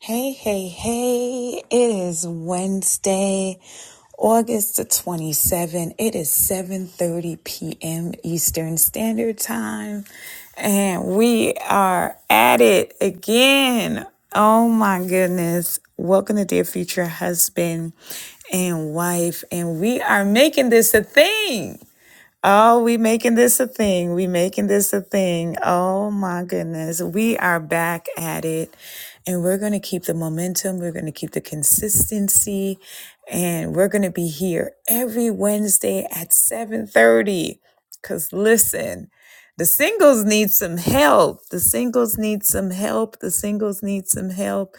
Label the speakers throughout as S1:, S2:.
S1: Hey, hey, hey. It is Wednesday, August the 27th. It is 7:30 p.m. Eastern Standard Time, and we are at it again. Oh my goodness. Welcome to Dear Future Husband and Wife, and we are making this a thing. Oh, we making this a thing. We making this a thing. Oh my goodness. We are back at it and we're going to keep the momentum. We're going to keep the consistency and we're going to be here every Wednesday at 7:30 cuz listen, the singles need some help. The singles need some help. The singles need some help.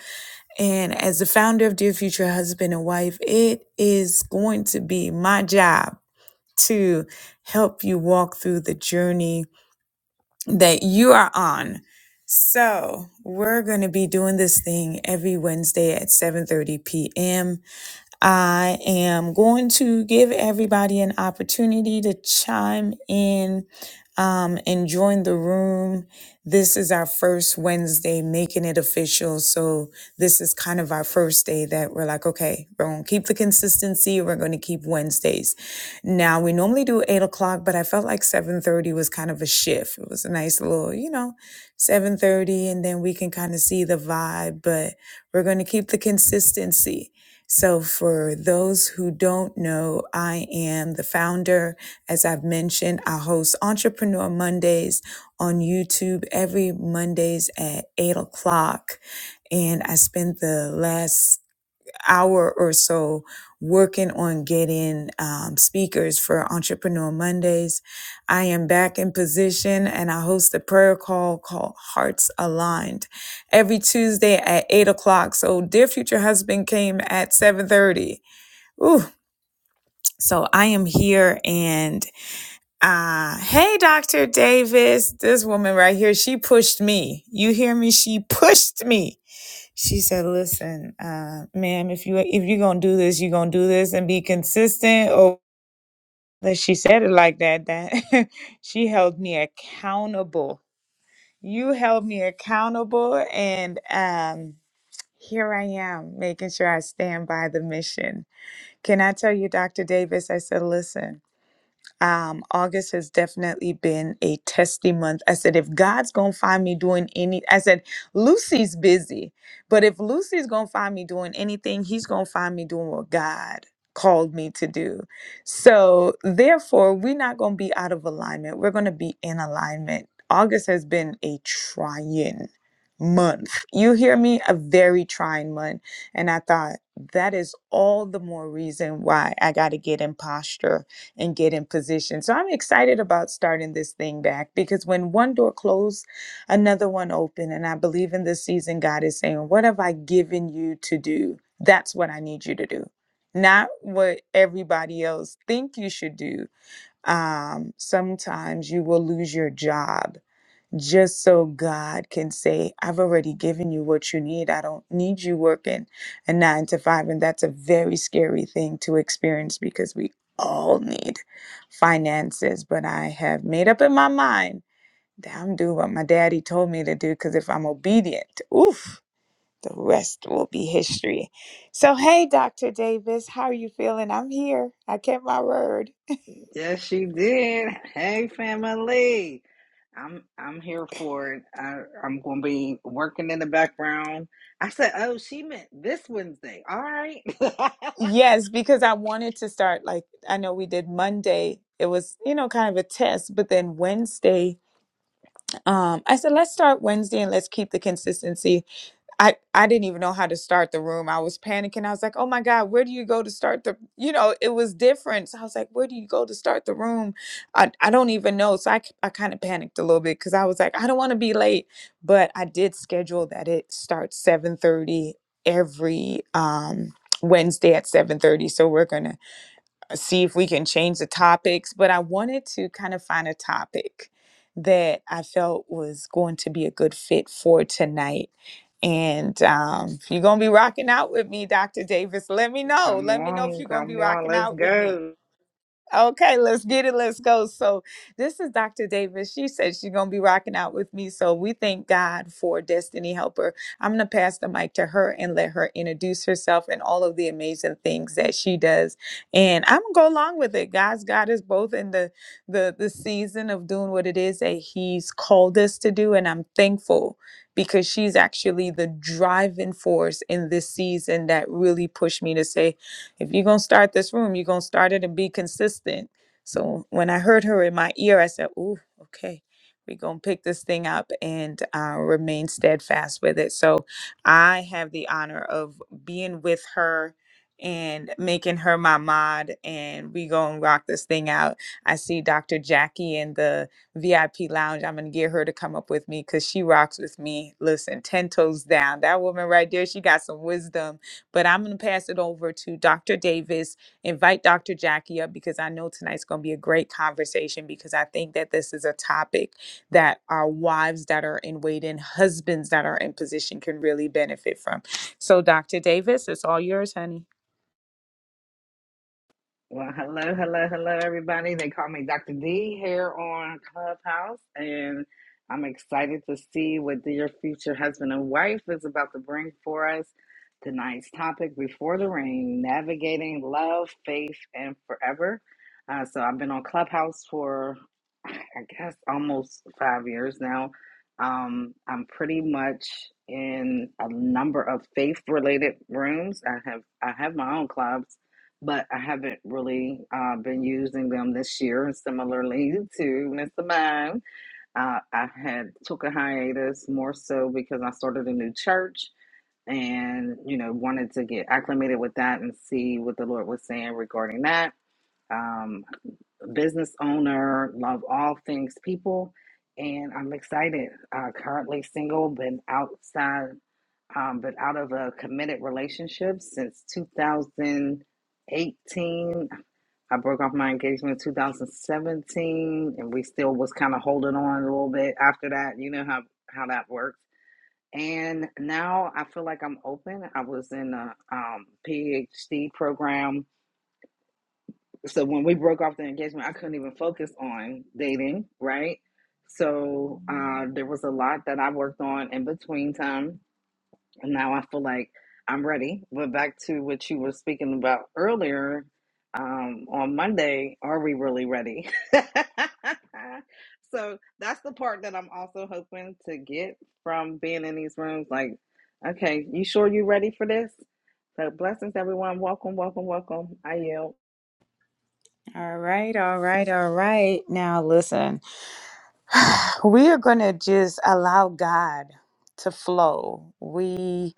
S1: And as the founder of Dear Future Husband and Wife, it is going to be my job to help you walk through the journey that you are on. So we're going to be doing this thing every Wednesday at 7:30 p.m. I am going to give everybody an opportunity to chime in um, and join the room. This is our first Wednesday making it official. So, this is kind of our first day that we're like, okay, we're going to keep the consistency. We're going to keep Wednesdays. Now, we normally do eight o'clock, but I felt like 7.30 was kind of a shift. It was a nice little, you know, 7.30, and then we can kind of see the vibe, but we're going to keep the consistency. So, for those who don't know, I am the founder. As I've mentioned, I host Entrepreneur Mondays on YouTube every Mondays at 8 o'clock. And I spent the last hour or so working on getting um, speakers for Entrepreneur Mondays. I am back in position and I host a prayer call called Hearts Aligned every Tuesday at eight o'clock. So Dear Future Husband came at 7.30. Ooh. So I am here and uh, hey, Dr. Davis, this woman right here, she pushed me. You hear me? She pushed me she said, "Listen, uh, ma'am, if you if you're gonna do this, you're gonna do this and be consistent." Or that she said it like that. That she held me accountable. You held me accountable, and um, here I am making sure I stand by the mission. Can I tell you, Dr. Davis? I said, "Listen." um, August has definitely been a testy month. I said, if God's gonna find me doing any, I said, Lucy's busy, but if Lucy's gonna find me doing anything, he's gonna find me doing what God called me to do. So, therefore, we're not gonna be out of alignment, we're gonna be in alignment. August has been a trying month. You hear me? A very trying month. And I thought, that is all the more reason why I got to get in posture and get in position. So I'm excited about starting this thing back because when one door closed, another one opened. And I believe in this season, God is saying, What have I given you to do? That's what I need you to do, not what everybody else think you should do. Um, sometimes you will lose your job just so God can say, I've already given you what you need. I don't need you working a nine to five. And that's a very scary thing to experience because we all need finances. But I have made up in my mind that I'm doing what my daddy told me to do because if I'm obedient, oof, the rest will be history. So, hey, Dr. Davis, how are you feeling? I'm here. I kept my word.
S2: Yes, she did. Hey, family. I'm I'm here for it. I, I'm going to be working in the background. I said, oh, she meant this Wednesday. All right. come
S1: Yes, because I wanted to start like I know we did Monday. It was, you know, kind of a test, but then Wednesday, um, I said, let's start Wednesday and let's keep the consistency. I I didn't even know how to start the room. I was panicking. I was like, "Oh my god, where do you go to start the you know, it was different." So I was like, "Where do you go to start the room?" I I don't even know. So I I kind of panicked a little bit cuz I was like, "I don't want to be late." But I did schedule that it starts 7:30 every um Wednesday at 7:30. So we're going to see if we can change the topics, but I wanted to kind of find a topic that I felt was going to be a good fit for tonight. And um, if you're going to be rocking out with me, Dr. Davis, let me know. Let me know if
S2: on,
S1: you're going to be
S2: come on,
S1: rocking
S2: let's
S1: out with me
S2: go.
S1: Okay, let's get it. Let's go. So, this is Dr. Davis. She said she's going to be rocking out with me. So, we thank God for Destiny Helper. I'm going to pass the mic to her and let her introduce herself and all of the amazing things that she does. And I'm going to go along with it. God's got us both in the, the, the season of doing what it is that He's called us to do. And I'm thankful because she's actually the driving force in this season that really pushed me to say, if you're going to start this room, you're going to start it and be consistent. So when I heard her in my ear, I said, Ooh, okay, we're going to pick this thing up and uh, remain steadfast with it. So I have the honor of being with her and making her my mod and we going to rock this thing out. I see Dr. Jackie in the VIP lounge. I'm going to get her to come up with me cuz she rocks with me. Listen, 10 toes down. That woman right there, she got some wisdom but I'm going to pass it over to Dr. Davis. Invite Dr. Jackie up because I know tonight's going to be a great conversation because I think that this is a topic that our wives that are in waiting, husbands that are in position can really benefit from. So, Dr. Davis, it's all yours, honey.
S2: Well, hello, hello, hello, everybody. They call me Dr. D here on Clubhouse, and I'm excited to see what your future husband and wife is about to bring for us. Tonight's topic, Before the Rain, Navigating Love, Faith, and Forever. Uh, so I've been on Clubhouse for, I guess, almost five years now. Um, I'm pretty much in a number of faith-related rooms. I have I have my own clubs but I haven't really uh, been using them this year. And similarly to Mr. Mime, uh, I had took a hiatus more so because I started a new church and you know wanted to get acclimated with that and see what the Lord was saying regarding that. Um, business owner, love all things people, and I'm excited. Uh, currently single, been outside, um, been out of a committed relationship since two thousand eighteen. I broke off my engagement in 2017 and we still was kind of holding on a little bit after that. You know how how that works. And now I feel like I'm open. I was in a um, PhD program. So when we broke off the engagement, I couldn't even focus on dating, right? So uh, there was a lot that I worked on in between time and now I feel like I'm ready. But back to what you were speaking about earlier um, on Monday, are we really ready? so that's the part that I'm also hoping to get from being in these rooms. Like, okay, you sure you ready for this? So blessings, everyone. Welcome, welcome, welcome. I yield.
S1: All right, all right, all right. Now listen. We are going to just allow God to flow. We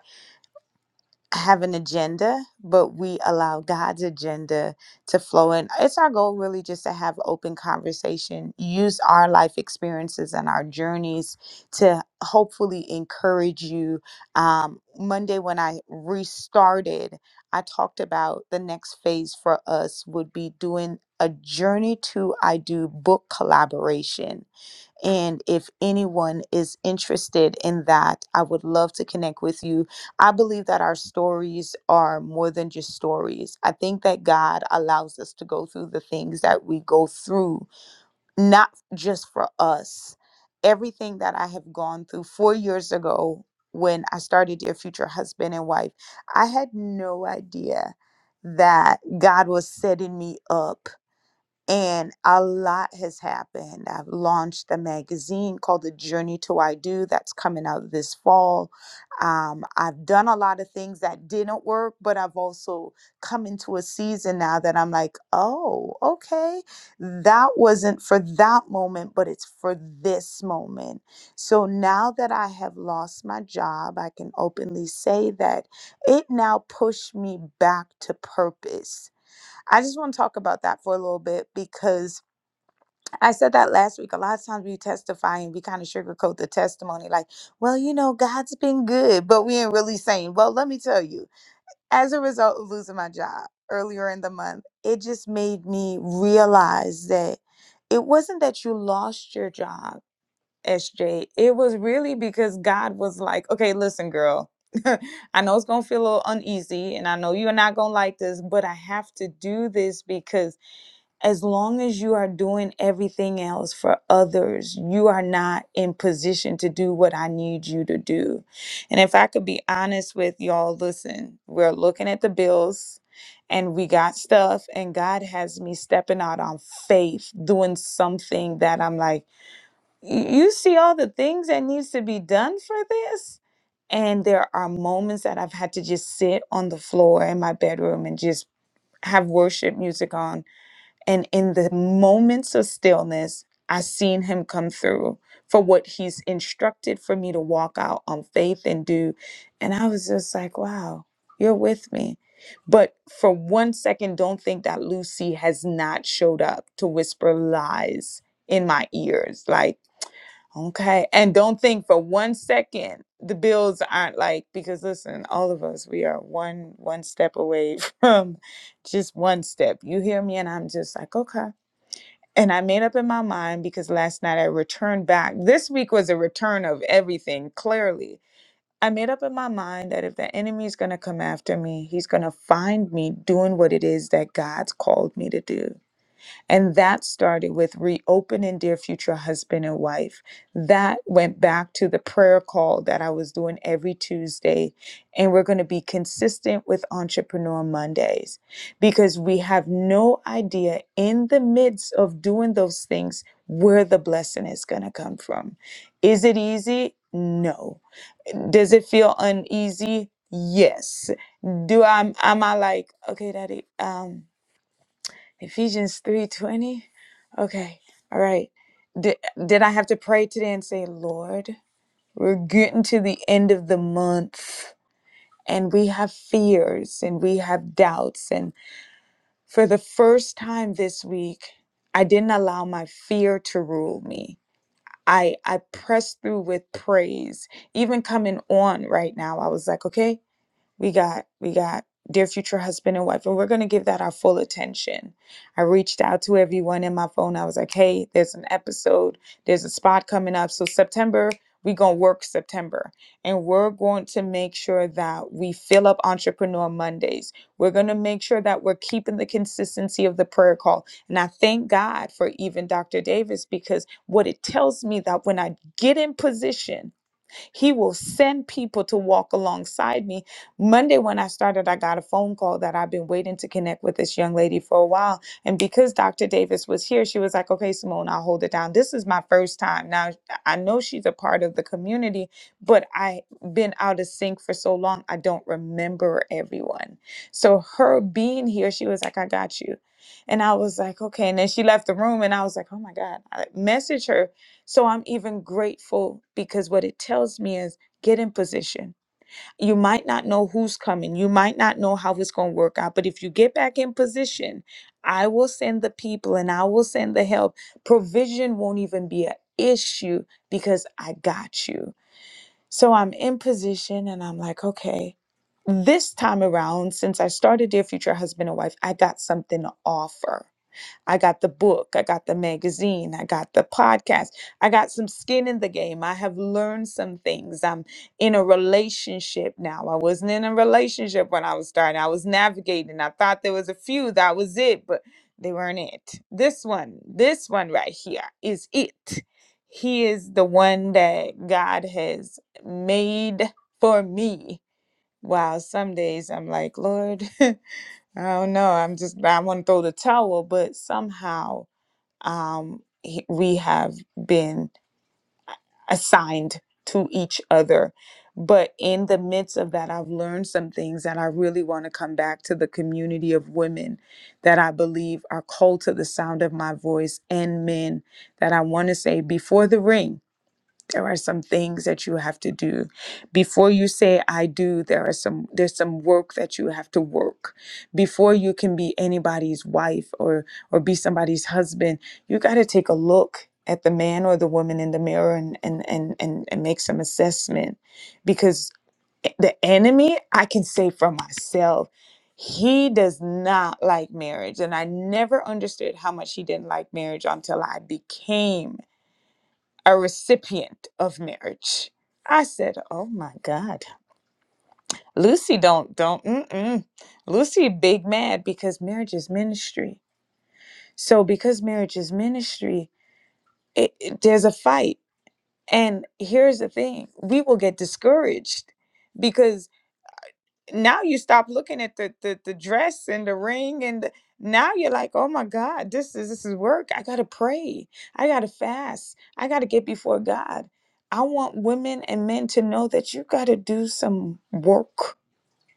S1: have an agenda, but we allow God's agenda to flow in. It's our goal really just to have open conversation, use our life experiences and our journeys to hopefully encourage you. Um, Monday, when I restarted, I talked about the next phase for us would be doing a journey to I do book collaboration and if anyone is interested in that, I would love to connect with you. I believe that our stories are more than just stories. I think that God allows us to go through the things that we go through, not just for us. Everything that I have gone through four years ago when I started Dear Future Husband and Wife, I had no idea that God was setting me up and a lot has happened. I've launched a magazine called The Journey to I Do that's coming out this fall. Um, I've done a lot of things that didn't work, but I've also come into a season now that I'm like, oh, okay, that wasn't for that moment, but it's for this moment. So now that I have lost my job, I can openly say that it now pushed me back to purpose I just want to talk about that for a little bit because I said that last week. A lot of times we testify and we kind of sugarcoat the testimony, like, well, you know, God's been good, but we ain't really saying, well, let me tell you, as a result of losing my job earlier in the month, it just made me realize that it wasn't that you lost your job, SJ. It was really because God was like, okay, listen, girl. I know it's gonna feel a little uneasy, and I know you're not gonna like this, but I have to do this because as long as you are doing everything else for others, you are not in position to do what I need you to do. And if I could be honest with y'all, listen, we're looking at the bills and we got stuff, and God has me stepping out on faith, doing something that I'm like, "Y- you see all the things that needs to be done for this? And there are moments that I've had to just sit on the floor in my bedroom and just have worship music on and in the moments of stillness, I seen him come through for what he's instructed for me to walk out on faith and do. And I was just like, wow, you're with me. But for one second, don't think that Lucy has not showed up to whisper lies in my ears. Like, Okay. And don't think for one second the bills aren't like because listen, all of us we are one one step away from just one step. You hear me and I'm just like, okay. And I made up in my mind because last night I returned back. This week was a return of everything, clearly. I made up in my mind that if the enemy is going to come after me, he's going to find me doing what it is that God's called me to do. And that started with reopening Dear Future Husband and Wife. That went back to the prayer call that I was doing every Tuesday. And we're going to be consistent with Entrepreneur Mondays because we have no idea in the midst of doing those things where the blessing is going to come from. Is it easy? No. Does it feel uneasy? Yes. Do I am I like okay, daddy? Um Ephesians 3:20. Okay. All right. Did, did I have to pray today and say, "Lord, we're getting to the end of the month and we have fears and we have doubts and for the first time this week, I didn't allow my fear to rule me. I I pressed through with praise. Even coming on right now, I was like, "Okay, we got we got dear future husband and wife and we're going to give that our full attention i reached out to everyone in my phone i was like hey there's an episode there's a spot coming up so september we going to work september and we're going to make sure that we fill up entrepreneur mondays we're going to make sure that we're keeping the consistency of the prayer call and i thank god for even dr davis because what it tells me that when i get in position he will send people to walk alongside me. Monday, when I started, I got a phone call that I've been waiting to connect with this young lady for a while. And because Dr. Davis was here, she was like, okay, Simone, I'll hold it down. This is my first time. Now, I know she's a part of the community, but I've been out of sync for so long, I don't remember everyone. So her being here, she was like, I got you. And I was like, okay. And then she left the room and I was like, oh my God. I messaged her so I'm even grateful because what it tells me is get in position. You might not know who's coming, you might not know how it's going to work out, but if you get back in position, I will send the people and I will send the help. Provision won't even be an issue because I got you. So I'm in position and I'm like, okay. This time around, since I started Dear Future Husband and Wife, I got something to offer. I got the book, I got the magazine, I got the podcast, I got some skin in the game. I have learned some things. I'm in a relationship now. I wasn't in a relationship when I was starting, I was navigating. I thought there was a few, that was it, but they weren't it. This one, this one right here is it. He is the one that God has made for me. Wow, some days I'm like, Lord. I don't know. I'm just, I want to throw the towel, but somehow um, he- we have been assigned to each other. But in the midst of that, I've learned some things that I really want to come back to the community of women that I believe are called to the sound of my voice and men that I want to say before the ring there are some things that you have to do before you say i do there are some there's some work that you have to work before you can be anybody's wife or or be somebody's husband you got to take a look at the man or the woman in the mirror and and and and, and make some assessment because e, the enemy i can say for myself he does not like marriage and i never understood how much he didn't like marriage until i became a recipient of marriage. I said, "Oh my God, Lucy, don't don't mm-mm. Lucy big mad because marriage is ministry. So because marriage is ministry, it, it- there's a fight. And here's the thing: we will get discouraged because." now you stop looking at the the, the dress and the ring and the, now you're like oh my god this is this is work i gotta pray i gotta fast i gotta get before god i want women and men to know that you gotta do some work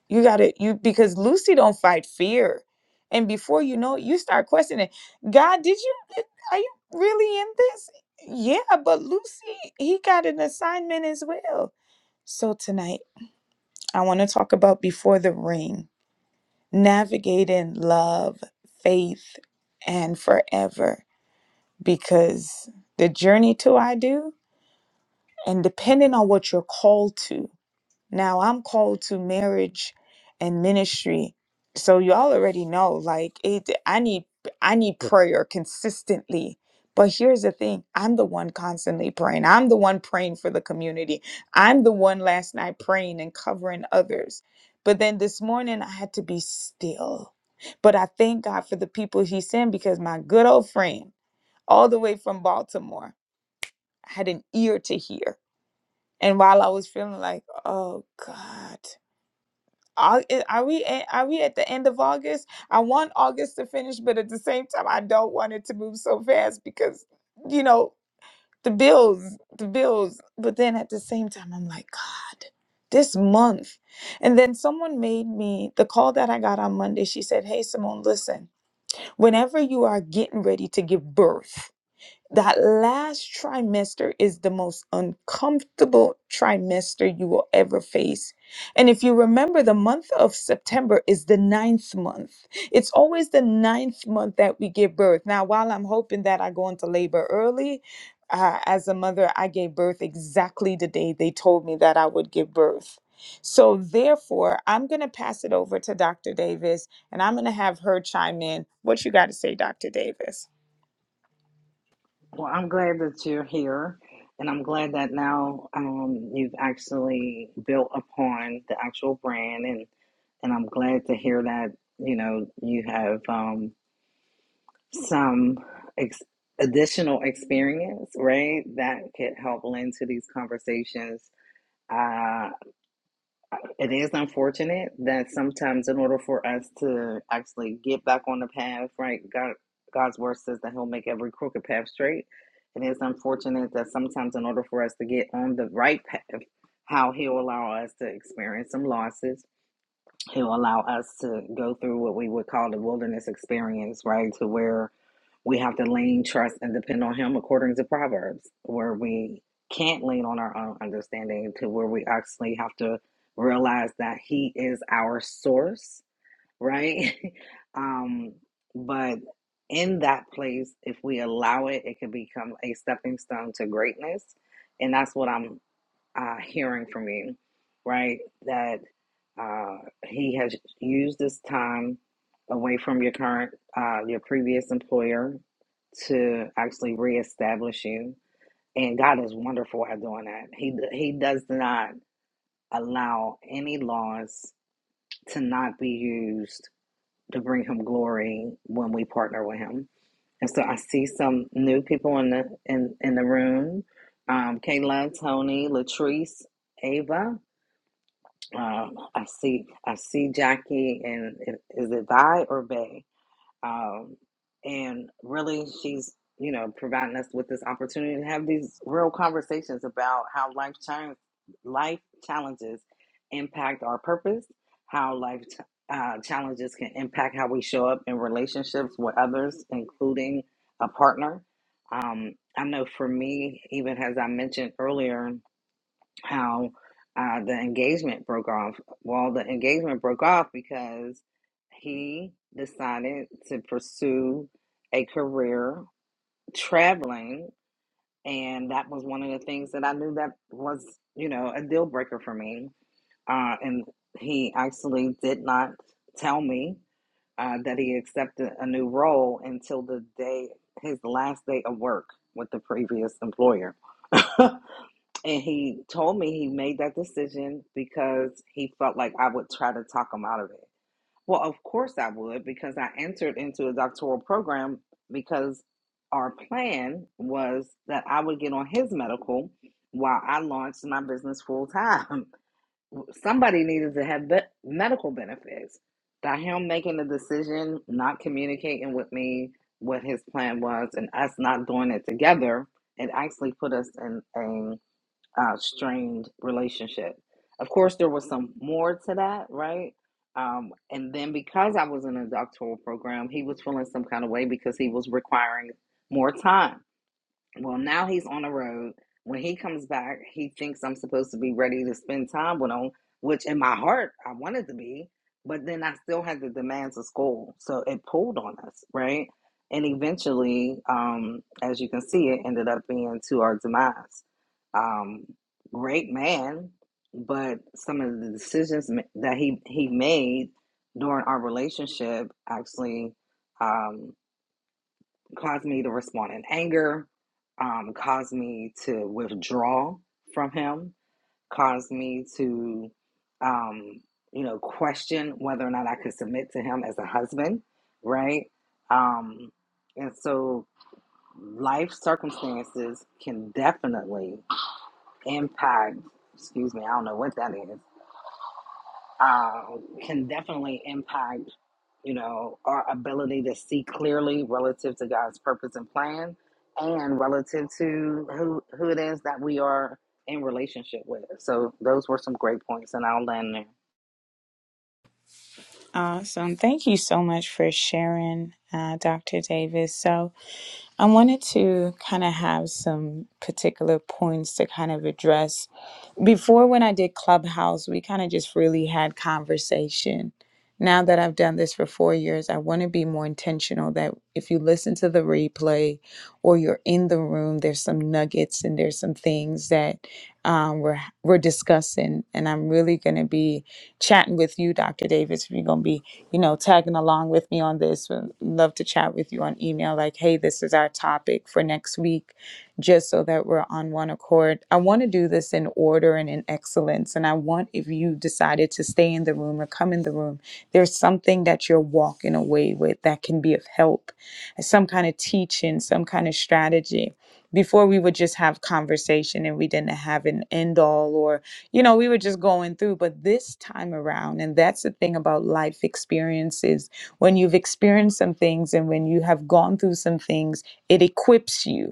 S1: you gotta you because lucy don't fight fear and before you know it you start questioning god did you are you really in this yeah but lucy he got an assignment as well so tonight i want to talk about before the ring navigating love, faith, and forever because the journey to I do, and depending on what you're called to, now I'm called to marriage and ministry. So y'all already know like it I need I need prayer consistently. But here's the thing, I'm the one constantly praying. I'm the one praying for the community. I'm the one last night praying and covering others. But then this morning I had to be still. But I thank God for the people he sent because my good old friend all the way from Baltimore had an ear to hear. And while I was feeling like, "Oh God, Au- i- Are we a- are we at the end of August? I want August to finish, but at the same time, I don't want it to move so fast because you know the bills, the bills. But then at the same time, I'm like, God, this month. And then someone made me the call that I got on Monday. She said, Hey, Simone, listen. Whenever you are getting ready to give birth. That last trimester is the most uncomfortable trimester you will ever face. And if you remember, the month of September is the ninth month. It's always the ninth month that we give birth. Now, while I'm hoping that I go into labor early, uh, as a mother, I gave birth exactly the day they told me that I would give birth. So, therefore, I'm going to pass it over to Dr. Davis and I'm going to have her chime in. What you got to say, Dr. Davis?
S2: Well, I'm glad that you're here, and I'm glad that now um, you've actually built upon the actual brand, and and I'm glad to hear that you know you have um, some ex- additional experience, right? That could help lend to these conversations. Uh, it is unfortunate that sometimes, in order for us to actually get back on the path, right, God, God's word says that He'll make every crooked path straight. It is unfortunate that sometimes, in order for us to get on the right path, how He'll allow us to experience some losses, He'll allow us to go through what we would call the wilderness experience, right? To where we have to lean, trust, and depend on Him according to Proverbs, where we can't lean on our own understanding, to where we actually have to realize that He is our source, right? um, but in that place, if we allow it, it can become a stepping stone to greatness. And that's what I'm uh, hearing from you, right? That uh, he has used this time away from your current, uh, your previous employer to actually reestablish you. And God is wonderful at doing that. He he does not allow any laws to not be used to bring him glory when we partner with him. And so I see some new people in the in in the room. Um, Kayla, Tony, Latrice, Ava. Um, I see, I see Jackie, and it- is it Thy or Bay? Um, and really, she's you know providing us with this opportunity to have these real conversations about how life challenge, life challenges impact our purpose, how life ch- uh, challenges can impact how we show up in relationships with others, including a partner. Um, I know for me, even as I mentioned earlier how uh, the engagement broke off. Well, the engagement broke off because he decided to pursue a career traveling, and that was one of the things that I knew that was, you know, a deal breaker for me. Uh, and he actually did not tell me uh, that he accepted a new role until the day his last day of work with the previous employer. And he told me he made that decision because he felt like I would try to talk him out of it. Well, of course I would, because I entered into a doctoral program because our plan was that I would get on his medical while I launched my business full time. Somebody needed to have be- medical benefits. By him making the decision, not communicating with me what his plan was, and us not doing it together, it actually put us in a uh, strained relationship. Of course, there was some more to that, right? Um, and then because I was in a doctoral program, he was feeling some kind of way because he was requiring more time. Well, now he's on the road. When he comes back, he thinks I'm supposed to be ready to spend time with him, which in my heart I wanted to be, but then I still had the demands of school. So it pulled on us, right? And eventually, um, as you can see, it ended up being to our demise. Um, great man, but some of the decisions that he, he made during our relationship actually, um, caused me to respond in anger, um, caused me to withdraw from him, caused me to, um, you know, question whether or not I could submit to him as a husband, right? Um, and so life circumstances can definitely impact, excuse me, I don't know what that is, um, can definitely impact, you know, our ability to see clearly relative to God's purpose and plan, and relative to who who it is that we are in relationship with. So those were some great points, and I'll land there.
S1: Awesome. Thank you so much for sharing, uh, Dr. Davis. So, I wanted to kind of have some particular points to kind of address. Before, when I did Clubhouse, we kind of just really had conversation. Now that I've done this for four years, I want to be more intentional that if you listen to the replay or you're in the room, there's some nuggets and there's some things that um, we're, we're discussing. And I'm really going to be chatting with you, Dr. Davis, we are going to be you know, tagging along with me on this. Would love to chat with you on email, like, hey, this is our topic for next week, just so that we're on one accord. I want to do this in order and in excellence. And I want, if you decided to stay in the room or come in the room, there's something that you're walking away with that can be of help, some kind of teaching, some kind of strategy. Before we would just have conversation and we didn't have an end all or you know, we were just going through, but this time around, and that's the thing about life experiences when you've experienced some things and when you have gone through some things, it equips you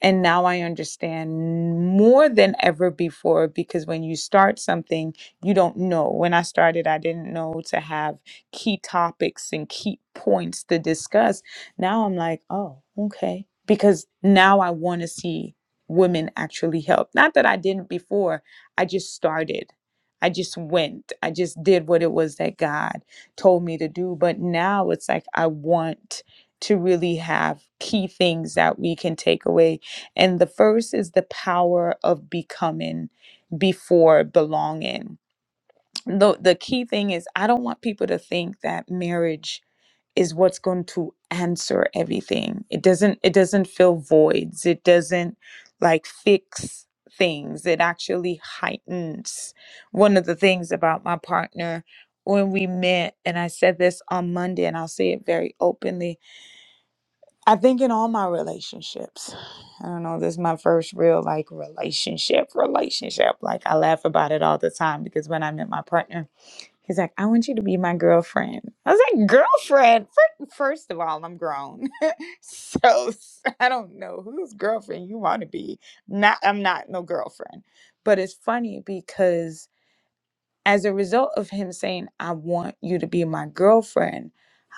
S1: and now I understand more than ever before because when you start something, you don't know. When I started, I didn't know to have key topics and key points to discuss. Now I'm like, oh, okay. Because now I want to see women actually help. Not that I didn't before, I just started. I just went. I just did what it was that God told me to do. But now it's like I want to really have key things that we can take away and the first is the power of becoming before belonging. The, the key thing is, I don't want people to think that marriage is what's going to answer everything. It doesn't it doesn't fill voids. It doesn't like fix things. It actually heightens. One of the things about my partner when we met and I said this on Monday and I'll say it very openly I think in all my relationships, I don't know, this is my first real like relationship, relationship. Like I laugh about it all the time because when I met my partner, he's like, I want you to be my girlfriend. I was like, girlfriend? Fir- First of all, I'm grown. so s- I don't know whose girlfriend you want to be. Not I'm not no girlfriend. But it's funny because as a result of him saying, I want you to be my girlfriend,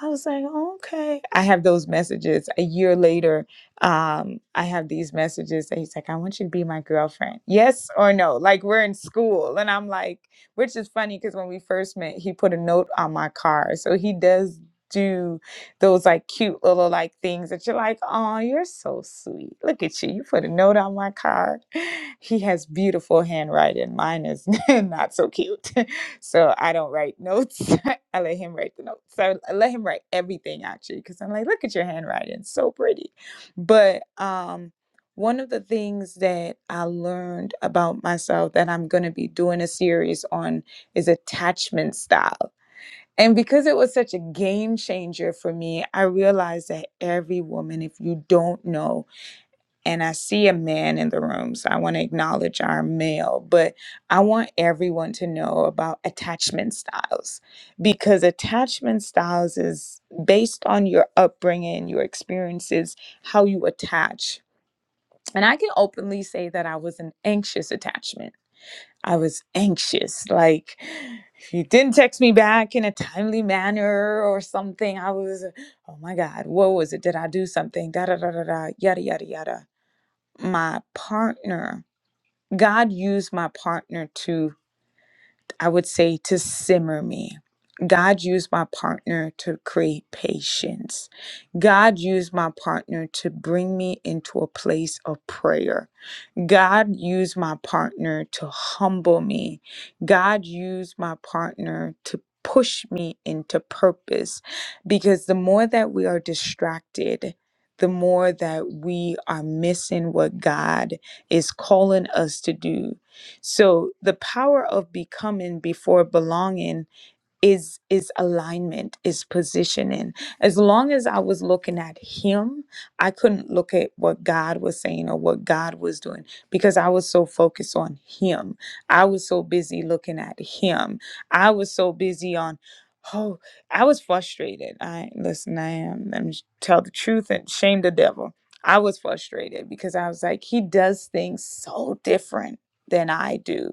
S1: I was like, okay. I have those messages a year later. Um, I have these messages that he's like, I want you to be my girlfriend. Yes or no? Like we're in school. And I'm like, which is funny because when we first met, he put a note on my car. So he does do those like cute little like things that you're like, oh, you're so sweet. Look at you. You put a note on my car he has beautiful handwriting. Mine is not so cute. So I don't write notes. I let him write the notes. So I let him write everything actually because I'm like, look at your handwriting. it's So pretty. But um one of the things that I learned about myself that I'm going to be doing a series on is attachment style. And because it was such a game changer for me, I realized that every woman, if you don't know, and I see a man in the room, so I want to acknowledge our male, but I want everyone to know about attachment styles because attachment styles is based on your upbringing, your experiences, how you attach. And I can openly say that I was an anxious attachment. I was anxious. Like, if you didn't text me back in a timely manner or something, I was, oh my God, what was it? Did I do something? Da da da da da, yada, yada, yada my partner, God used my partner to, I would say, to simmer me. God used my partner to create patience. God used my partner to bring me into a place of prayer. God used my partner to humble me. God used my partner to push me into purpose because the more that we are distracted, the more that we are missing what God is calling us to do. So, the power of becoming before belonging is is alignment is positioning as long as i was looking at him i couldn't look at what god was saying or what god was doing because i was so focused on him i was so busy looking at him i was so busy on oh i was frustrated i listen i am let me tell the truth and shame the devil i was frustrated because i was like he does things so different than i do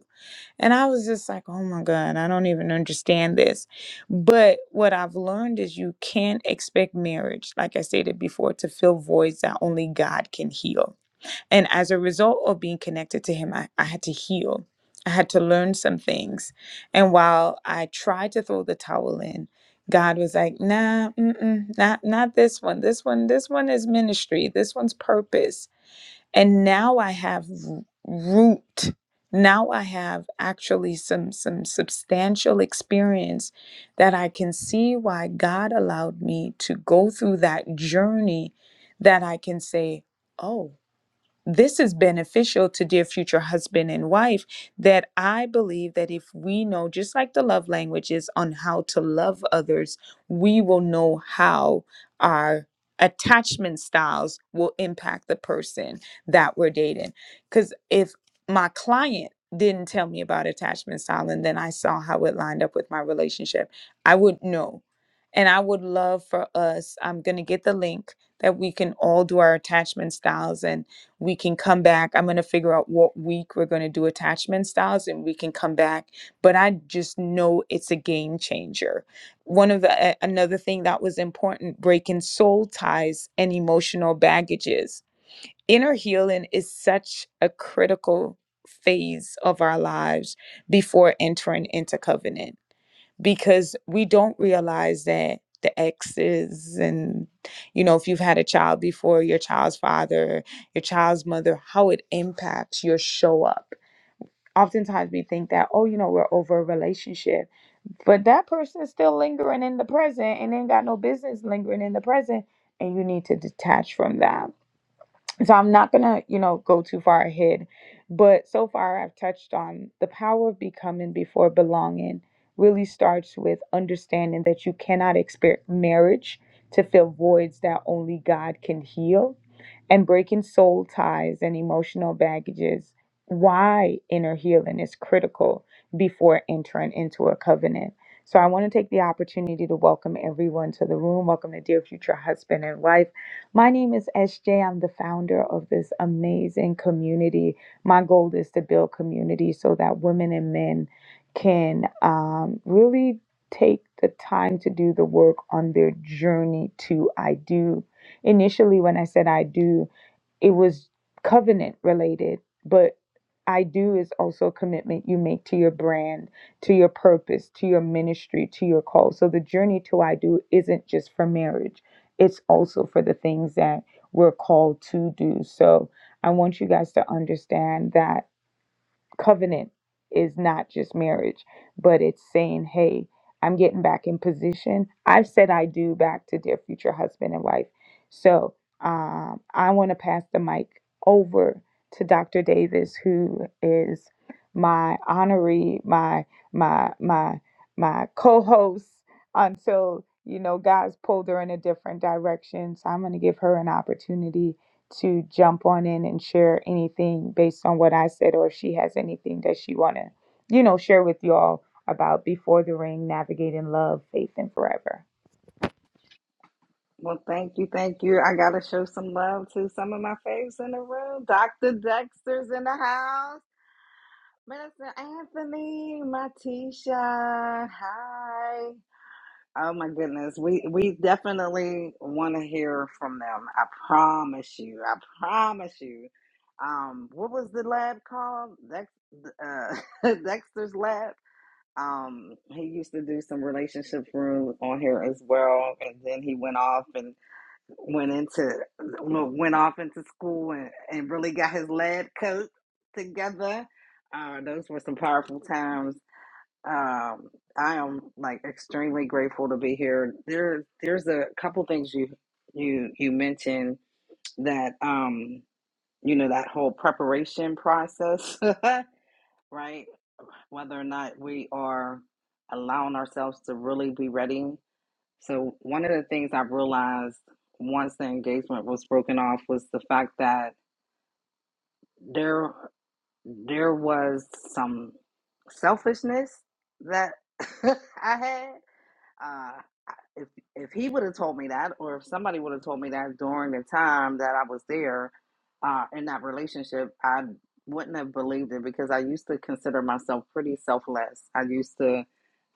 S1: and I was just like, oh my God, I don't even understand this. But what I've learned is you can't expect marriage, like I stated before, to fill voids that only God can heal. And as a result of being connected to Him, I, I had to heal. I had to learn some things. And while I tried to throw the towel in, God was like, nah, mm-mm, not, not this one. This one, this one is ministry. This one's purpose and now i have r- root now i have actually some some substantial experience that i can see why god allowed me to go through that journey that i can say oh this is beneficial to dear future husband and wife that i believe that if we know just like the love languages on how to love others we will know how our attachment styles will impact the person that we're dating because if my client didn't tell me about attachment style and then i saw how it lined up with my relationship i would know and i would love for us i'm going to get the link that we can all do our attachment styles and we can come back. I'm going to figure out what week we're going to do attachment styles and we can come back. But I just know it's a game changer. One of the, a- another thing that was important breaking soul ties and emotional baggages. Inner healing is such a critical phase of our lives before entering into covenant because we don't realize that the exes and you know if you've had a child before your child's father your child's mother how it impacts your show up oftentimes we think that oh you know we're over a relationship but that person is still lingering in the present and ain't got no business lingering in the present and you need to detach from that so I'm not gonna, you know, go too far ahead, but so far I've touched on the power of becoming before belonging really starts with understanding that you cannot expect marriage to fill voids that only God can heal and breaking soul ties and emotional baggages. Why inner healing is critical before entering into a covenant. So I want to take the opportunity to welcome everyone to the room. Welcome to Dear Future Husband and Wife. My name is S am the founder of this amazing community. My goal is to build community so that women and men can um, really take the time to do the work on their journey to I do. Initially, when I said I do, it was covenant related, but I do is also a commitment you make to your brand, to your purpose, to your ministry, to your call. So the journey to I do isn't just for marriage, it's also for the things that we're called to do. So I want you guys to understand that covenant is not just marriage, but it's saying, hey, I'm getting back in position. I've said I do back to their future husband and wife. So um, I want to pass the mic over to Dr. Davis, who is my honoree, my my my my co-host until you know God's pulled her in a different direction. So I'm going to give her an opportunity to jump on in and share anything based on what I said, or if she has anything that she want to, you know, share with you all about Before the Ring, Navigating Love, Faith, and Forever.
S2: Well, thank you, thank you. I gotta show some love to some of my faves in the room. Dr. Dexter's in the house. Minister Anthony, Matisha, hi. Oh my goodness. We we definitely want to hear from them. I promise you. I promise you. Um, what was the lab called? Dex, uh, Dexter's lab. Um, he used to do some relationship room on here as well, and then he went off and went into well, went off into school and, and really got his lab coat together. Uh, those were some powerful times. Um, I am like extremely grateful to be here. There, there's a couple things you you you mentioned that um you know that whole preparation process, right? Whether or not we are allowing ourselves to really be ready. So one of the things I realized once the engagement was broken off was the fact that there there was some selfishness that I had. Uh, if if he would have told me that, or if somebody would have told me that during the time that I was there uh, in that relationship, I wouldn't have believed it because I used to consider myself pretty selfless. I used to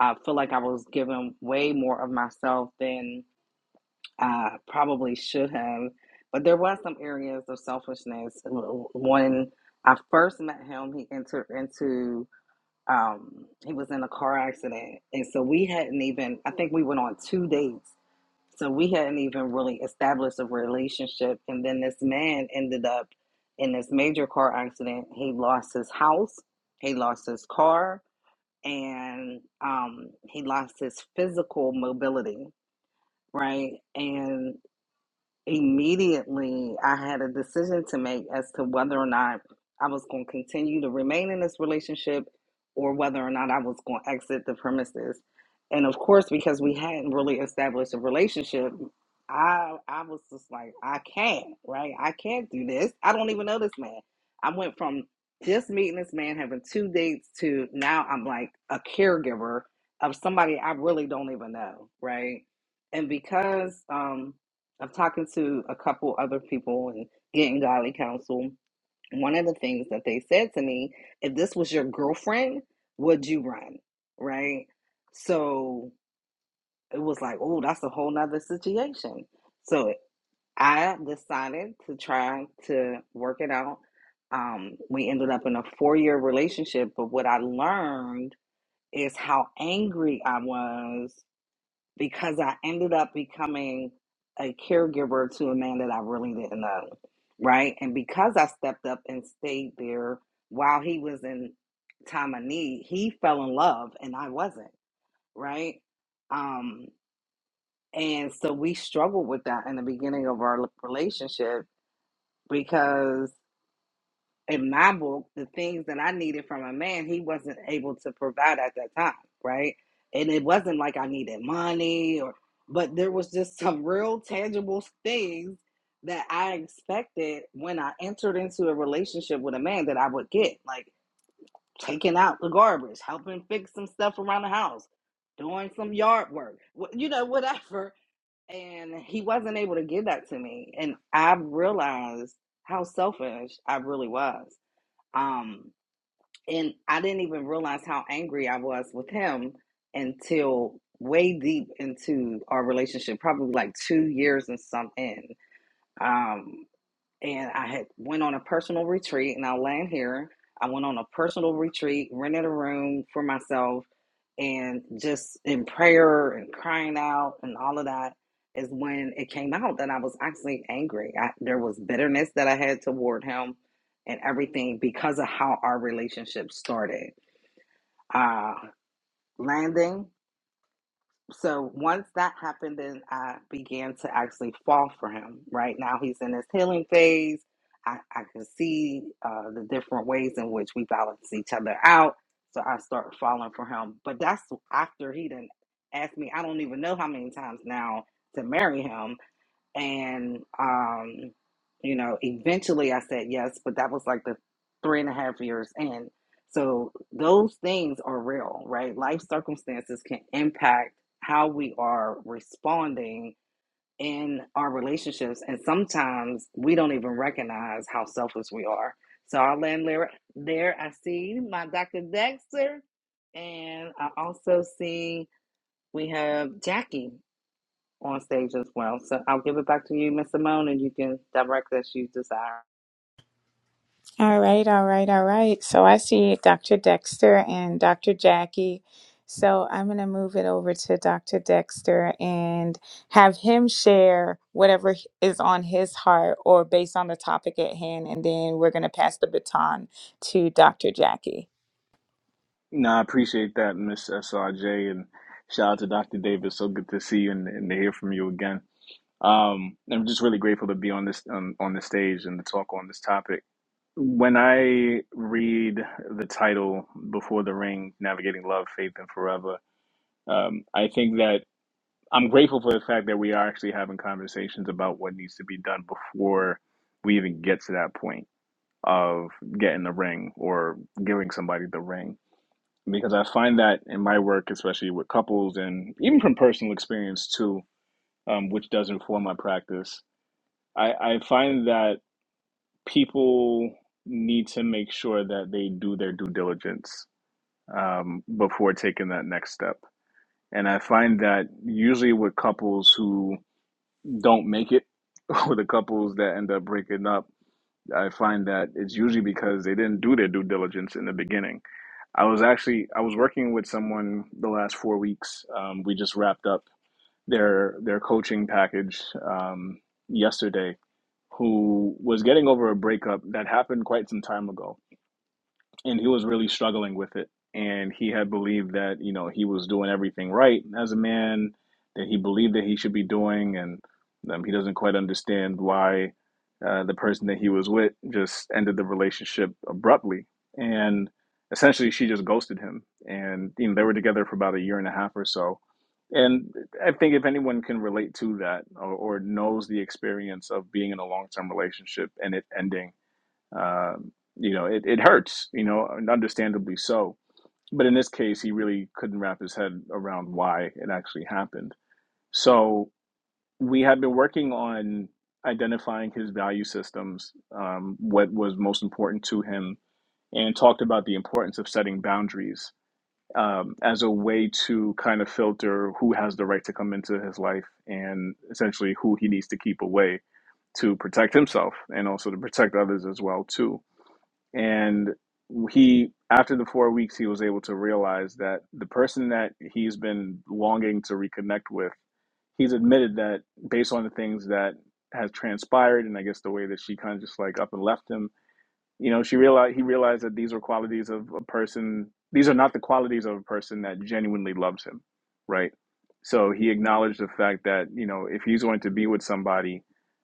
S2: uh, feel like I was giving way more of myself than I probably should have. But there was some areas of selfishness. When I first met him, he entered into um he was in a car accident and so we hadn't even i think we went on two dates so we hadn't even really established a relationship. And then this man ended up in this major car accident. He lost his house, he lost his car, and um, he lost his physical mobility, right? And immediately I had a decision to make as to whether or not I was going to continue to remain in this relationship or whether or not I was going to exit the premises. And of course, because we hadn't really established a relationship, I I was just like, I can't, right? I can't do this. I don't even know this man. I went from just meeting this man, having two dates, to now I'm like a caregiver of somebody I really don't even know, right? And because um, I'm talking to a couple other people and getting godly counsel. One of the things that they said to me, if this was your girlfriend, would you run? Right? So it was like, oh, that's a whole nother situation. So I decided to try to work it out. Um, we ended up in a four year relationship, but what I learned is how angry I was because I ended up becoming a caregiver to a man that I really didn't know, right? And because I stepped up and stayed there while he was in time of need, he fell in love and I wasn't, right? Um, and so we struggled with that in the beginning of our relationship because in my book, the things that I needed from a man, he wasn't able to provide at that time, right? And it wasn't like I needed money or, but there was just some real tangible things that I expected when I entered into a relationship with a man that I would get, like taking out the garbage, helping fix some stuff around the house, doing some yard work, wh- you know, whatever. And he wasn't able to give that to me. And I realized how selfish I really was um, and I didn't even realize how angry I was with him until way deep into our relationship, probably like two years and some in. Um, and I had went on a personal retreat and I'll land here. I went on a personal retreat, rented a room for myself and just in prayer and crying out and all of that is when it came out that I was actually angry. I, there was bitterness that I had toward him and everything because of how our relationship started. Uh, landing so once that happened, then I began to actually fall for him. Right now, he's in his healing phase. I, I can see uh, the different ways in which we balance each other out. So I start falling for him. But that's after he didn't ask me, I don't even know how many times now to marry him and um, you know, eventually I said yes, but that was like the three and a half years in. So those things are real, right? Life circumstances can impact how we are responding in our relationships, and sometimes we don't even recognize how selfish we are. So I'll land there. There, I see my Dr. Dexter, and I also see we have Jackie on stage as well. So I'll give it back to you, Miss Simone, and you can direct as you desire.
S1: All right, all right, all right. So I see Dr. Dexter and Dr. Jackie. So I'm going to move it over to Dr. Dexter and have him share whatever h- is on his heart or based on the topic at hand. And then we're going to pass the baton to Dr. Jackie.
S3: No, I appreciate that, Miss SRJ, and shout out to Dr. Davis. So good to see you and, and to hear from you again. Um, I'm just really grateful to be on this on, on the stage and to talk on this topic. When I read the title "Before the Ring: Navigating Love, Faith, and Forever," um, I think that I'm grateful for the fact that we are actually having conversations about what needs to be done before we even get to that point of getting the ring or giving somebody the ring because I find that in my work, especially with couples and even from personal experience too, um, which does inform my practice, I, I find that people need to make sure that they do their due diligence um, before taking that next step. And I find that usually with couples who don't make it, or the couples that end up breaking up, I find that it's usually because they didn't do their due diligence in the beginning I was actually I was working with someone the last four weeks. Um, we just wrapped up their their coaching package um, yesterday, who was getting over a breakup that happened quite some time ago and he was really struggling with it and he had believed that you know he was doing everything right as a man that he believed that he should be doing and um, he doesn't quite understand why uh, the person that he was with just ended the relationship abruptly and essentially she just ghosted him and you know they were together for about a year and a half or so and i think if anyone can relate to that or, or knows the experience of being in a long-term relationship and it ending um, you know, it, it hurts, you know, and understandably so. But in this case, he really couldn't wrap his head around why it actually happened. So we had been working on identifying his value systems, um, what was most important to him, and talked about the importance of setting boundaries um, as a way to kind of filter who has the right to come into his life and essentially who he needs to keep away to protect himself and also to protect others as well too and he after the four weeks he was able to realize that the person that he's been longing to reconnect with he's admitted that based on the things that has transpired and i guess the way that she kind of just like up and left him you know, she realized he realized that these were qualities of a person. These are not the qualities of a person that genuinely loves him, right? So he acknowledged the fact that you know if he's going to be with somebody,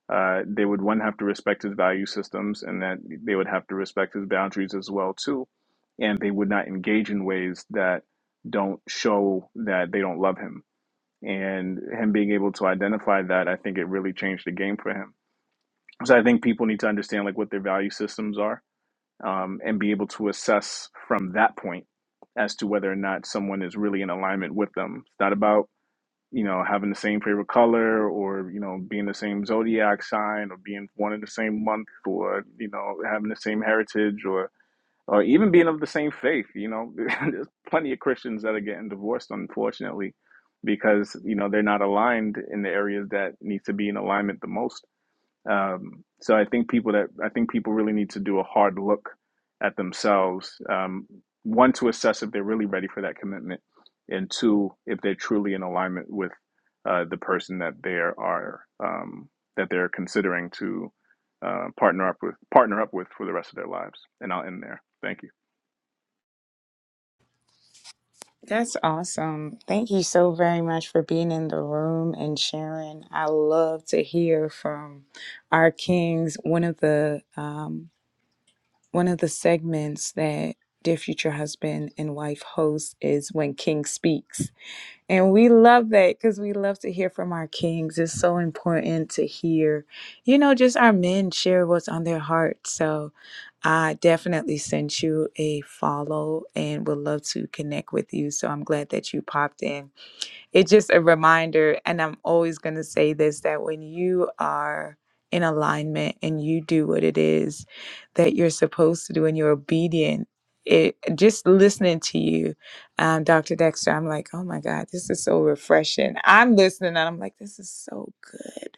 S3: uh, they would one have to respect his value systems, and that they would have to respect his boundaries as well too, and they would not engage in ways that don't show that they don't love him. And him being able to identify that, I think it really changed the game for him. So I think people need to understand like what their value systems are um, and be able to assess from that point as to whether or not someone is really in alignment with them. It's not about you know having the same favorite color or you know being the same zodiac sign or being born in the same month or you know having the same heritage or or even being of the same faith. You know, there's plenty of Christians that are getting divorced, unfortunately, because you know they're not aligned in the areas that need to be in alignment the most um, so I think people that I think people really need to do a hard look at themselves. Um, one to assess if they're really ready for that commitment, and two if they're truly in alignment with uh, the person that they are um, that they're considering to uh, partner up with partner up with for the rest of their lives. And I'll end there. Thank you.
S1: That's awesome. Thank you so very much for being in the room and sharing. I love to hear from our kings. One of the um, One of the segments that Dear Future Husband and Wife hosts is When King Speaks. And we love that because we love to hear from our kings. It's so important to hear, you know, just our men share what's on their heart. So I definitely sent you a follow and would love to connect with you. So I'm glad that you popped in it's just a reminder and i'm always going to say this that when you are in alignment and you do what it is that you're supposed to do and you're obedient it just listening to you um, dr dexter i'm like oh my god this is so refreshing i'm listening and i'm like this is so good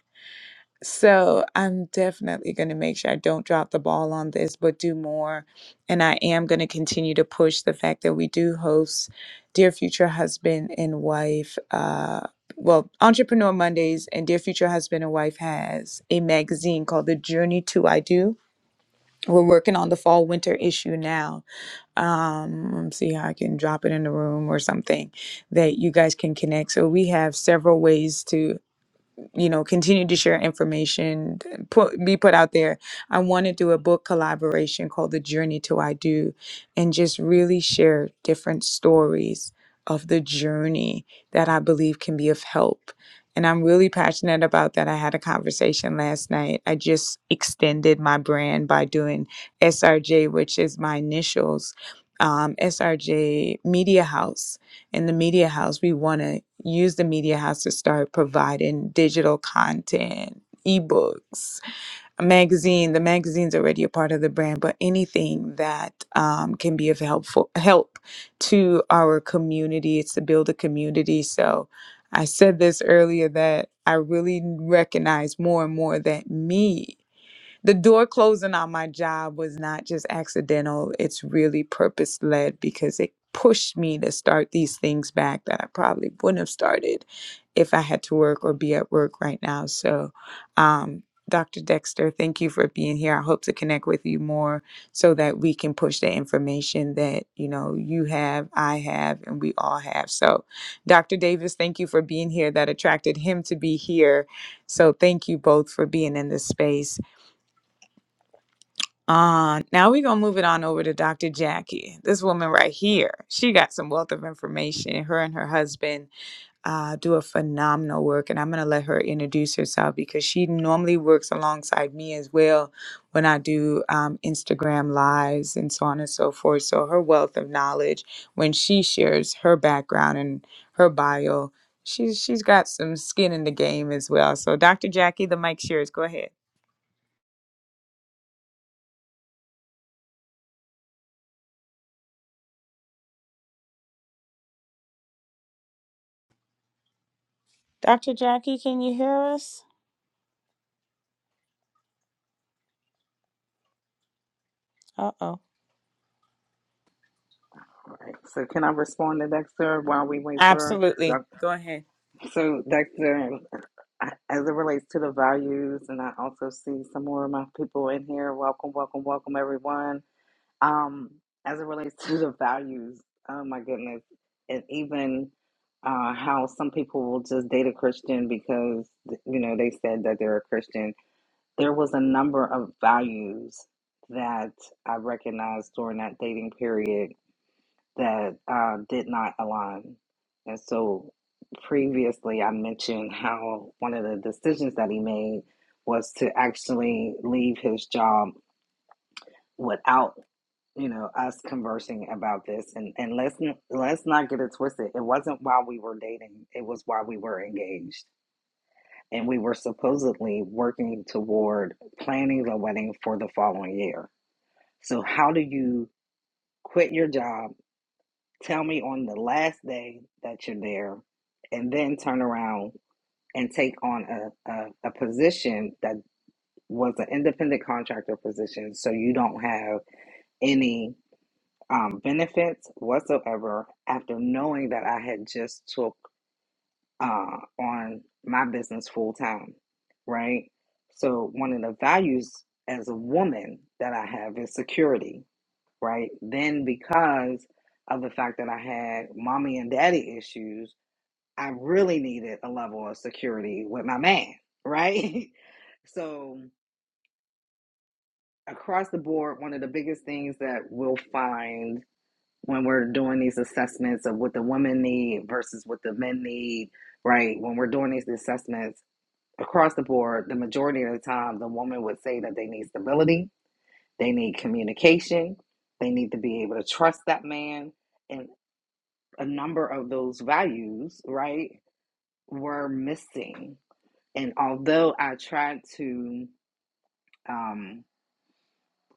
S1: so I'm definitely going to make sure I don't drop the ball on this, but do more. And I am going to continue to push the fact that we do host Dear Future Husband and Wife. Uh, well, Entrepreneur Mondays and Dear Future Husband and Wife has a magazine called The Journey to I Do. We're working on the fall winter issue now. Um, let me see how I can drop it in the room or something that you guys can connect. So we have several ways to you know, continue to share information, put, be put out there. I want to do a book collaboration called The Journey to I Do and just really share different stories of the journey that I believe can be of help. And I'm really passionate about that. I had a conversation last night. I just extended my brand by doing SRJ, which is my initials, um, SRJ Media House in the media house, we want to use the media house to start providing digital content, ebooks, a magazine. The magazine's already a part of the brand, but anything that um, can be of helpful help to our community. It's to build a community. So I said this earlier that I really recognize more and more that me the door closing on my job was not just accidental it's really purpose led because it pushed me to start these things back that i probably wouldn't have started if i had to work or be at work right now so um, dr dexter thank you for being here i hope to connect with you more so that we can push the information that you know you have i have and we all have so dr davis thank you for being here that attracted him to be here so thank you both for being in this space uh, now we're gonna move it on over to Dr. Jackie. This woman right here, she got some wealth of information. Her and her husband uh, do a phenomenal work, and I'm gonna let her introduce herself because she normally works alongside me as well when I do um, Instagram lives and so on and so forth. So her wealth of knowledge, when she shares her background and her bio, she's she's got some skin in the game as well. So Dr. Jackie, the mic's yours. Go ahead, Dr. Jackie. Can you hear us? Uh oh.
S2: All right. So can I respond to Dexter while we wait for
S1: Absolutely.
S2: Doc-
S1: Go ahead.
S2: so Dexter, I- as it relates to the values, and I also see some more of my people in here. Welcome, welcome, welcome, everyone. Um, as it relates to the values, oh my goodness, and even uh, how some people will just date a Christian because you know they said that they're a Christian there was a number of values that I recognized during that dating period that uh, did not align. And so previously, I mentioned how one of the decisions that he made was to actually leave his job without you know us conversing about this and and let's n- let's not get it twisted it wasn't while we were dating it was while we were engaged and we were supposedly working toward planning the wedding for the following year. So, how do you quit your job? Tell me on the last day that you're there, and then turn around and take on a, a, a position that was an independent contractor position so you don't have any um, benefits whatsoever after knowing that I had just took uh, on my business full time, right? So, one of the values as a woman that I have is security, right? Then, because of the fact that I had mommy and daddy issues, I really needed a level of security with my man, right? so, across the board, one of the biggest things that we'll find when we're doing these assessments of what the women need versus what the men need, right? When we're doing these assessments, across the board, the majority of the time, the woman would say that they need stability, they need communication, they need to be able to trust that man. And a number of those values, right, were missing. And although I tried to, um,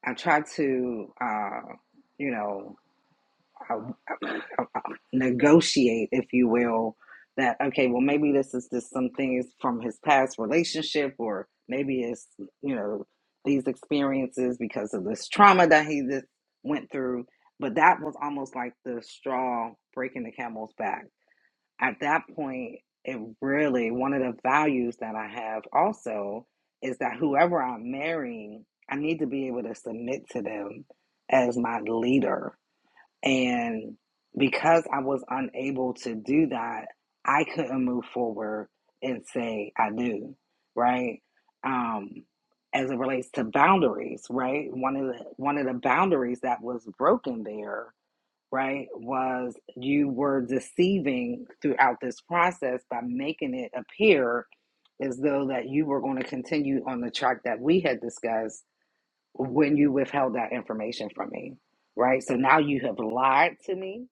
S2: I tried to, uh, you know, uh, negotiate, if you will, that okay, well maybe this is just some things from his past relationship, or maybe it's you know these experiences because of this trauma that he just went through. But that was almost like the straw breaking the camel's back. At that point, it really one of the values that I have also is that whoever I'm marrying, I need to be able to submit to them as my leader and because I was unable to do that, I couldn't move forward and say I do, right? Um, as it relates to boundaries, right? One of the one of the boundaries that was broken there, right, was you were deceiving throughout this process by making it appear as though that you were going to continue on the track that we had discussed when you withheld that information from me, right? So now you have lied to me.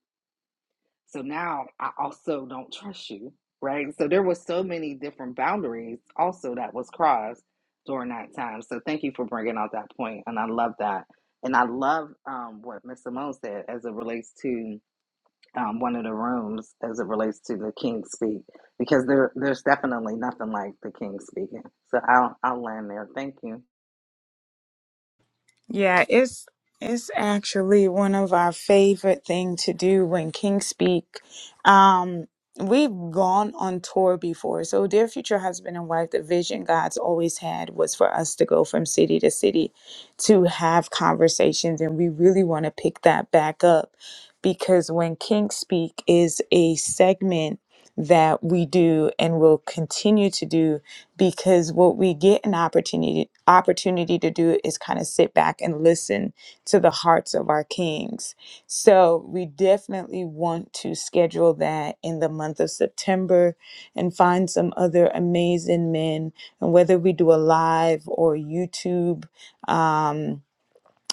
S2: So now I also don't trust you, right? So there was so many different boundaries also that was crossed during that time. So thank you for bringing out that point, and I love that. And I love um, what Miss Simone said as it relates to um, one of the rooms, as it relates to the King speak, because there there's definitely nothing like the King speaking. So I'll I'll land there. Thank you.
S1: Yeah, it's it's actually one of our favorite thing to do when King Speak. Um, we've gone on tour before. So dear future husband and wife, the vision God's always had was for us to go from city to city to have conversations and we really want to pick that back up because when King Speak is a segment that we do and will continue to do because what we get an opportunity opportunity to do is kind of sit back and listen to the hearts of our kings. So we definitely want to schedule that in the month of September and find some other amazing men and whether we do a live or YouTube um,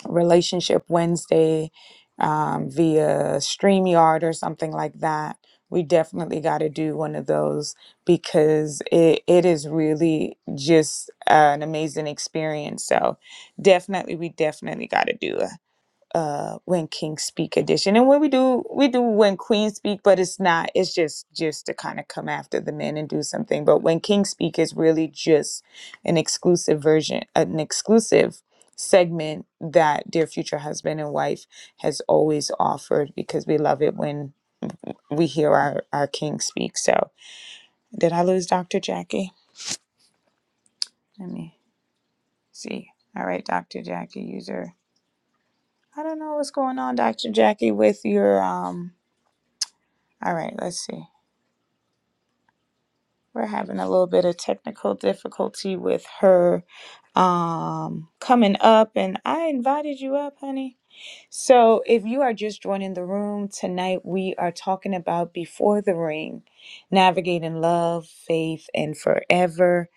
S1: Relationship Wednesday um, via StreamYard or something like that. We definitely got to do one of those because it, it is really just an amazing experience. So, definitely, we definitely got to do it uh when kings speak edition and when we do we do when queens speak but it's not it's just just to kind of come after the men and do something but when kings speak is really just an exclusive version an exclusive segment that dear future husband and wife has always offered because we love it when we hear our our king speak so did i lose dr jackie let me see all right dr jackie user i don't know what's going on dr jackie with your um all right let's see We're having a little bit of technical difficulty with her um, coming up, and I invited you up, honey. So, if you are just joining the room tonight, we are talking about Before the Ring, navigating love, faith, and forever.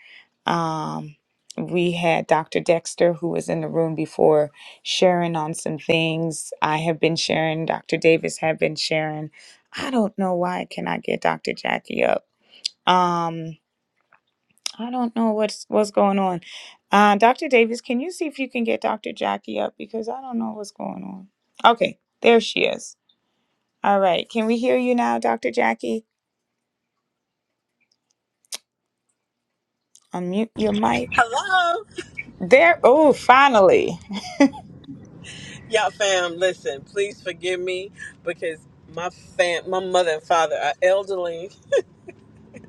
S1: Um, we had Dr. Dexter, who was in the room before, sharing on some things. I have been sharing, Dr. Davis have been sharing. I don't know why I cannot get Dr. Jackie up. Um, I don't know what's what's going on. Uh, Dr. Davis, can you see if you can get Dr. Jackie up because I don't know what's going on. Okay, there she is. All right, can we hear you now, Dr. Jackie? Unmute your mic.
S4: Hello,
S1: There. Oh, finally.
S4: y'all fam. Listen, please forgive me because my fam, my mother and father are elderly.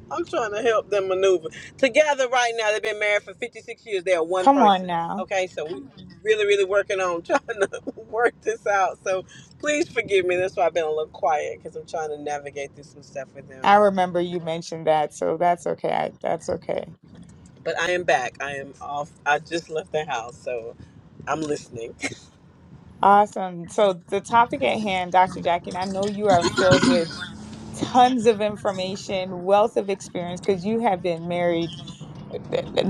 S4: I'm trying to help them maneuver together right now. They've been married for 56 years. They are one
S1: Come on
S4: person.
S1: now.
S4: Okay, so we really, really working on trying to work this out. So please forgive me. That's why I've been a little quiet because I'm trying to navigate through some stuff with them.
S1: I remember you mentioned that, so that's okay. I, that's okay.
S4: But I am back. I am off. I just left the house, so I'm listening.
S1: Awesome. So the topic at hand, Dr. Jackie, and I know you are filled with tons of information, wealth of experience because you have been married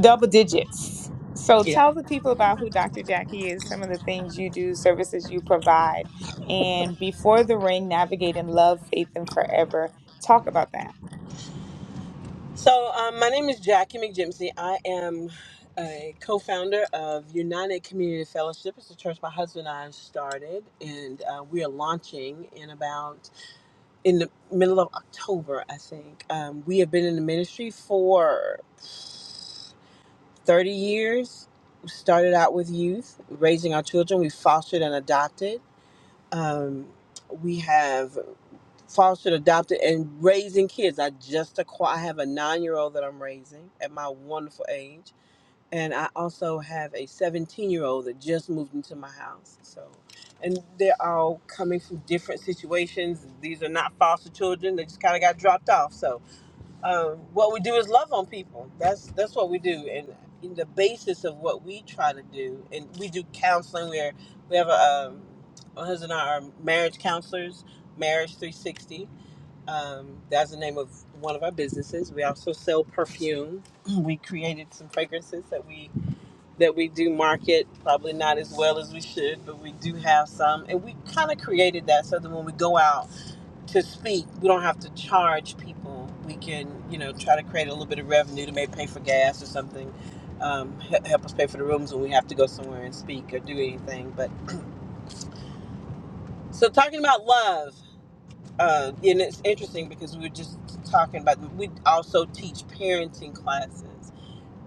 S1: double digits. So tell the people about who Dr. Jackie is, some of the things you do, services you provide, and before the ring, navigate in love, faith, and forever. Talk about that.
S4: So, um, my name is Jackie McJimsey. I am a co founder of United Community Fellowship. It's a church my husband and I started, and uh, we are launching in about in the middle of October, I think. Um, we have been in the ministry for 30 years. We started out with youth, raising our children. We fostered and adopted. Um, we have fostered, adopted, and raising kids. I just acqui- I have a nine year old that I'm raising at my wonderful age, and I also have a 17 year old that just moved into my house. So, and they're all coming from different situations. These are not foster children; they just kind of got dropped off. So, um, what we do is love on people. That's that's what we do, and. In the basis of what we try to do, and we do counseling. Where we have a um, my husband and I are marriage counselors, Marriage 360, um, that's the name of one of our businesses. We also sell perfume. We created some fragrances that we that we do market, probably not as well as we should, but we do have some, and we kind of created that so that when we go out to speak, we don't have to charge people. We can, you know, try to create a little bit of revenue to maybe pay for gas or something. Um, help us pay for the rooms when we have to go somewhere and speak or do anything. But so talking about love, uh, and it's interesting because we were just talking about we also teach parenting classes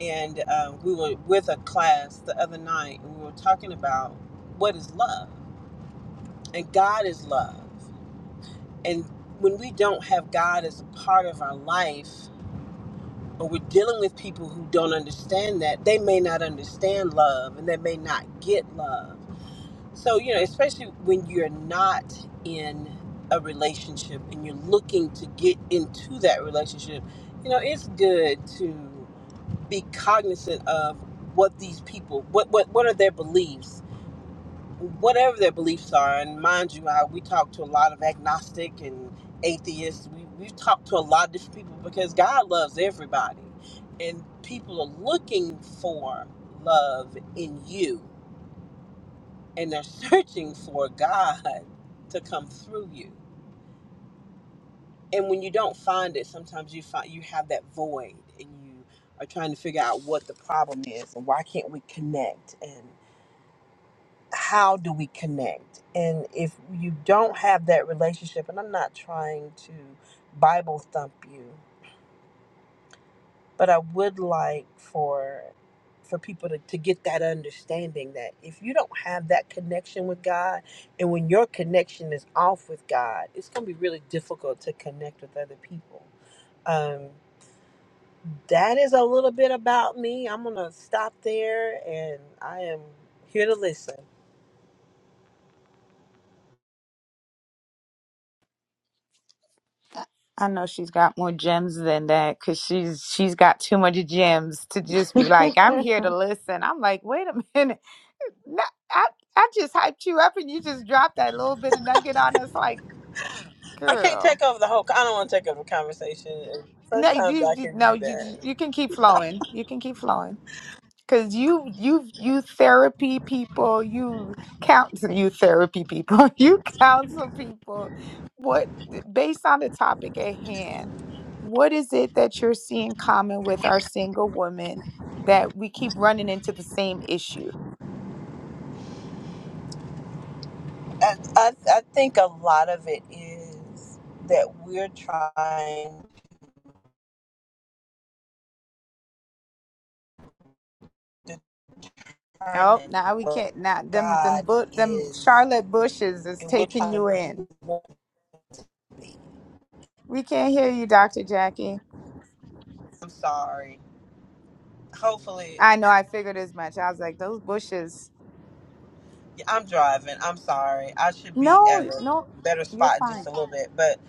S4: and uh, we were with a class the other night and we were talking about what is love and god is love and when we don't have god as a part of our life or we're dealing with people who don't understand that they may not understand love and they may not get love So, you know, especially when you're not in a relationship and you're looking to get into that relationship, you know, it's good to be cognizant of what these people, what what what are their beliefs, whatever their beliefs are. And mind you, I, we talk to a lot of agnostic and atheists. We we've talked to a lot of different people because God loves everybody, and people are looking for love in you and they're searching for God to come through you. And when you don't find it, sometimes you find you have that void and you are trying to figure out what the problem is and why can't we connect and how do we connect? And if you don't have that relationship, and I'm not trying to Bible thump you, but I would like for for people to, to get that understanding that if you don't have that connection with God and when your connection is off with God, it's gonna be really difficult to connect with other people. Um, that is a little bit about me. I'm gonna stop there and I am here to listen.
S1: I know she's got more gems than that because she's she's got too much gems to just be like, I'm here to listen. I'm like, wait a minute. No, I, I just hyped you up and you just dropped that little bit of nugget on us like,
S4: I can't
S1: girl.
S4: take over the whole I don't wanna take over the conversation. And
S1: No,
S4: Sometimes
S1: you,
S4: I
S1: you
S4: can do
S1: no, you you
S4: that.
S1: you can keep flowing. You can keep flowing because you you you therapy people, you counsel you therapy people, you counsel people. What based on the topic at hand, what is it that you're seeing common with our single women that we keep running into the same issue?
S4: I, I, I think a lot of it is that we're trying
S1: Oh,
S4: determine
S1: now we
S4: what
S1: can't. Now them them
S4: God
S1: bu- them
S4: is
S1: Charlotte bushes is
S4: and which
S1: taking
S4: one
S1: you
S4: we
S1: in.
S4: want to be.
S1: We can't hear you, Doctor Jackie.
S4: I'm sorry. Hopefully,
S1: I know. I figured as much. I was like, those bushes.
S4: yeah, I'm driving. I'm sorry. I should be at
S1: No,
S4: a
S1: no,
S4: better
S1: you're
S4: spot in just a
S1: fine.
S4: little bit, but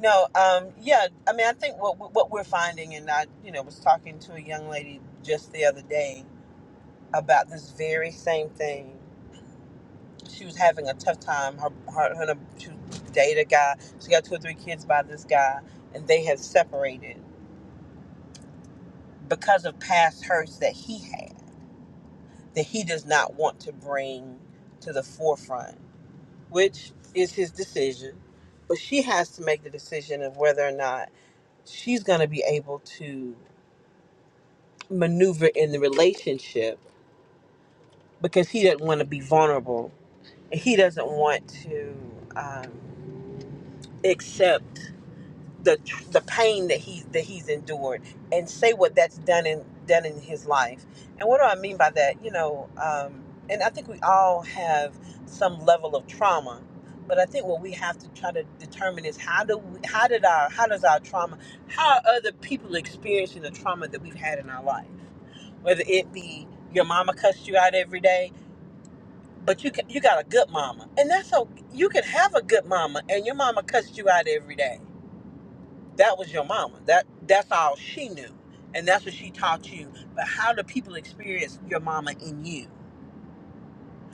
S4: no. Um. Yeah. I mean, I think what what we're finding, and I, you know, was talking to a young lady just the other day about this very same thing. She was having a tough time. Her her, her she dated a guy. She got two or three kids by this guy, and they have separated. because of past hurts that he had that he does not want to bring to the forefront, which is his decision. But she has to make the decision of whether or not she's going to be able to maneuver in the relationship because he doesn't want to be vulnerable and he doesn't want to um, accept. the the pain that he that he's endured and say what that's done in done in his life. And what do I mean by that? You know, um, and I think we all have some level of trauma, but I think what we have to try to determine is how do we, how did our how does our trauma how are other people experiencing the trauma that we've had in our life, whether it be your mama cussed you out every day. But you can, you got a good mama, and that's so you can have a good mama, and your mama cussed you out every day that was your mama. That that's all she knew, and that's what she taught you. But how do people experience your mama in you?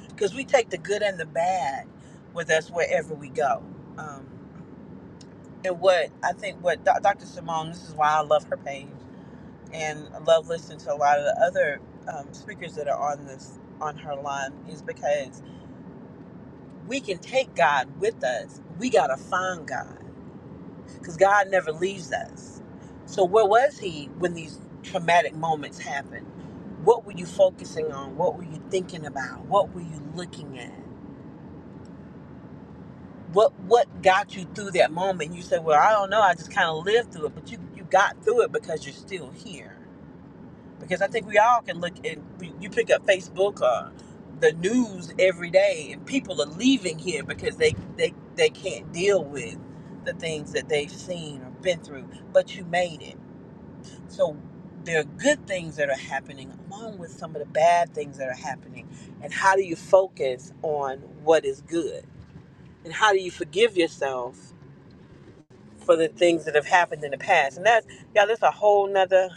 S4: Because we take the good and the bad with us wherever we go. Um, and what I think, what Do- Dr. Simone, this is why I love her page, and I love listening to a lot of the other um, speakers that are on this on her line, is because we can take God with us. We gotta find God because God never leaves us. So where was he when these traumatic moments happened? What were you focusing on? What were you thinking about? What were you looking at? What what got you through that moment? You said, "Well, I don't know. I just kind of lived through it." But you you got through it because you're still here. Because I think we all can look and we- you pick up Facebook or the news every day, and people are leaving here because they they they can't deal with the things that they've seen or been through. But you made it So there are good things that are happening along with some of the bad things that are happening. And how do you focus on what is good? And how do you forgive yourself for the things that have happened in the past? And that's yeah, that's a whole nother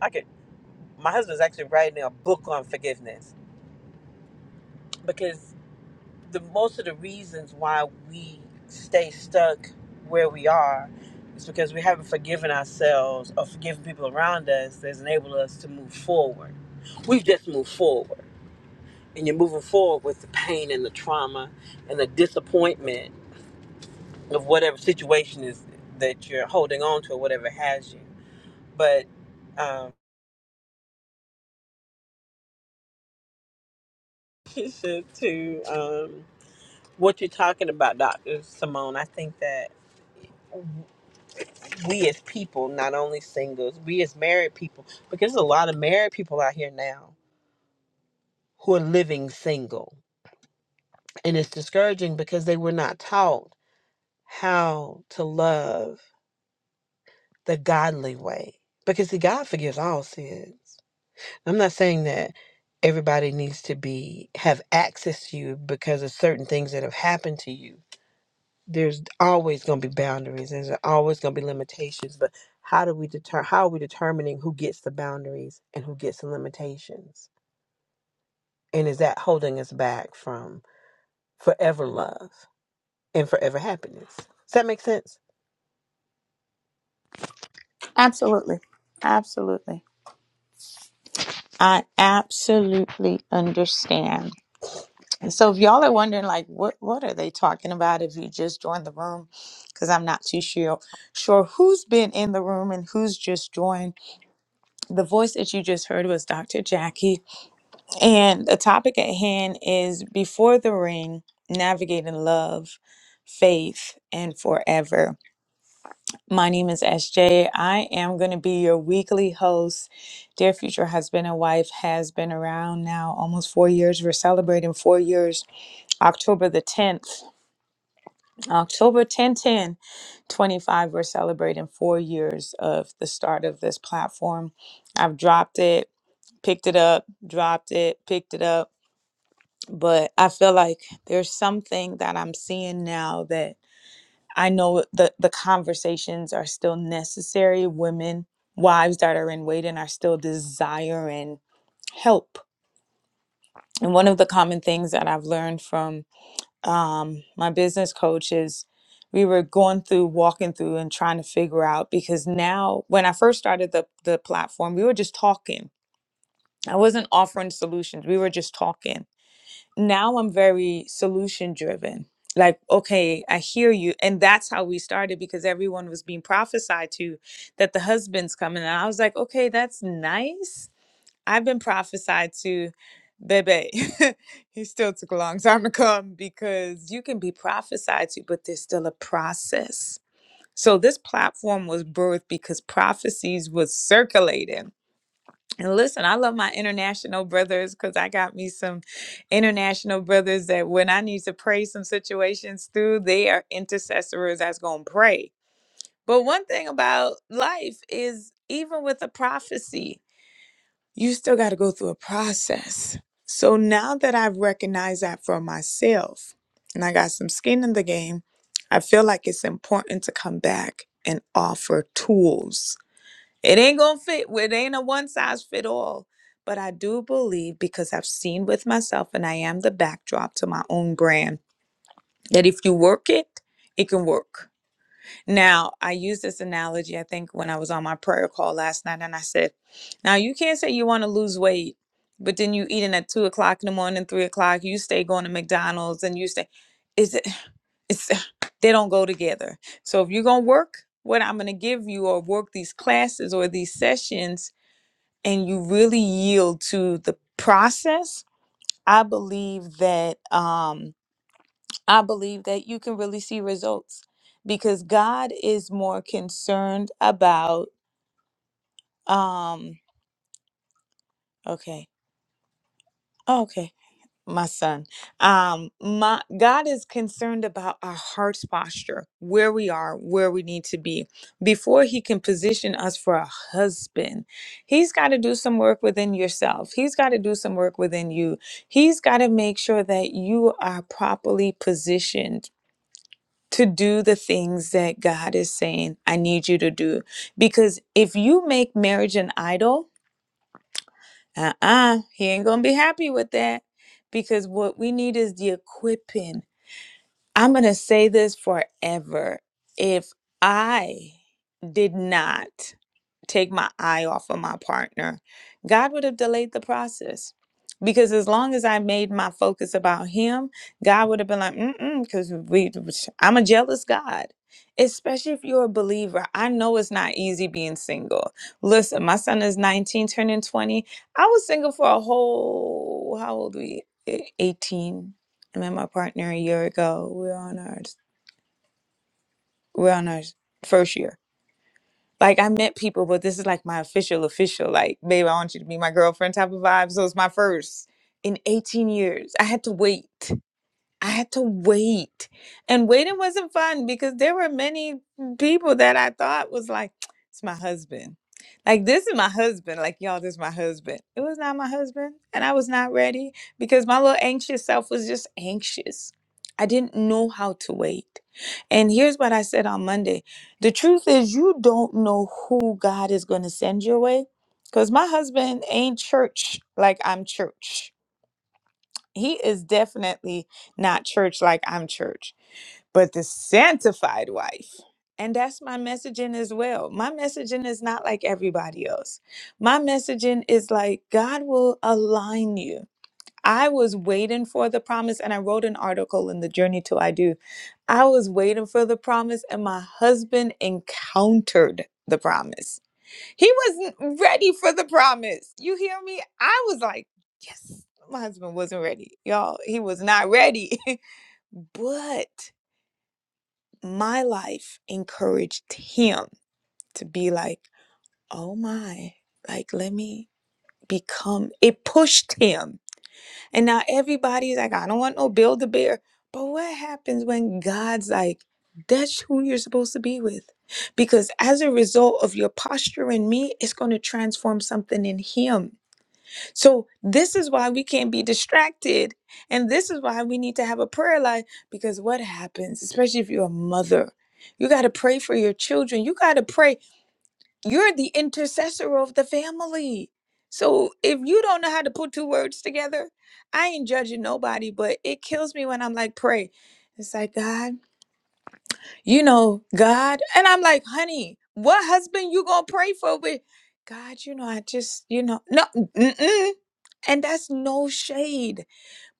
S4: I could my husband's actually writing a book on forgiveness. Because the most of the reasons why we stay stuck where we are is because we haven't forgiven ourselves or forgiven people around us that's enabled us to move forward. We've just moved forward. And you're moving forward with the pain and the trauma and the disappointment of whatever situation is that you're holding on to or whatever has you. But um, to um, what you're talking about, Dr. Simone, I think that we as people, not only singles, we as married people, because there's a lot of married people out here now who are living single. And it's discouraging because they were not taught how to love the godly way. Because see, God forgives all sins. I'm not saying that everybody needs to be have access to you because of certain things that have happened to you there's always going to be boundaries and there's always going to be limitations but how do we deter how are we determining who gets the boundaries and who gets the limitations and is that holding us back from forever love and forever happiness does that make sense
S1: Absolutely, absolutely. I absolutely understand. And so, if y'all are wondering, like, what what are they talking about? If you just joined the room, because I'm not too sure sure who's been in the room and who's just joined. The voice that you just heard was Doctor Jackie And the topic at hand is Before the Ring Navigating Love, Faith, and Forever. My name is S J. I am going to be your weekly host. Dear future husband and wife has been around now almost four years. We're celebrating four years, October the 10th, October 10 10 twenty-five. We're celebrating four years of the start of this platform. I've dropped it, picked it up, dropped it, picked it up but I feel like there's something that I'm seeing now that I know the the conversations are still necessary. Women, wives that are in waiting are still desiring help. And one of the common things that I've learned from um, my business coach is we were going through, walking through, and trying to figure out because now, when I first started the the platform, we were just talking. I wasn't offering solutions. We were just talking now I'm very solution driven. Like, okay, I hear you. And that's how we started because everyone was being prophesied to that the husband's coming. And I was like, okay, that's nice. I've been prophesied to, Bebe. he still took a long time to come because you can be prophesied to, but there's still a process. So this platform was birthed because prophecies was circulating and listen, I love my international brothers because I got me some international brothers that when I need to pray some situations through, they are intercessors that's going to pray. But one thing about life is even with a prophecy, you still got to go through a process. So now that I've recognized that for myself and I got some skin in the game, I feel like it's important to come back and offer tools it ain't gonna fit. It ain't a one size fit all. But I do believe because I've seen with myself and I am the backdrop to my own brand that if you work it, it can work. Now, I use this analogy, I think, when I was on my prayer call last night, and I said, Now you can't say you wanna lose weight, but then you eating at two o'clock in the morning, three o'clock, you stay going to McDonald's and you stay is it it's they don't go together. So if you're gonna work what I'm gonna give you or work these classes or these sessions and you really yield to the process, I believe that um, I believe that you can really see results because God is more concerned about um, okay, okay. my son. Um, my God is concerned about our heart's posture, where we are, where we need to be. Before He can position us for a husband, He's got to do some work within yourself. He's got to do some work within you. He's got to make sure that you are properly positioned. To do the things that God is saying, I need you to do. Because if you make marriage an idol, uh uh he ain't gonna be happy with that because what we need is the equipping. I'm going to say this forever. If I did not take my eye off of my partner, God would have delayed the process. Because as long as I made my focus about him, God would have been like, mm-mm, because we, I'm a jealous God. Especially if you're a believer. I know it's not easy being single. Listen, my son is 19, turning 20. I was single for a whole, how old were we? e, 18 I met my partner a year ago. We're on our we're on our first year. Like I met people, but this is like my official official. Like, babe, I want you to be my girlfriend type of vibe. So it's my first in 18 years. I had to wait. I had to wait. And waiting wasn't fun because there were many people that I thought was like, it's my husband. Like, this is my husband. Like, y'all, this is my husband. It was not my husband. And I was not ready because my little anxious self was just anxious. I didn't know how to wait. And here's what I said on Monday the truth is, you don't know who God is going to send your way because my husband ain't church like I'm church he is definitely not church like I'm church, but the sanctified wife. And that's my messaging as well. My messaging is not like everybody else. My messaging is like God will align you. I was waiting for the promise, and I wrote an article in the Journey to I Do. I was waiting for the promise, and my husband encountered the promise. He wasn't ready for the promise. You hear me? I was like, yes, my husband wasn't ready. Y'all, he was not ready. but my life encouraged him to be like, oh my, like, let me become. It pushed him. And now everybody's like, I don't want no build a bear. But what happens when God's like, that's who you're supposed to be with? Because as a result of your posture in me, it's going to transform something in him So, this is why we can't be distracted. And this is why we need to have a prayer life because what happens, especially if you're a mother, you got to pray for your children. You got to pray. You're the intercessor of the family. So, if you don't know how to put two words together, I ain't judging nobody, but it kills me when I'm like, pray. It's like, God you know, God. And I'm like, honey, what husband you gonna pray for with? God, you know, I just, you know, no, mm-mm. and that's no shade.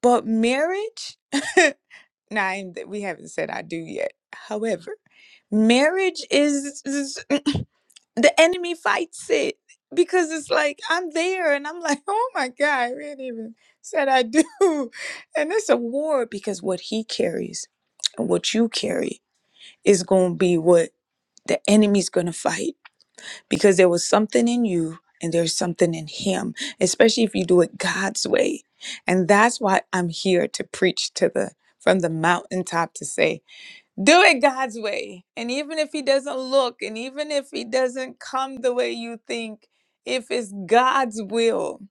S1: But marriage, nah, I ain't- we haven't said I do yet. However, marriage is, is the enemy fights it because it's like I'm there and I'm like, oh my God, we ain't even said I do. And it's a war because what he carries and what you carry is gonna be what the enemy's going to fight because there was something in you and there's something in him, especially if you do it God's way. And that's why I'm here to preach to the from the mountaintop to say, do it God's way. And even if he doesn't look and even if he doesn't come the way you think, if it's God's will,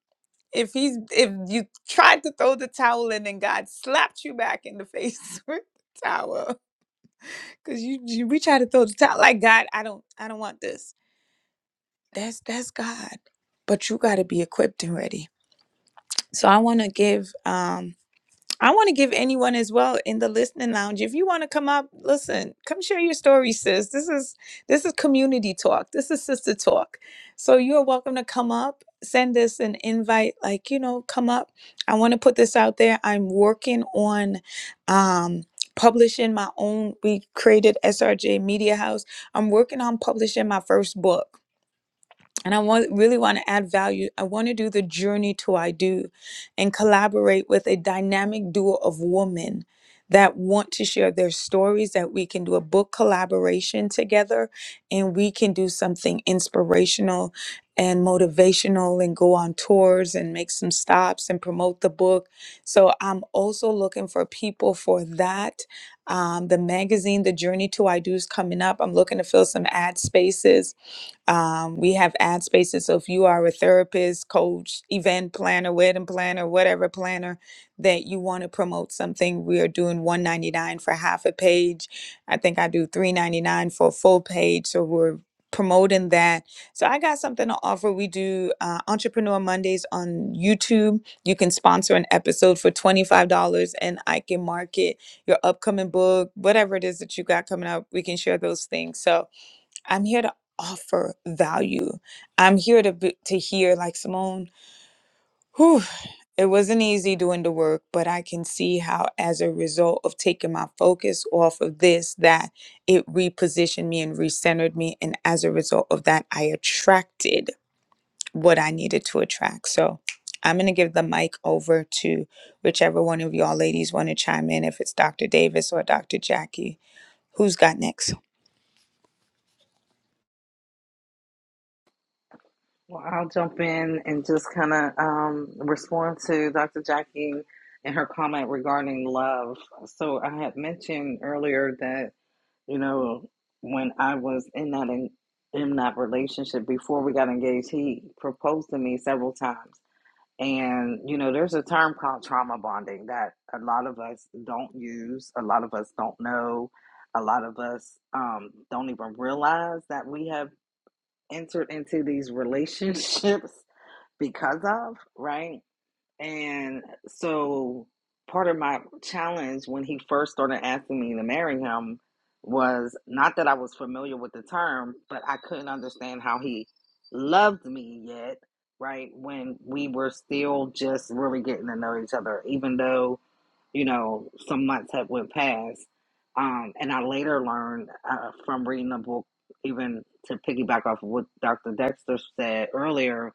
S1: if he's if you tried to throw the towel in and God slapped you back in the face with the towel, because you, you we try to throw the towel like God, I don't I don't want this that's that's God. But you got to be equipped and ready. So I want to give um I want to give anyone as well in the listening lounge. If you want to come up, listen, come share your story, sis. This is this is community talk. This is sister talk. So you are welcome to come up. Send us an invite, like you know, come up. I want to put this out there. I'm working on um publishing my own. We created SRJ Media House. I'm working on publishing my first book and I want really want to add value. I want to do the journey to I do and collaborate with a dynamic duo of women that want to share their stories that we can do a book collaboration together and we can do something inspirational and motivational and go on tours and make some stops and promote the book so i'm also looking for people for that um, the magazine the journey to i do is coming up i'm looking to fill some ad spaces um, we have ad spaces. So if you are a therapist, coach, event planner, wedding planner, whatever planner that you want to promote something, we are doing 199 for half a page. I think I do 399 for a full page. So we're promoting that. So I got something to offer. We do uh, Entrepreneur Mondays on YouTube. You can sponsor an episode for $25 and I can market your upcoming book, whatever it is that you got coming up. We can share those things. So I'm here to offer value. I'm here to be, to hear like Simone. Whew, it wasn't easy doing the work, but I can see how, as a result of taking my focus off of this, that it repositioned me and recentered me, and as a result of that, I attracted what I needed to attract. So. I'm going to give the mic over to whichever one of y'all ladies want to chime in, if it's Dr. Davis or Dr. Jackie. Who's got next?
S2: Well, I'll jump in and just kind of um, respond to Dr. Jackie and her comment regarding love. So I had mentioned earlier that you know when I was in that in, in that relationship before we got engaged, he proposed to me several times, and you know there's a term called trauma bonding that a lot of us don't use, a lot of us don't know, a lot of us um, don't even realize that we have entered into these relationships because of, right? And so part of my challenge when he first started asking me to marry him was not that I was familiar with the term, but I couldn't understand how he loved me yet, right? When we were still just really getting to know each other, even though, you know, some months had went past. Um, and I later learned uh, from reading the book, even to piggyback off of what Dr. Dexter said earlier,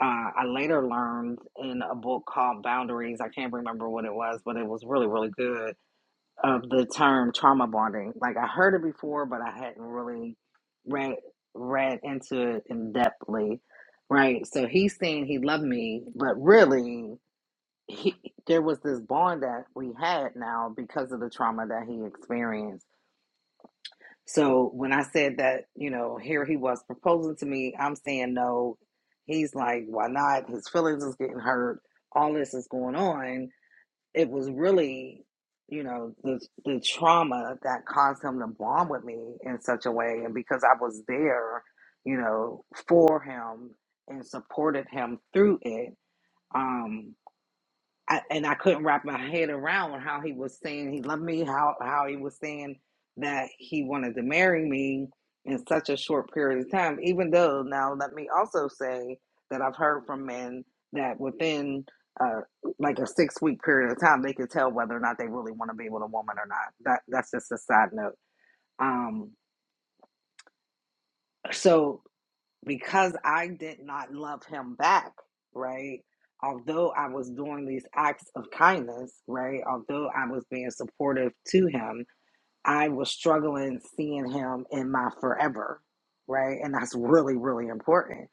S2: uh, I later learned in a book called Boundaries, I can't remember what it was, but it was really, really good, of the term trauma bonding. Like I heard it before, but I hadn't really read read into it in depthly, right? So he's saying he loved me, but really he there was this bond that we had now because of the trauma that he experienced so when I said that, you know, here he was proposing to me, I'm saying no. He's like, why not? His feelings is getting hurt. All this is going on. It was really, you know, the the trauma that caused him to bond with me in such a way, and because I was there, you know, for him and supported him through it. Um, I, and I couldn't wrap my head around on how he was saying he loved me, how how he was saying that he wanted to marry me in such a short period of time. Even though now, let me also say that I've heard from men that within uh, like a six week period of time, they could tell whether or not they really want to be with a woman or not. That that's just a side note. Um, so because I did not love him back, right? Although I was doing these acts of kindness, right? Although I was being supportive to him, I was struggling seeing him in my forever, right? And that's really, really important.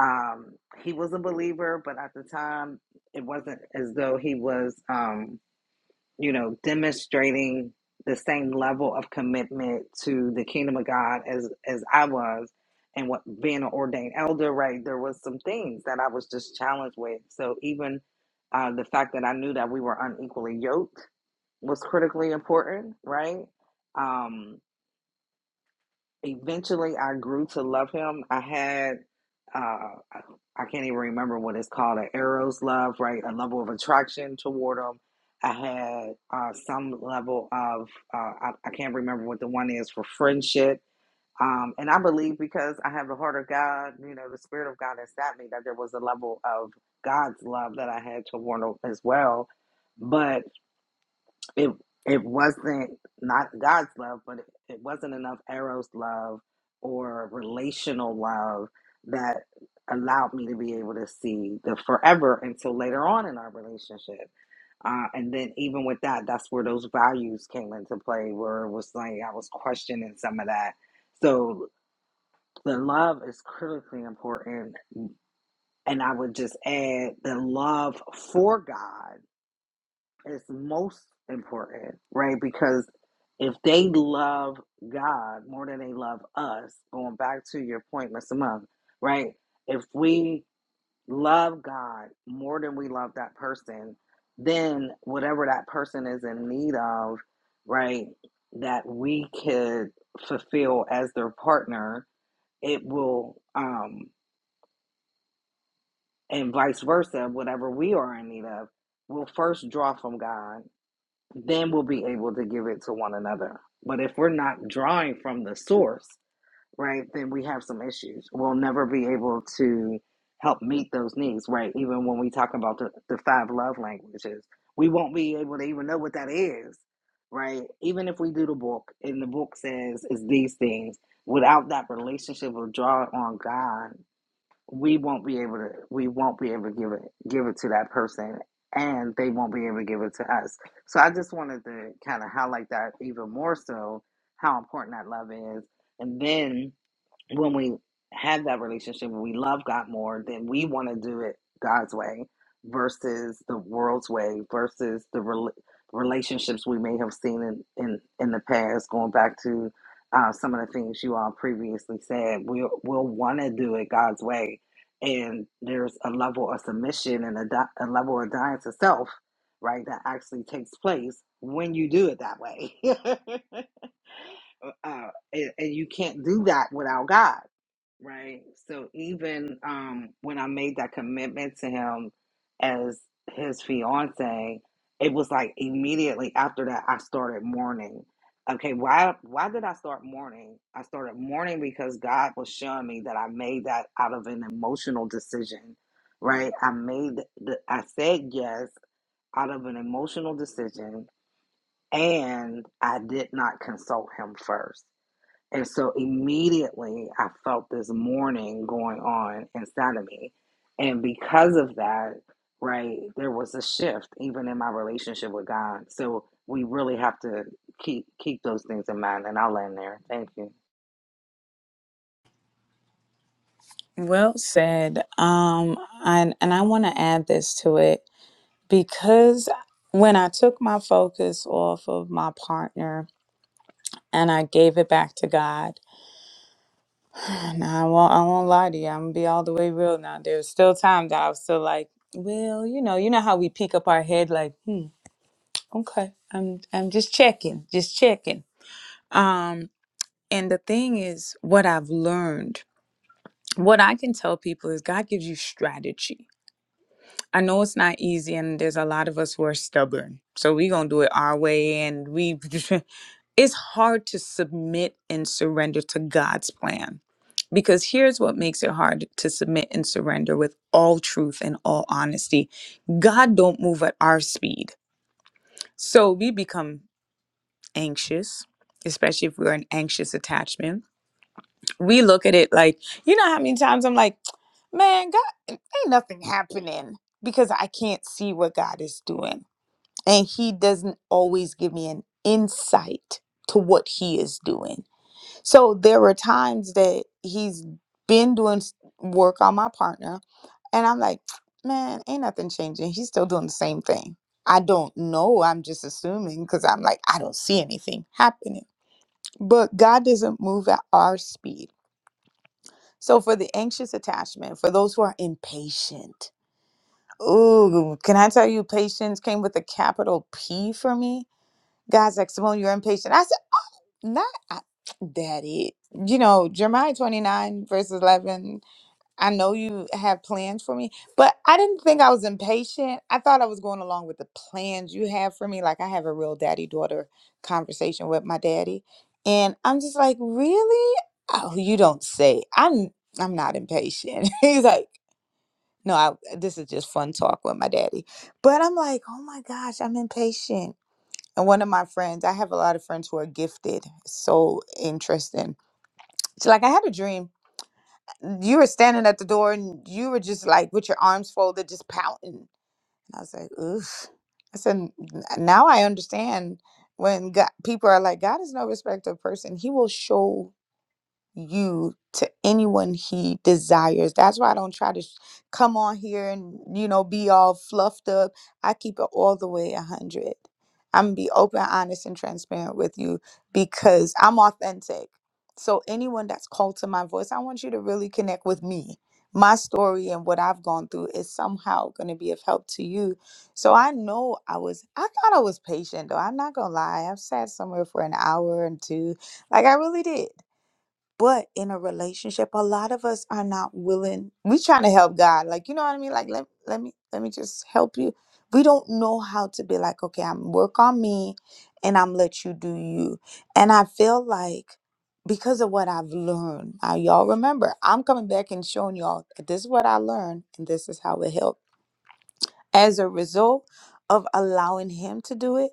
S2: Um, he was a believer, but at the time, it wasn't as though he was. Um, you know, demonstrating the same level of commitment to the kingdom of God as as I was, and what being an ordained elder, right? There was some things that I was just challenged with. So even uh, the fact that I knew that we were unequally yoked was critically important, right? Um, eventually I grew to love him. I had uh I I can't even remember what it's called, an eros love, right? A level of attraction toward him. I had uh some level of uh I, I can't remember what the one is for friendship. Um and I believe because I have the heart of God, you know, the spirit of God inside me that there was a level of God's love that I had toward him as well. but it it wasn't not God's love, but it, it wasn't enough Eros love or relational love that allowed me to be able to see the forever until later on in our relationship. Uh, and then even with that, that's where those values came into play, where it was like I was questioning some of that. So the love is critically important. And I would just add the love for God is most important, right? Because if they love God more than they love us, going back to your point, Mr. Monk, right? If we love God more than we love that person, then whatever that person is in need of, right, that we could fulfill as their partner, it will, um, and vice versa, whatever we are in need of, will first draw from God then we'll be able to give it to one another. But if we're not drawing from the source, right, then we have some issues. We'll never be able to help meet those needs, right? Even when we talk about the, the five love languages, we won't be able to even know what that is, right? Even if we do the book and the book says it's these things, without that relationship of drawing on God we won't be able to we won't be able to give it give it to that person and they won't be able to give it to us so i just wanted to kind of highlight that even more so how important that love is and then when we have that relationship when we love God more, then we want to do it God's way versus the world's way versus the rel relationships we may have seen in, in, in the past. Going back to uh, some of the things you all previously said, we'll, we'll want to do it God's way. And there's a level of submission and a, di- a level of dying to self, right, that actually takes place when you do it that way. uh, and, and you can't do that without God. Right. So even um, when I made that commitment to him as his fiance, it was like immediately after that I started mourning. Okay, why why did I start mourning? I started mourning because God was showing me that I made that out of an emotional decision, right? I made the, I said yes out of an emotional decision and I did not consult him first and so immediately I felt this mourning going on inside of me. And because of that, right, there was a shift even in my relationship with God. So we really have to keep keep those things in mind. And I'll end there. Thank you.
S1: Well said. Um, and and I want to add this to it because when I took my focus off of my partner and I gave it back to God, and I won't, I won't lie to you, I'm gonna be all the way real now. There's still time that I was still like, well, you know, you know how we peek up our head like, hmm, okay, I'm I'm just checking, just checking. Um, and the thing is, what I've learned, what I can tell people is God gives you strategy I know it's not easy, and there's a lot of us who are stubborn. So we're gonna do it our way, and we. it's hard to submit and surrender to God's plan, because here's what makes it hard to submit and surrender with all truth and all honesty. God don't move at our speed, so we become anxious, especially if we're an anxious attachment. We look at it like, you know, how many times I'm like, man, God, ain't nothing happening because I can't see what God is doing and he doesn't always give me an insight to what he is doing. So there were times that he's been doing s- work on my partner, and I'm like, man, ain't nothing changing. He's still doing the same thing. I don't know. I'm just assuming because I'm like, I don't see anything happening. But God doesn't move at our speed. So for the anxious attachment, for those who are impatient, ooh, can I tell you, patience came with a capital P for me? God's like, Simone, you're impatient. I said, not I, daddy. You know, Jeremiah 29, verse 11, I know you have plans for me, but I didn't think I was impatient. I thought I was going along with the plans you have for me. Like, I have a real daddy daughter conversation with my daddy. And I'm just like, really? Oh, you don't say. I'm I'm not impatient. He's like, no, I, this is just fun talk with my daddy. But I'm like, oh my gosh, I'm impatient and one of my friends, I have a lot of friends who are gifted. So interesting. She's like, I had a dream. You were standing at the door and you were just like with your arms folded, just pouting. And I was like, oof. I said, "N- now I understand when God, people are like, God is no respecter of person. He will show you to anyone he desires. That's why I don't try to sh- come on here and you know be all fluffed up. I keep it all the way a hundred. I'm gonna be open, honest, and transparent with you because I'm authentic. So anyone that's called to my voice, I want you to really connect with me. My story and what I've gone through is somehow going to be of help to you. So I know I was, I thought I was patient though. I'm not going to lie. I've sat somewhere for an hour and two. Like I really did. But in a relationship, a lot of us are not willing. We're trying to help God. Like, you know what I mean? Like, let, let me let me just help you. We don't know how to be like, okay, I'm work on me and I'm let you do you. And I feel like because of what I've learned, now y'all remember, I'm coming back and showing y'all that this is what I learned and this is how it helped. As a result of allowing him to do it,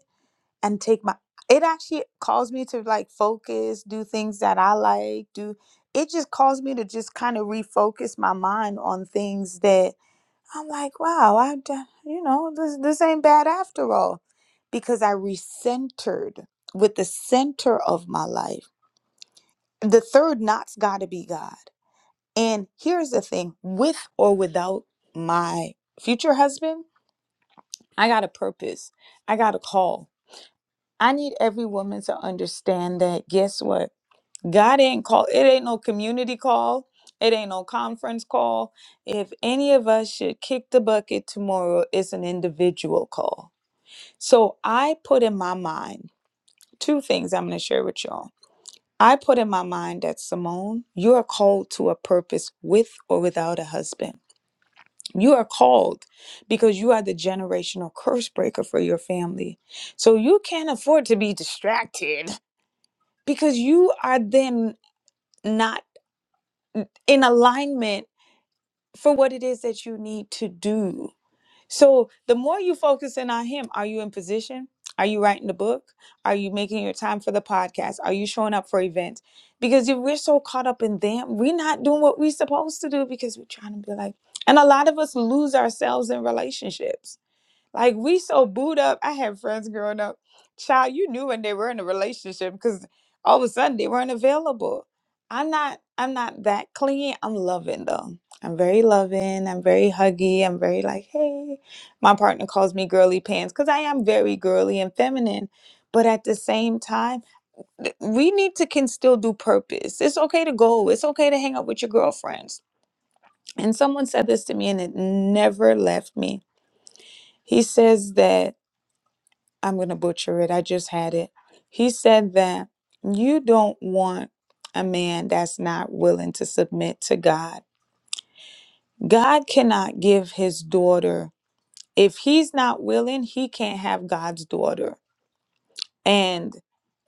S1: and take my it actually calls me to like focus do things that i like do it just calls me to just kind of refocus my mind on things that i'm like wow i d- you know this this ain't bad after all because i recentered with the center of my life the third knot's got to be god and here's the thing with or without my future husband i got a purpose i got a call I need every woman to understand that guess what? God ain't call it ain't no community call. It ain't no conference call. If any of us should kick the bucket tomorrow, it's an individual call. So I put in my mind two things I'm gonna share with y'all. I put in my mind that Simone, you are called to a purpose with or without a husband. You are called because you are the generational curse breaker for your family. So you can't afford to be distracted because you are then not in alignment for what it is that you need to do. So the more you focus in on him, are you in position? Are you writing the book? Are you making your time for the podcast? Are you showing up for events? Because if we're so caught up in them, we're not doing what we're supposed to do because we're trying to be like, and a lot of us lose ourselves in relationships like we so booed up. I had friends growing up, child. You knew when they were in a relationship because all of a sudden they weren't available. I'm not. I'm not that clingy. I'm loving though. I'm very loving. I'm very huggy. I'm very like, hey. My partner calls me girly pants because I am very girly and feminine. But at the same time, th- we need to can still do purpose. It's okay to go. It's okay to hang out with your girlfriends. And someone said this to me, and it never left me. He says that. I'm going to butcher it. I just had it. He said that you don't want a man that's not willing to submit to God. God cannot give his daughter. If he's not willing, he can't have God's daughter. And.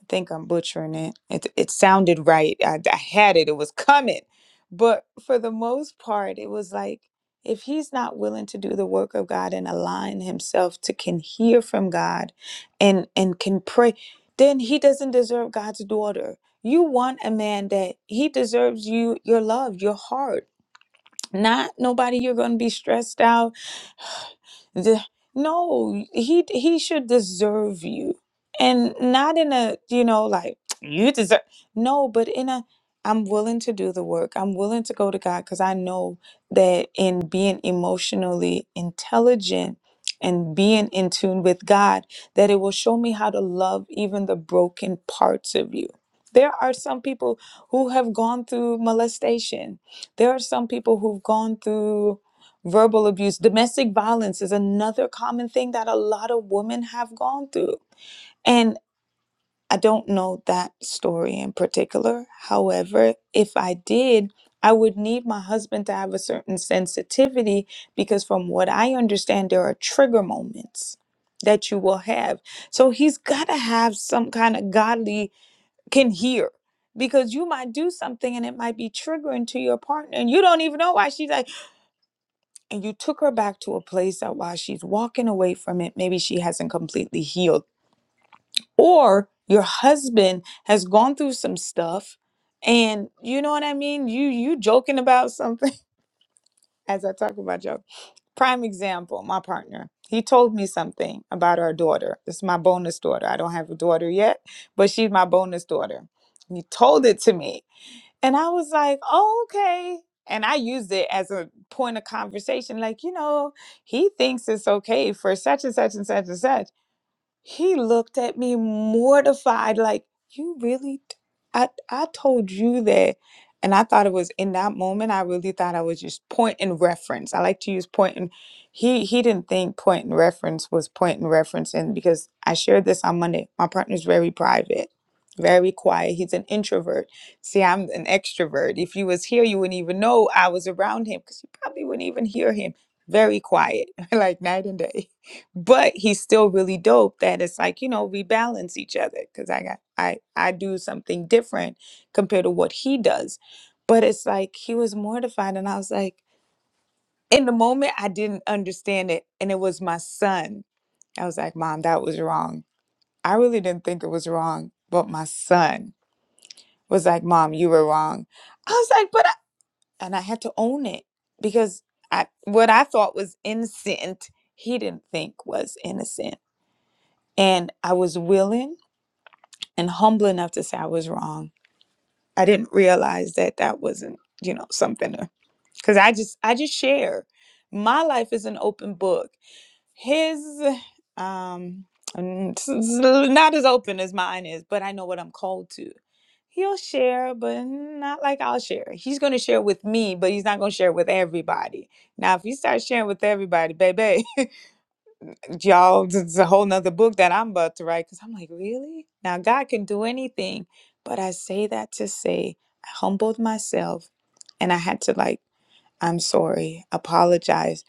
S1: I think I'm butchering it. It it sounded right. I, I had it. It was coming. But for the most part, it was like if he's not willing to do the work of God and align himself to can hear from God and and can pray, then he doesn't deserve God's daughter. You want a man that he deserves you your love, your heart not nobody you're going to be stressed out The- no he he should deserve you and not in a you know like you deserve no but in a i'm willing to do the work i'm willing to go to god because i know that in being emotionally intelligent and being in tune with god that it will show me how to love even the broken parts of you there are some people who have gone through molestation there are some people who've gone through verbal abuse. Domestic violence is another common thing that a lot of women have gone through. And I don't know that story in particular. However, if I did, I would need my husband to have a certain sensitivity because, from what I understand, there are trigger moments that you will have. So he's got to have some kind of godly can hear because you might do something and it might be triggering to your partner and you don't even know why she's like and you took her back to a place that while she's walking away from it maybe she hasn't completely healed or your husband has gone through some stuff and you know what i mean you you joking about something as i talk about joke prime example my partner he told me something about our daughter this is my bonus daughter i don't have a daughter yet but she's my bonus daughter he told it to me And I was like, oh, okay. And I used it as a point of conversation, like, you know, he thinks it's okay for such and such and such and such. He looked at me mortified, like, You really? t- I, I told you that. And I thought it was in that moment, I really thought I was just point and reference. I like to use point and he he didn't think point and reference was point and reference and because I shared this on Monday. My partner's very private, very quiet. He's an introvert. See, I'm an extrovert. If he was here, you wouldn't even know I was around him because you probably wouldn't even hear him. Very quiet, like night and day but he's still really dope that it's like you know we balance each other because i got i i do something different compared to what he does but it's like he was mortified and i was like in the moment i didn't understand it and it was my son i was like mom that was wrong i really didn't think it was wrong but my son was like mom you were wrong i was like but I, and i had to own it because i what i thought was innocent he didn't think was innocent And I was willing and humble enough to say I was wrong. I didn't realize that that wasn't, you know, something to, because I just, I just share. My life is an open book. His, um, n- s- s- not as open as mine is, but I know what I'm called to. He'll share, but not like I'll share. He's going to share with me, but he's not going to share with everybody. Now, if you start sharing with everybody, baby, y'all this is a whole nother book that i'm about to write because i'm like really now god can do anything but i say that to say i humbled myself and i had to like i'm sorry apologize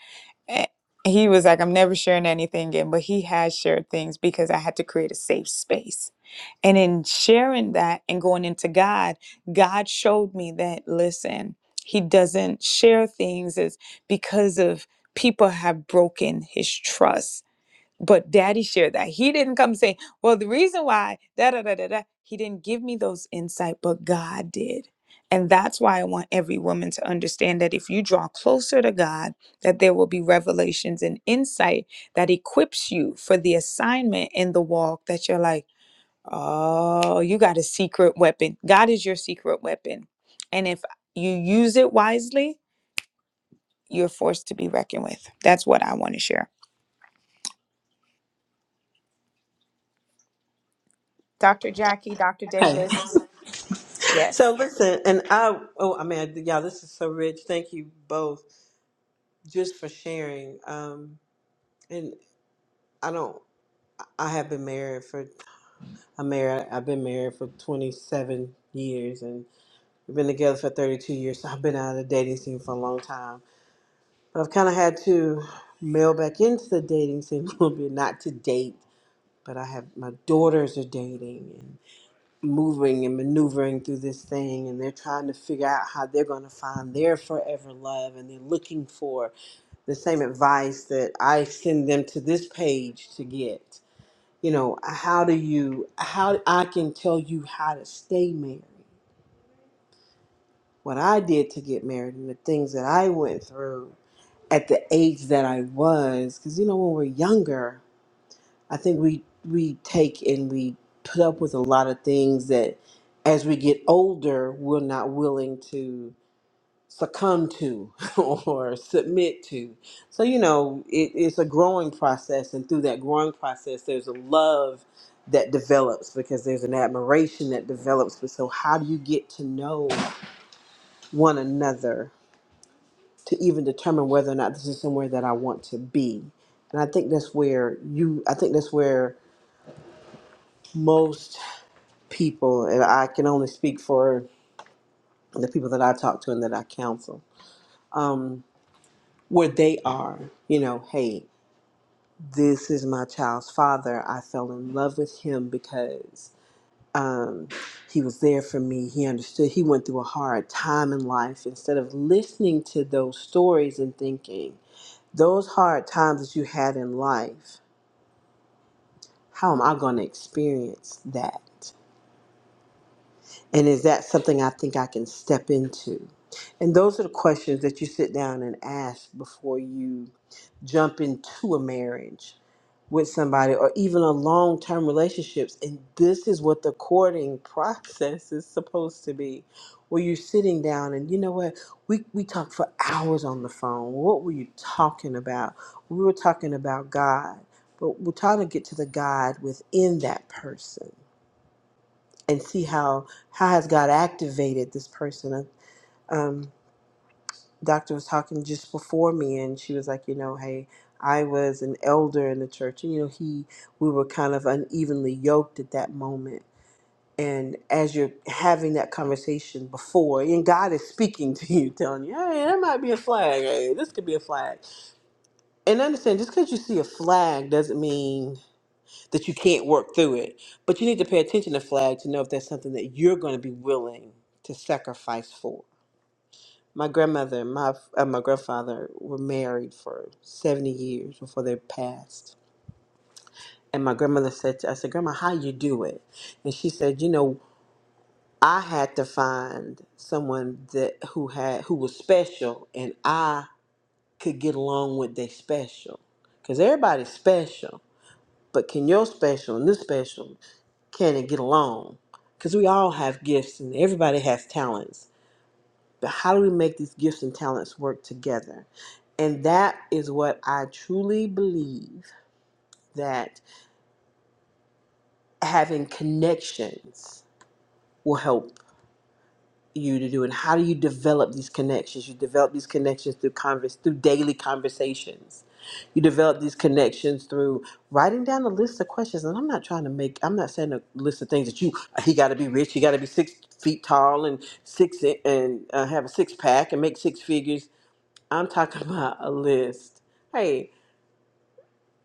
S1: Eh, he was like i'm never sharing anything again but he has shared things because i had to create a safe space and in sharing that and going into god god showed me that listen he doesn't share things is because of people have broken his trust but daddy shared that. He didn't come saying, well, the reason why, da da da da da. He didn't give me those insight, but God did. And that's why I want every woman to understand that if you draw closer to God, that there will be revelations and insight that equips you for the assignment in the walk that you're like, oh, you got a secret weapon. God is your secret weapon. And if you use it wisely, you're forced to be reckoned with. That's what I want to share. Dr. Jackie, Dr.
S4: Okay.
S1: Davis. Yes.
S4: So listen, and I oh I mean y'all, this is so rich. Thank you both just for sharing. Um, and I don't. I have been married for. I'm married. I've been married for 27 years, We've been together for 32 years, so I've been out of the dating scene for a long time. But I've kind of had to mail back into the dating scene a little bit, not to date, but I have my daughters are dating and moving and maneuvering through this thing, and they're trying to figure out how they're going to find their forever love, and they're looking for the same advice that I send them to this page to get. You know, how do you, how I can tell you how to stay married what I did to get married and the things that I went through at the age that I was. Because you know, when we're younger, I think we we take and we put up with a lot of things that, as we get older, we're not willing to succumb to or submit to. So you know, it, it's a growing process, and through that growing process, there's a love that develops because there's an admiration that develops. But so, how do you get to know one another? to even determine whether or not this is somewhere that I want to be. And I think that's where you, I think that's where most people, and I can only speak for the people that I talk to and that I counsel, um, where they are, you know, hey, this is my child's father. I fell in love with him because um, he was there for me. He understood. He went through a hard time in life. Instead of listening to those stories and thinking, those hard times that you had in life How am I going to experience that? And is that something I think I can step into? And those are the questions that you sit down and ask before you jump into a marriage with somebody or even a long term relationships. And this is what the courting process is supposed to be. Where you're sitting down and you know what? We we talked for hours on the phone. What were you talking about? We were talking about God. But we're trying to get to the God within that person and see how how has God activated this person. Uh, Um, doctor was talking just before me, and she was like, you know, hey, I was an elder in the church, and you know, he we were kind of unevenly yoked at that moment. And as you're having that conversation before, and God is speaking to you, telling you, hey, that might be a flag. Hey, this could be a flag. And understand, just because you see a flag doesn't mean that you can't work through it. But you need to pay attention to flag to know if that's something that you're going to be willing to sacrifice for. My grandmother and my, uh, my grandfather were married for 70 years before they passed. And my grandmother said, to, I said, Grandma, how you do it? And she said, you know, I had to find someone that who had who was special and I could get along with they special. Because everybody's special, but can your special and this special can and get along because we all have gifts and everybody has talents but how do we make these gifts and talents work together and that is what i truly believe that having connections will help you to do and how do you develop these connections you develop these connections through converse through daily conversations you develop these connections through writing down a list of questions and i'm not trying to make i'm not saying a list of things that you uh, he got to be rich he got to be six feet tall and six and uh, have a six pack and make six figures i'm talking about a list hey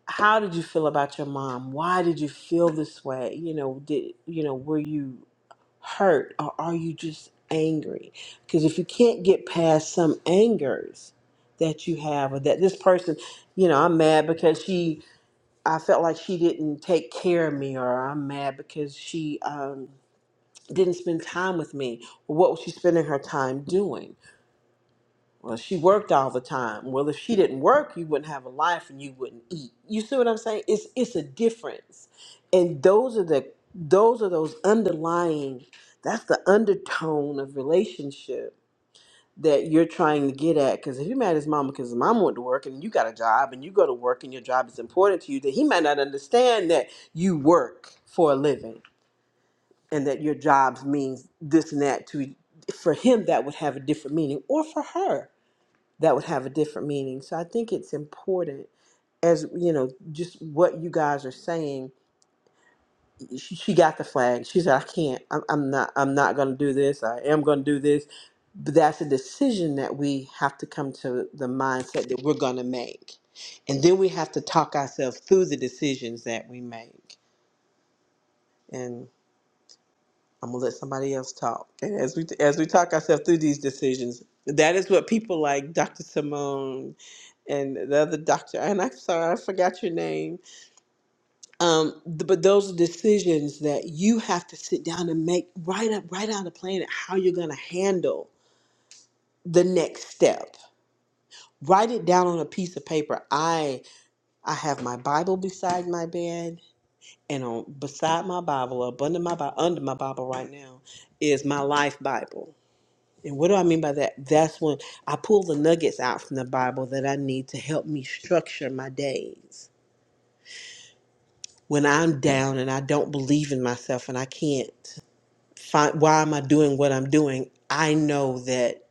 S4: how did you feel about your mom why did you feel this way you know did you know were you hurt or are you just angry? Because if you can't get past some angers that you have or that this person, you know, I'm mad because she, I felt like she didn't take care of me or I'm mad because she um, didn't spend time with me. What was she spending her time doing? Well, she worked all the time. Well, if she didn't work, you wouldn't have a life and you wouldn't eat. You see what I'm saying? It's it's a difference. And those are the those are those underlying that's the undertone of relationship that you're trying to get at. Because if you mad at his mama because his mama went to work and you got a job and you go to work and your job is important to you, then he might not understand that you work for a living and that your jobs means this and that to for him that would have a different meaning or for her that would have a different meaning. So I think it's important as you know, just what you guys are saying. She, she got the flag. She said, "I can't. I'm, I'm not. I'm not going to do this. I am going to do this." But that's a decision that we have to come to the mindset that we're going to make, and then we have to talk ourselves through the decisions that we make. And I'm gonna let somebody else talk. And as we as we talk ourselves through these decisions, that is what people like Dr. Simone and the other doctor, and I'm sorry, I forgot your name. Um, th- but those are decisions that you have to sit down and make. Write up, write out a plan of how you're going to handle the next step. Write it down on a piece of paper. I I have my Bible beside my bed, and on beside my Bible, up under my Bi- under my Bible right now, is my life Bible. And what do I mean by that? That's when I pull the nuggets out from the Bible that I need to help me structure my days when I'm down and I don't believe in myself and I can't find why am I doing what I'm doing, I know that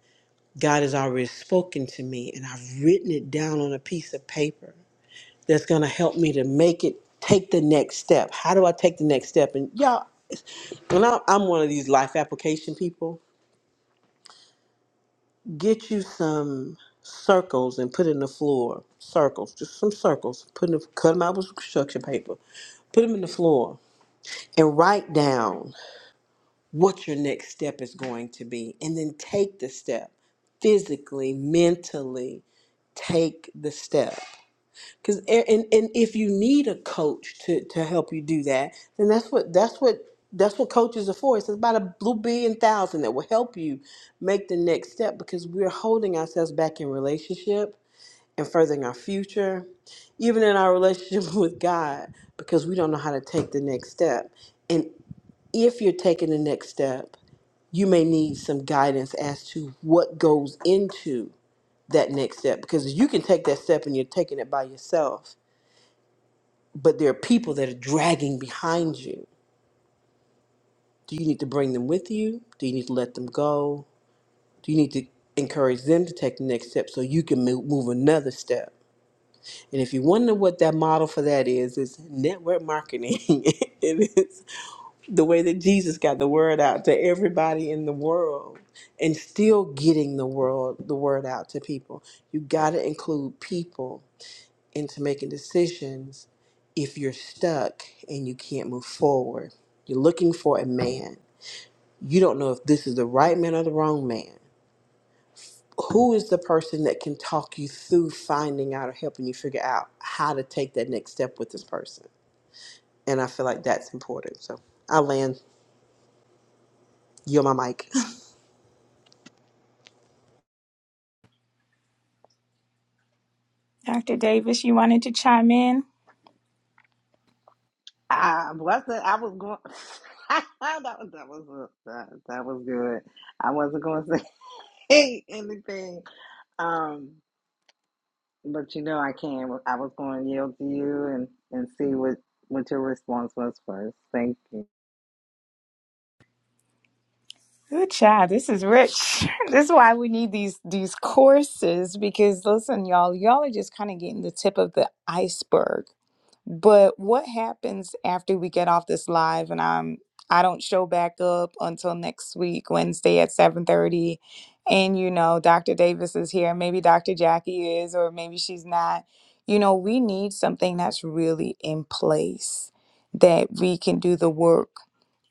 S4: God has already spoken to me and I've written it down on a piece of paper that's going to help me to make it take the next step. How do I take the next step? And y'all, when I- I'm one of these life application people. Get you some circles and put in the floor. Circles, just some circles. Put in, cut them out with some construction paper. Put them in the floor and write down. what your next step is going to be and then take the step physically mentally take the step because and, and if you need a coach to, to help you do that then that's what that's what that's what coaches are for it's about a blue billion thousand that will help you make the next step because we're holding ourselves back in relationship and furthering our future even in our relationship with god because we don't know how to take the next step and if you're taking the next step you may need some guidance as to what goes into that next step because you can take that step and you're taking it by yourself, but there are people that are dragging behind you. Do you need to bring them with you? Do you need to let them go? Do you need to encourage them to take the next step so you can mo- move another step? And if you wonder what that model for that is, it's network marketing. it is the way that Jesus got the word out to everybody in the world and still getting the world the word out to people. You got to include people into making decisions if you're stuck and you can't move forward. You're looking for a man. You don't know if this is the right man or the wrong man. Who is the person that can talk you through finding out or helping you figure out how to take that next step with this person? And I feel like that's important. So I land, you're my mic.
S1: Dr. Davis, you wanted to chime in?
S2: I wasn't I was going that was that was that, that was good. I wasn't gonna say anything. Um But you know, I can. I was going to yield to you and and see what what your response was first. Thank you.
S1: Good child. This is rich. this is why we need these these courses because listen, y'all, y'all are just kind of getting the tip of the iceberg. But what happens after we get off this live and I'm I don't show back up until next week, Wednesday at 7:30. And you know, Dr. Davis is here, maybe Dr. Jackie is, or maybe she's not. You know, we need something that's really in place that we can do the work.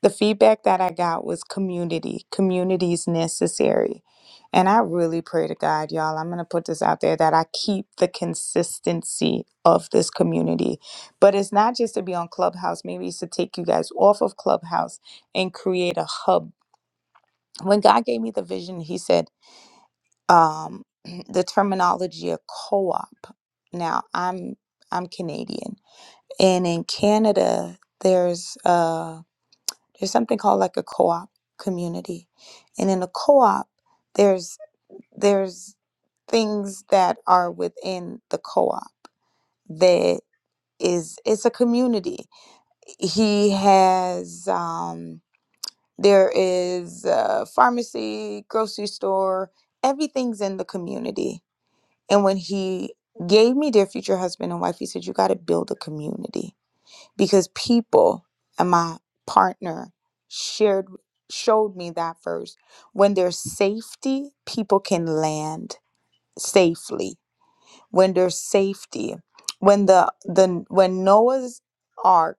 S1: The feedback that I got was community. Community is necessary. And I really pray to God, y'all. I'm going to put this out there that I keep the consistency of this community but it's not just to be on Clubhouse. Maybe it's to take you guys off of Clubhouse and create a hub. When God gave me the vision, He said um, the terminology of co-op. Now I'm I'm Canadian, and in Canada there's uh there's something called like a co-op community, and in a co-op there's there's things that are within the co-op that is it's a community he has um there is a pharmacy grocery store everything's in the community and when he gave me dear future husband and wife he said you got to build a community because people and my partner shared showed me that first when there's safety people can land safely when there's safety when the the when noah's ark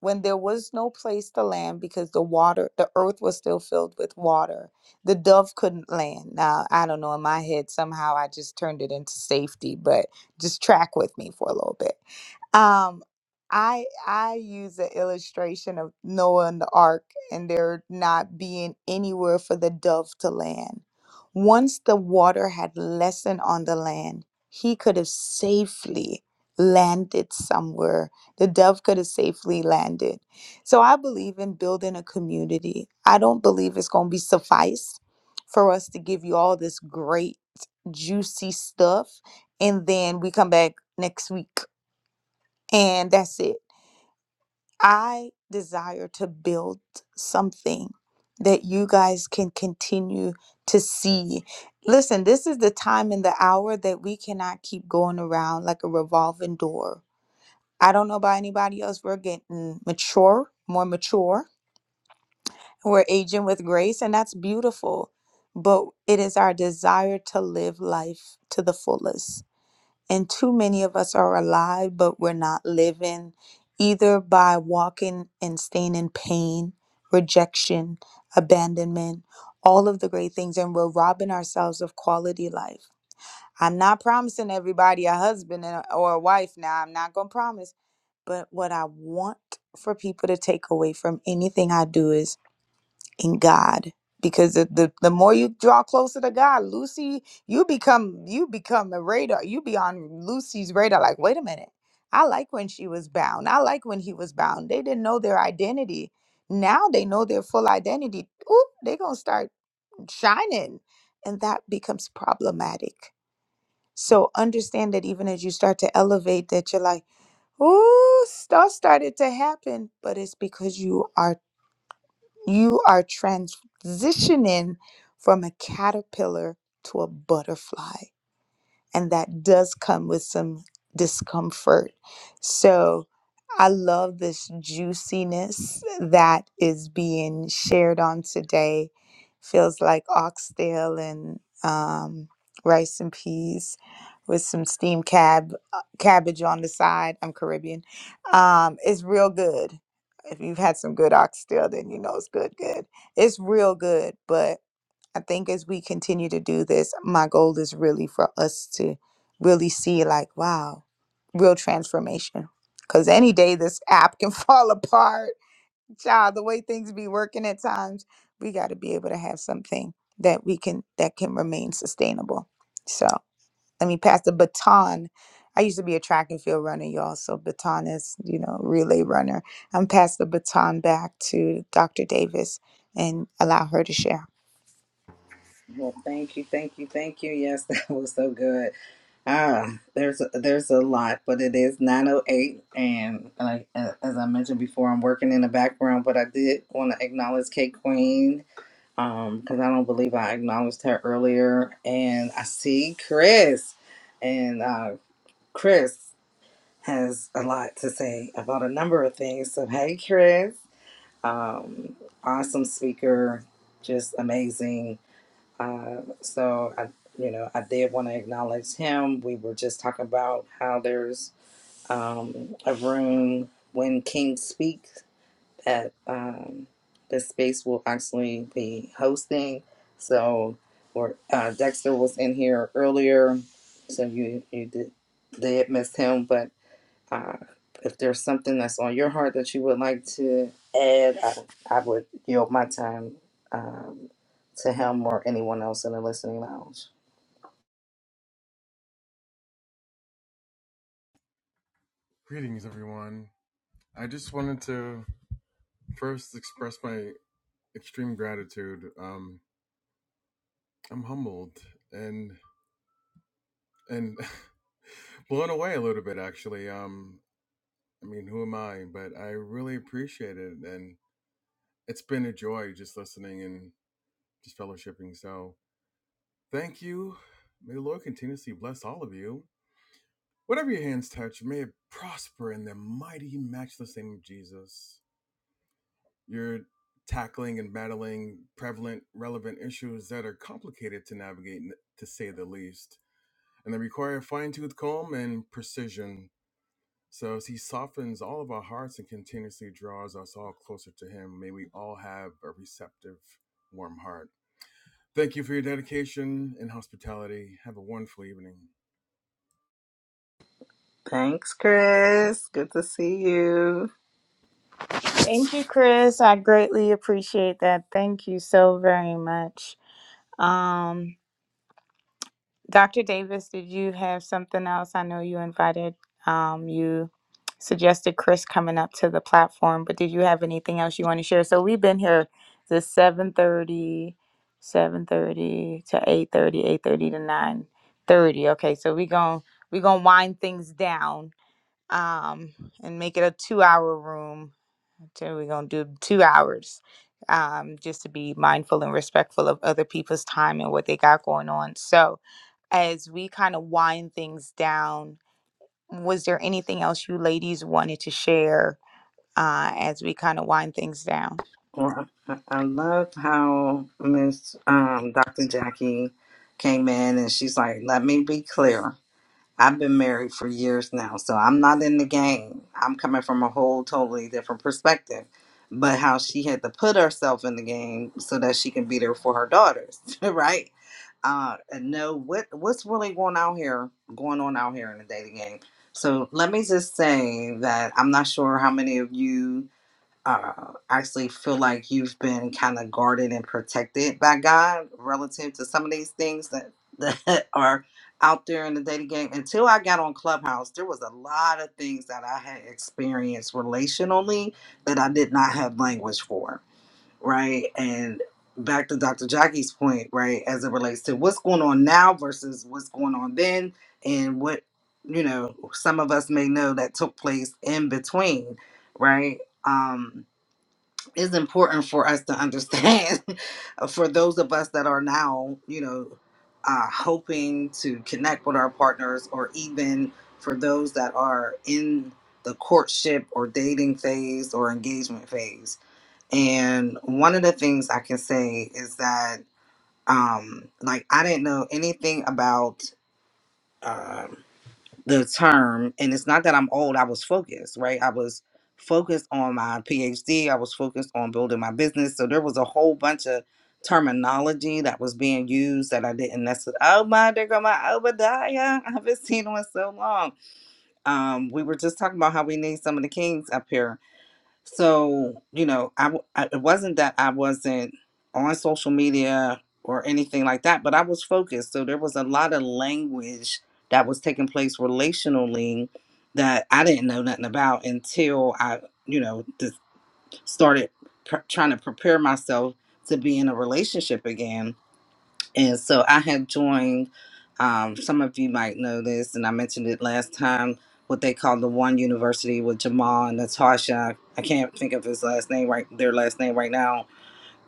S1: when there was no place to land because the water, the earth was still filled with water. The dove couldn't land. Now, I don't know, in my head, somehow I just turned it into safety, but just track with me for a little bit. Um, I I use the illustration of Noah and the ark and there not being anywhere for the dove to land. Once the water had lessened on the land, he could have safely landed somewhere the dove could have safely landed. So I believe in building a community. I don't believe it's going to be suffice for us to give you all this great, juicy stuff. And then we come back next week and that's it. I desire to build something that you guys can continue to see. Listen, this is the time and the hour that we cannot keep going around like a revolving door I don't know about anybody else. We're getting mature, more mature. We're aging with grace, and that's beautiful. But it is our desire to live life to the fullest. And too many of us are alive, but we're not living either by walking and staying in pain, rejection, abandonment, all of the great things. And we're robbing ourselves of quality life. I'm not promising everybody a husband and or a wife now. I'm not going to promise but what I want for people to take away from anything I do is in God. Because the, the, the more you draw closer to God, Lucy, you become you become a radar. You be on Lucy's radar, like, wait a minute. I like when she was bound. I like when he was bound. They didn't know their identity. Now they know their full identity. Ooh, they gonna start shining. And that becomes problematic. So understand that even as you start to elevate that you're like, Ooh, stuff started to happen, but it's because you are you are transitioning from a caterpillar to a butterfly and that does come with some discomfort. So I love this juiciness that is being shared on today. Feels like oxtail and um, rice and peas with some steamed cab uh, cabbage on the side. I'm Caribbean. Um, it's real good. If you've had some good oxtail, then you know it's good. Good. It's real good, but I think as we continue to do this, my goal is really for us to really see, like, wow, real transformation. Because any day this app can fall apart. Child, the way things be working at times, we got to be able to have something that we can, that can remain sustainable. So let me pass the baton. I used to be a track and field runner, y'all. So baton is, you know, relay runner. I'm pass the baton back to Dr. Davis and allow her to share.
S2: Well, thank you, thank you, thank you. Yes, that was so good. Ah, there's a, there's a lot, but it is 9:08, and like uh, as I mentioned before, I'm working in the background, but I did want to acknowledge Kate Queen, um, because I don't believe I acknowledged her earlier, and I see Chris, and uh, Chris. has a lot to say about a number of things. So, hey, Chris, um, awesome speaker, just amazing. Uh, so, I, you know, I did want to acknowledge him. We were just talking about how there's um, a room when King speaks that um, the space will actually be hosting. So, or uh, Dexter was in here earlier, so you you did did miss him, but uh, if there's something that's on your heart that you would like to add, I, I would yield my time um, to him or anyone else in the listening lounge.
S5: Greetings, everyone. I just wanted to first express my extreme gratitude. Um, I'm humbled and and blown away a little bit, actually. Um, I mean, who am I? But I really appreciate it, and it's been a joy just listening and just fellowshipping. So, thank you. May the Lord continuously bless all of you. Whatever your hands touch, may it prosper in the mighty, matchless name of Jesus. You're tackling and battling prevalent, relevant issues that are complicated to navigate, to say the least, and they require fine tooth comb and precision. So, as He softens all of our hearts and continuously draws us all closer to Him, may we all have a receptive, warm heart. Thank you for your dedication and hospitality. Have a wonderful evening.
S2: Thanks, Chris. Good to see you.
S1: Thank you, Chris. I greatly appreciate that. Thank you so very much. Um, Dr. Davis, did you have something else? I know you invited, um, you suggested Chris coming up to the platform, but did you have anything else you want to share? So we've been here to seven thirty, seven thirty to eight thirty, eight thirty to 9.30. Okay, so we're going we gonna wind things down um, and make it a two-hour room so we're gonna do two hours, um, just to be mindful and respectful of other people's time and what they got going on. So as we kind of wind things down, was there anything else you ladies wanted to share uh, as we kind of wind things down?
S2: Well, I I love how Miss um, Dr. Jackie came in and she's like, "Let me be clear. I've been married for years now, so I'm not in the game. I'm coming from a whole totally different perspective. But how she had to put herself in the game so that she can be there for her daughters, right? Uh, and know what what's really going out here, going on out here in the dating game. So let me just say that I'm not sure how many of you uh, actually feel like you've been kind of guarded and protected by God relative to some of these things that, that are out there in the dating game. Until I got on Clubhouse, there was a lot of things that I had experienced relationally that I did not have language for, right? And back to Dr. Jackie's point, right, as it relates to what's going on now versus what's going on then and what, you know, some of us may know that took place in between, right? Um, it's important for us to understand for those of us that are now you know uh, hoping to connect with our partners or even for those that are in the courtship or dating phase or engagement phase and one of the things i can say is that um like i didn't know anything about Um, the term and it's not that i'm old i was focused right i was focused on my phd i was focused on building my business so there was a whole bunch of terminology that was being used that i didn't necessarily oh my there go my obadiah i haven't seen one so long um we were just talking about how we need some of the kings up here so, you know, I, w- I- it wasn't that I wasn't on social media or anything like that, but I was focused. So there was a lot of language that was taking place relationally that I didn't know nothing about until I, you know, just started pr- trying to prepare myself to be in a relationship again and so I have joined, um, some of you might know this, and I mentioned it last time, what they call the one university with Jamal and Natasha. I can't think of his last name right, their last name right now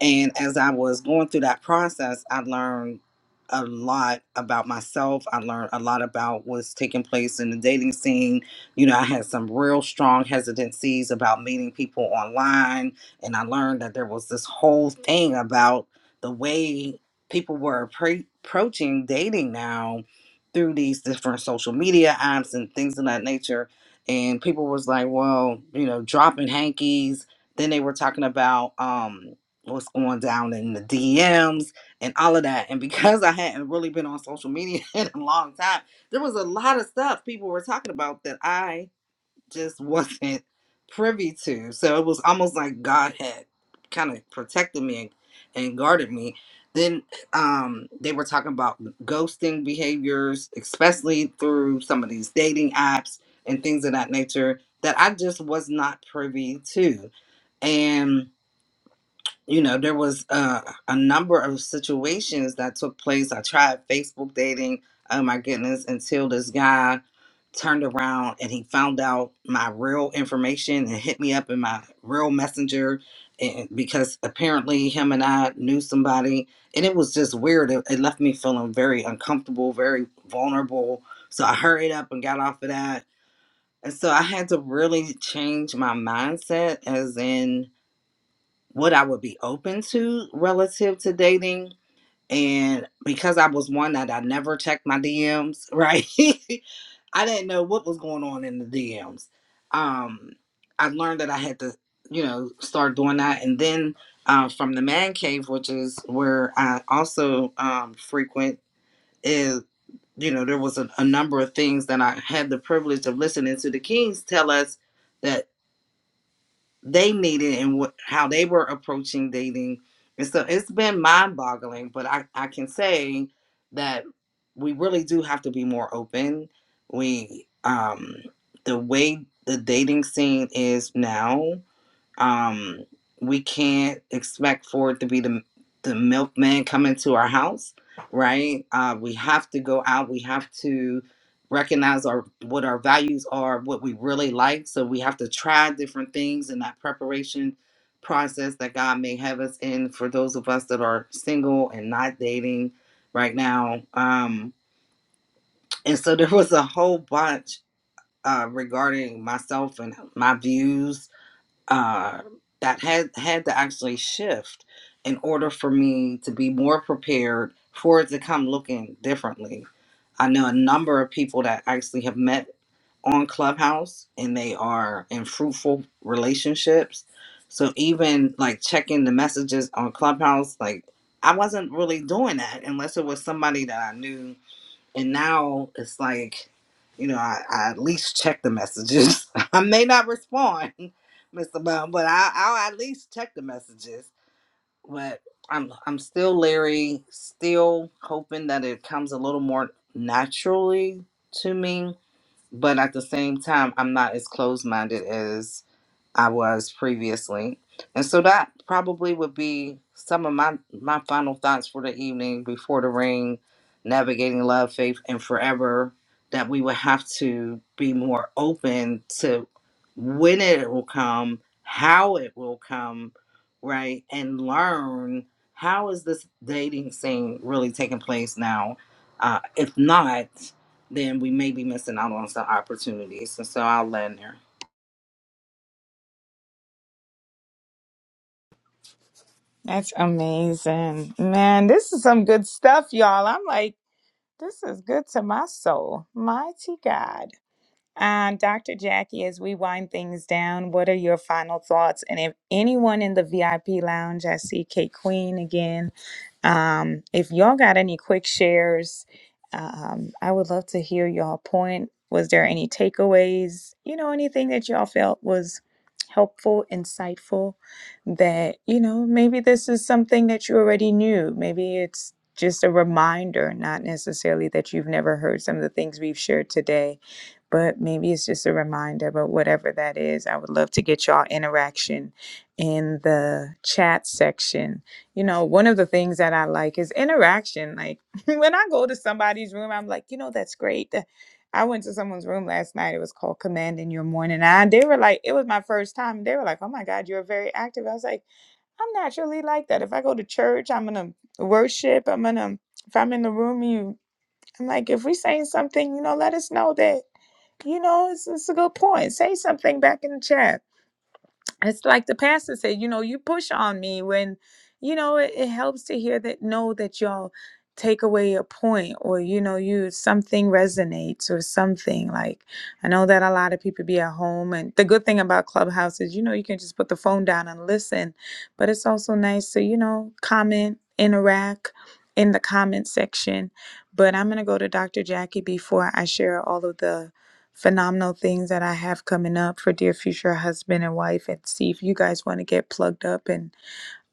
S2: and as I was going through that process, I learned a lot about myself. I learned a lot about what's taking place in the dating scene. You know, I had some real strong hesitancies about meeting people online. And I learned that there was this whole thing about the way people were appre- approaching dating now through these different social media apps and things of that nature. And people was like, well, you know, dropping hankies. Then they were talking about, um what's going down in the DMs and all of that. And because I hadn't really been on social media in a long time, there was a lot of stuff people were talking about that I just wasn't privy to. So it was almost like God had kind of protected me and, and guarded me. Then um, they were talking about ghosting behaviors, especially through some of these dating apps and things of that nature that I just was not privy to. And you know there was uh, a number of situations that took place i tried facebook dating oh my goodness until this guy turned around and he found out my real information and hit me up in my real messenger and because apparently him and i knew somebody and it was just weird it, it left me feeling very uncomfortable very vulnerable so i hurried up and got off of that and so i had to really change my mindset as in what I would be open to relative to dating. And because I was one that I never checked my DMs, right? I didn't know what was going on in the DMs. Um, I learned that I had to, you know, start doing that. And then uh, from the man cave, which is where I also um, frequent, is, you know, there was a, a number of things that I had the privilege of listening to the kings tell us that they needed and what how they were approaching dating. And so it's been mind boggling, but I, I can say that we really do have to be more open. We um the way the dating scene is now, um, we can't expect Ford to be the the milkman coming to our house, right? Uh, we have to go out. We have to recognize our what our values are, what we really like. So we have to try different things in that preparation process that God may have us in. For those of us that are single and not dating right now, um, and so there was a whole bunch uh, regarding myself and my views uh, that had had to actually shift in order for me to be more prepared for it to come looking differently. I know a number of people that actually have met on Clubhouse and they are in fruitful relationships. So even like checking the messages on Clubhouse, like I wasn't really doing that unless it was somebody that I knew and now it's like you know I, I at least check the messages i may not respond mr bum but I, i'll at least check the messages but i'm i'm still leery still hoping that it comes a little more naturally to me but at the same time i'm not as closed-minded as. I was previously. And so that probably would be some of my my final thoughts for the evening before the ring, navigating love, faith, and forever. That we would have to be more open to when it will come, how it will come, right? And learn how is this dating scene really taking place now? Uh, if not, then we may be missing out on some opportunities. And so I'll land
S1: That's amazing. Man, this is some good stuff, y'all. I'm like, this is good to my soul. Mighty God. Um, Dr. Jackie, as we wind things down, what are your final thoughts? And if anyone in the VIP lounge, I see Kate Queen again. Um, if y'all got any quick shares, um, I would love to hear y'all point. Was there any takeaways? You know, anything that y'all felt was helpful, insightful, that, you know, maybe this is something that you already knew. Maybe it's just a reminder, not necessarily that you've never heard some of the things we've shared today but maybe it's just a reminder. But whatever that is, I would love to get y'all interaction in the chat section. You know, one of the things that I like is interaction. Like when I go to somebody's room, I'm like, you know, that's great. That- I went to someone's room last night. It was called Commanding Your Morning. And they were like, it was my first time. They were like, oh my God, you're very active. I was like, I'm naturally like that. If I go to church, I'm going to worship. I'm going to, if I'm in the room, you, I'm like, if we saying something, you know, let us know that you know, it's, it's a good point. Say something back in the chat. It's like the pastor said, you know, you push on me when, you know, it, it helps to hear that, know that y'all take away a point or, you know, you something resonates or something. Like, I know that a lot of people be at home. And the good thing about Clubhouse is, you know, you can just put the phone down and listen. But it's also nice to, you know, comment, interact in the comment section. But I'm going to go to Dr. Jackie before I share all of the phenomenal things that I have coming up for dear future husband and wife and see if you guys want to get plugged up and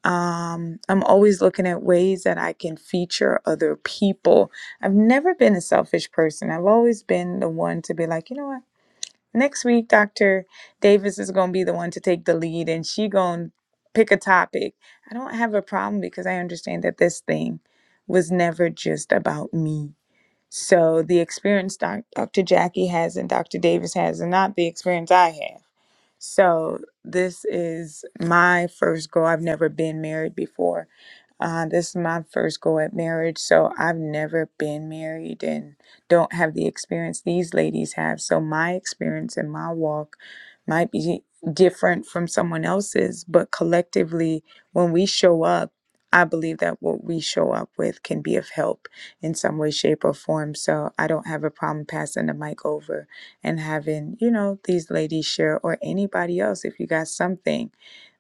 S1: um I'm always looking at ways that I can feature other people. I've never been a selfish person. I've always been the one to be like, you know what? Next week Dr. Davis is going to be the one to take the lead and she going to pick a topic. I don't have a problem because I understand that this thing was never just about me so the experience doc- Dr. Jackie has and Dr. Davis has is not the experience I have. So this is my first go. I've never been married before uh, this is my first go at marriage, so I've never been married and don't have the experience these ladies have. So my experience and my walk might be different from someone else's, but collectively, when we show up, I believe that what we show up with can be of help in some way, shape, or form. So I don't have a problem passing the mic over and having, you know, these ladies share or anybody else if you got something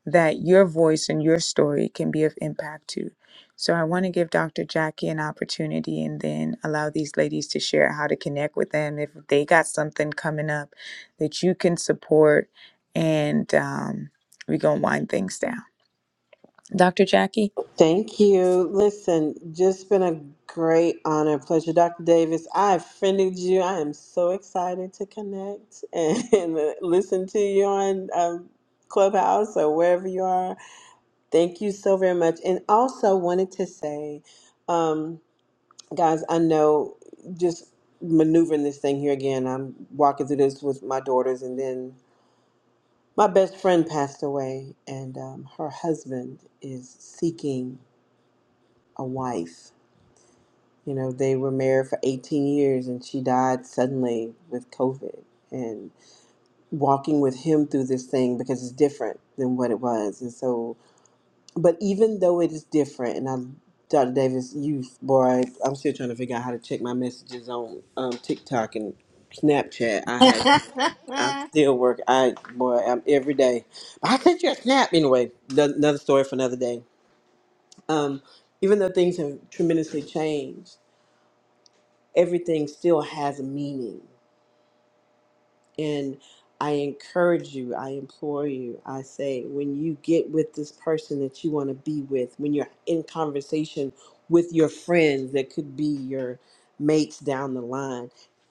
S1: that your voice and your story can be of impact to. So I want to give Dr. Jackie an opportunity and then allow these ladies to share how to connect with them. If they got something coming up that you can support, and um, we're going to wind things down. Dr. Jackie?
S4: Thank you. Listen, just been a great honor, pleasure. Dr. Davis, I offended you. I am so excited to connect and, and listen to you on um, Clubhouse or wherever you are. Thank you so very much. And also wanted to say, um, guys, I know just maneuvering this thing here again, I'm walking through this with my daughters and then my best friend passed away and um, her husband is seeking a wife You know, they were married for 18 years and she died suddenly with COVID and walking with him through this thing because it's different than what it was. And so, but even though it is different, and I, Dr. Davis, you, boy, I'm still trying to figure out how to check my messages on um, TikTok and Snapchat. I had,
S2: there.
S4: i still work. I, boy, I'm every day. I sent you a snap. Anyway, no- another story for another day. Um, even though things have tremendously changed, everything still has a meaning. And I encourage you, I implore you, I say, when you get with this person that you want to be with, when you're in conversation with your friends that could be your mates down the line,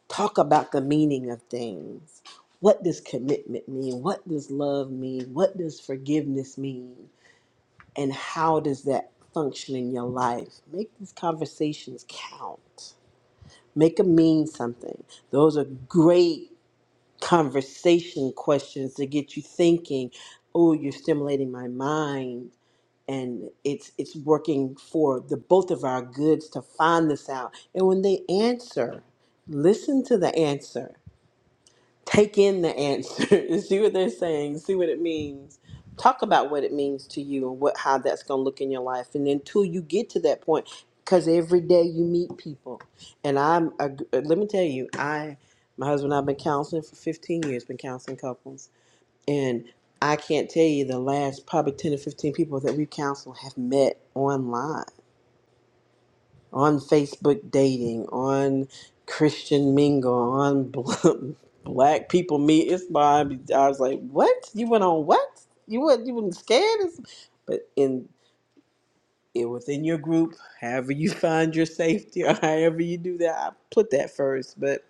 S4: talk about the meaning of things. What does commitment mean? What does love mean? What does forgiveness mean? And how does that function in your life? Make these conversations count Make them mean something. Those are great conversation questions to get you thinking. Oh, you're stimulating my mind, and it's it's working for the both of our goods to find this out. And when they answer, listen to the answer take in the answer, see what they're saying, see what it means. Talk about what it means to you and what how that's going to look in your life. And until you get to that point, because every day you meet people, and I'm a, let me tell you, I my husband and I've been counseling for 15 years, been counseling couples, and I can't tell you the last probably 10 or 15 people that we counsel have met online on Facebook dating, on Christian mingle, on bl- black people meet. It's my, I was like, what? You went on what? You were you were not scared? It's, but in it within your group, however you find your safety or however you do that, I put that first. But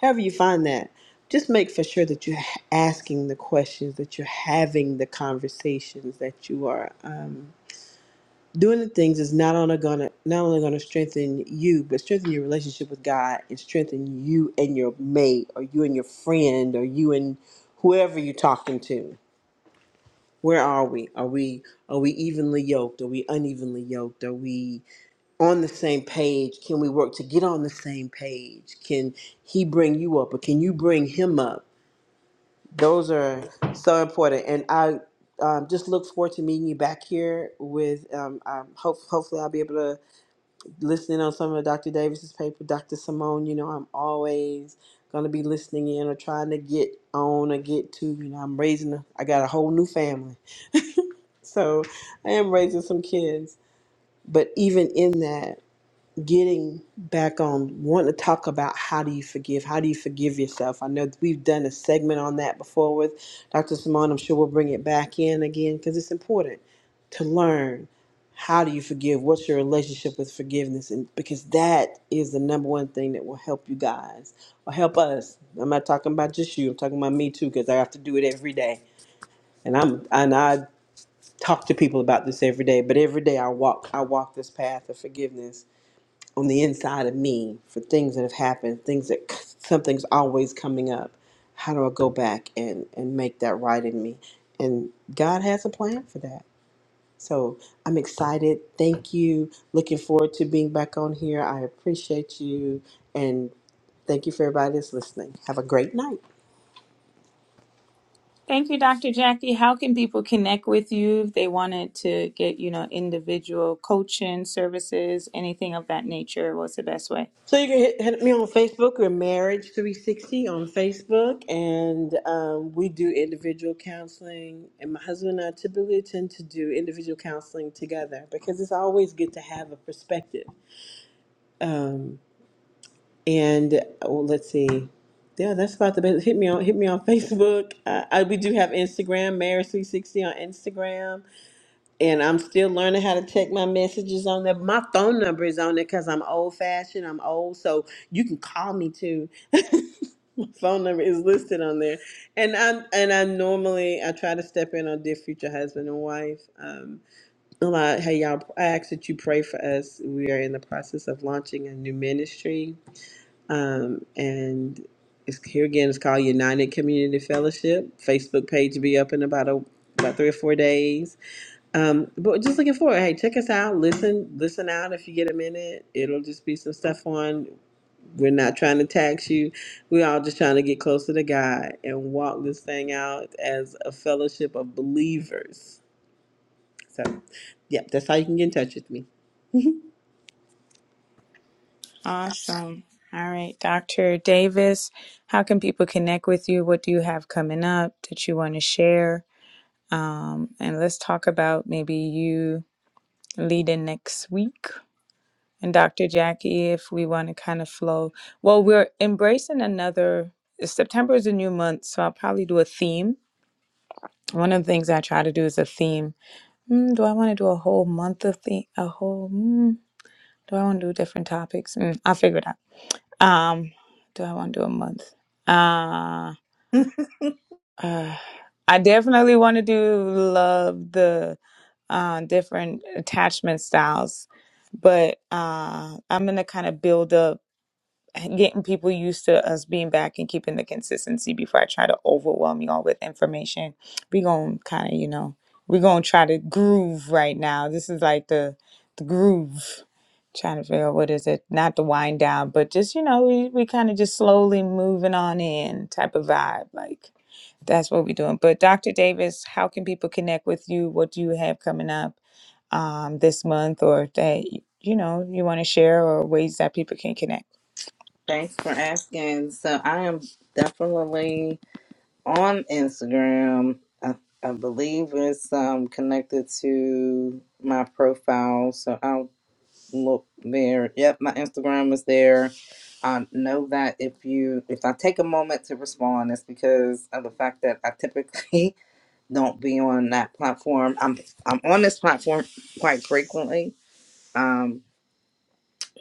S4: however you find that, just make for sure that you're h- asking the questions, that you're having the conversations, that you are. Um, doing the things is not only gonna not only gonna strengthen you, but strengthen your relationship with God and strengthen you and your mate, or you and your friend, or you and whoever you're talking to. Where are we? Are we are we evenly yoked? Are we unevenly yoked? Are we on the same page? Can we work to get on the same page? Can he bring you up, or can you bring him up? Those are so important, and I um, just look forward to meeting you back here with. Um, um, hope hopefully I'll be able to listening on some of Dr. Davis's paper, Dr. Simone, you know, I'm always gonna be listening in or trying to get on or get to, you know, I'm raising a, I got a whole new family. So I am raising some kids. But even in that getting back on wanting to talk about how do you forgive how do you forgive yourself i know we've done a segment on that before with dr simone i'm sure we'll bring it back in again because it's important to learn how do you forgive what's your relationship with forgiveness and because that is the number one thing that will help you guys or help us i'm not talking about just you i'm talking about me too because i have to do it every day and i'm and i talk to people about this every day but every day i walk i walk this path of forgiveness on the inside of me for things that have happened, things that something's always coming up. How do I go back and, and make that right in me? And God has a plan for that. So I'm excited. Thank you. Looking forward to being back on here. I appreciate you. And thank you for everybody that's listening. Have a great night.
S1: Thank you, Dr. Jackie. How can people connect with you if they wanted to get, you know, individual coaching services, anything of that nature? What's the best way?
S4: So you can hit, hit me on Facebook. We're Marriage 360 on Facebook, and um, we do individual counseling. And my husband and I typically tend to do individual counseling together because it's always good to have a perspective. Um, and oh, let's see, yeah, that's about the best. Hit me on hit me on Facebook. Uh, I, we do have Instagram, Marriage 360 on Instagram and I'm still learning how to check my messages on there. My phone number is on there because I'm old fashioned. I'm old, so you can call me too. my phone number is listed on there, and I and I normally I try to step in on dear future husband and wife. Um, a lot. Hey y'all, I ask that you pray for us. We are in the process of launching a new ministry, um, and. It's, here again, it's called United Community Fellowship. Facebook page will be up in about a, about three or four days um, but just looking forward. Hey, check us out. Listen, listen out if you get a minute. It'll just be some stuff on. We're not trying to tax you. We're all just trying to get closer to God and walk this thing out as a fellowship of believers. So, yeah that's how you can get in touch with me.
S1: Awesome. All right, Dr. Davis, how can people connect with you? What do you have coming up that you want to share? Um, and let's talk about maybe you leading next week. And Dr. Jackie, if we want to kind of flow, well, we're embracing another. September is a new month, so I'll probably do a theme. One of the things I try to do is a theme. Mm, do I want to do a whole month of theme? A whole. Mm, do I want to do different topics? Mm, I'll figure it out. Um, do I want to do a month? Uh, uh I definitely want to do love the uh, different attachment styles, but uh, I'm gonna kind of build up getting people used to us being back and keeping the consistency before I try to overwhelm y'all with information. We gonna kind of, you know, we gonna try to groove right now. This is like the the groove. Trying to figure out what is it, not the wind down, but just you know, we we kind of just slowly moving on in type of vibe. Like that's what we're doing. But Dr. Davis, how can people connect with you? What do you have coming up um, this month, or that you know you want to share, or ways that people can connect?
S2: Thanks for asking. So I am definitely on Instagram. I, I believe it's um, connected to my profile. So I'll look there. Yep, my Instagram is there. I know that if you if I take a moment to respond, it's because of the fact that I typically don't be on that platform. I'm I'm on this platform quite frequently. Um,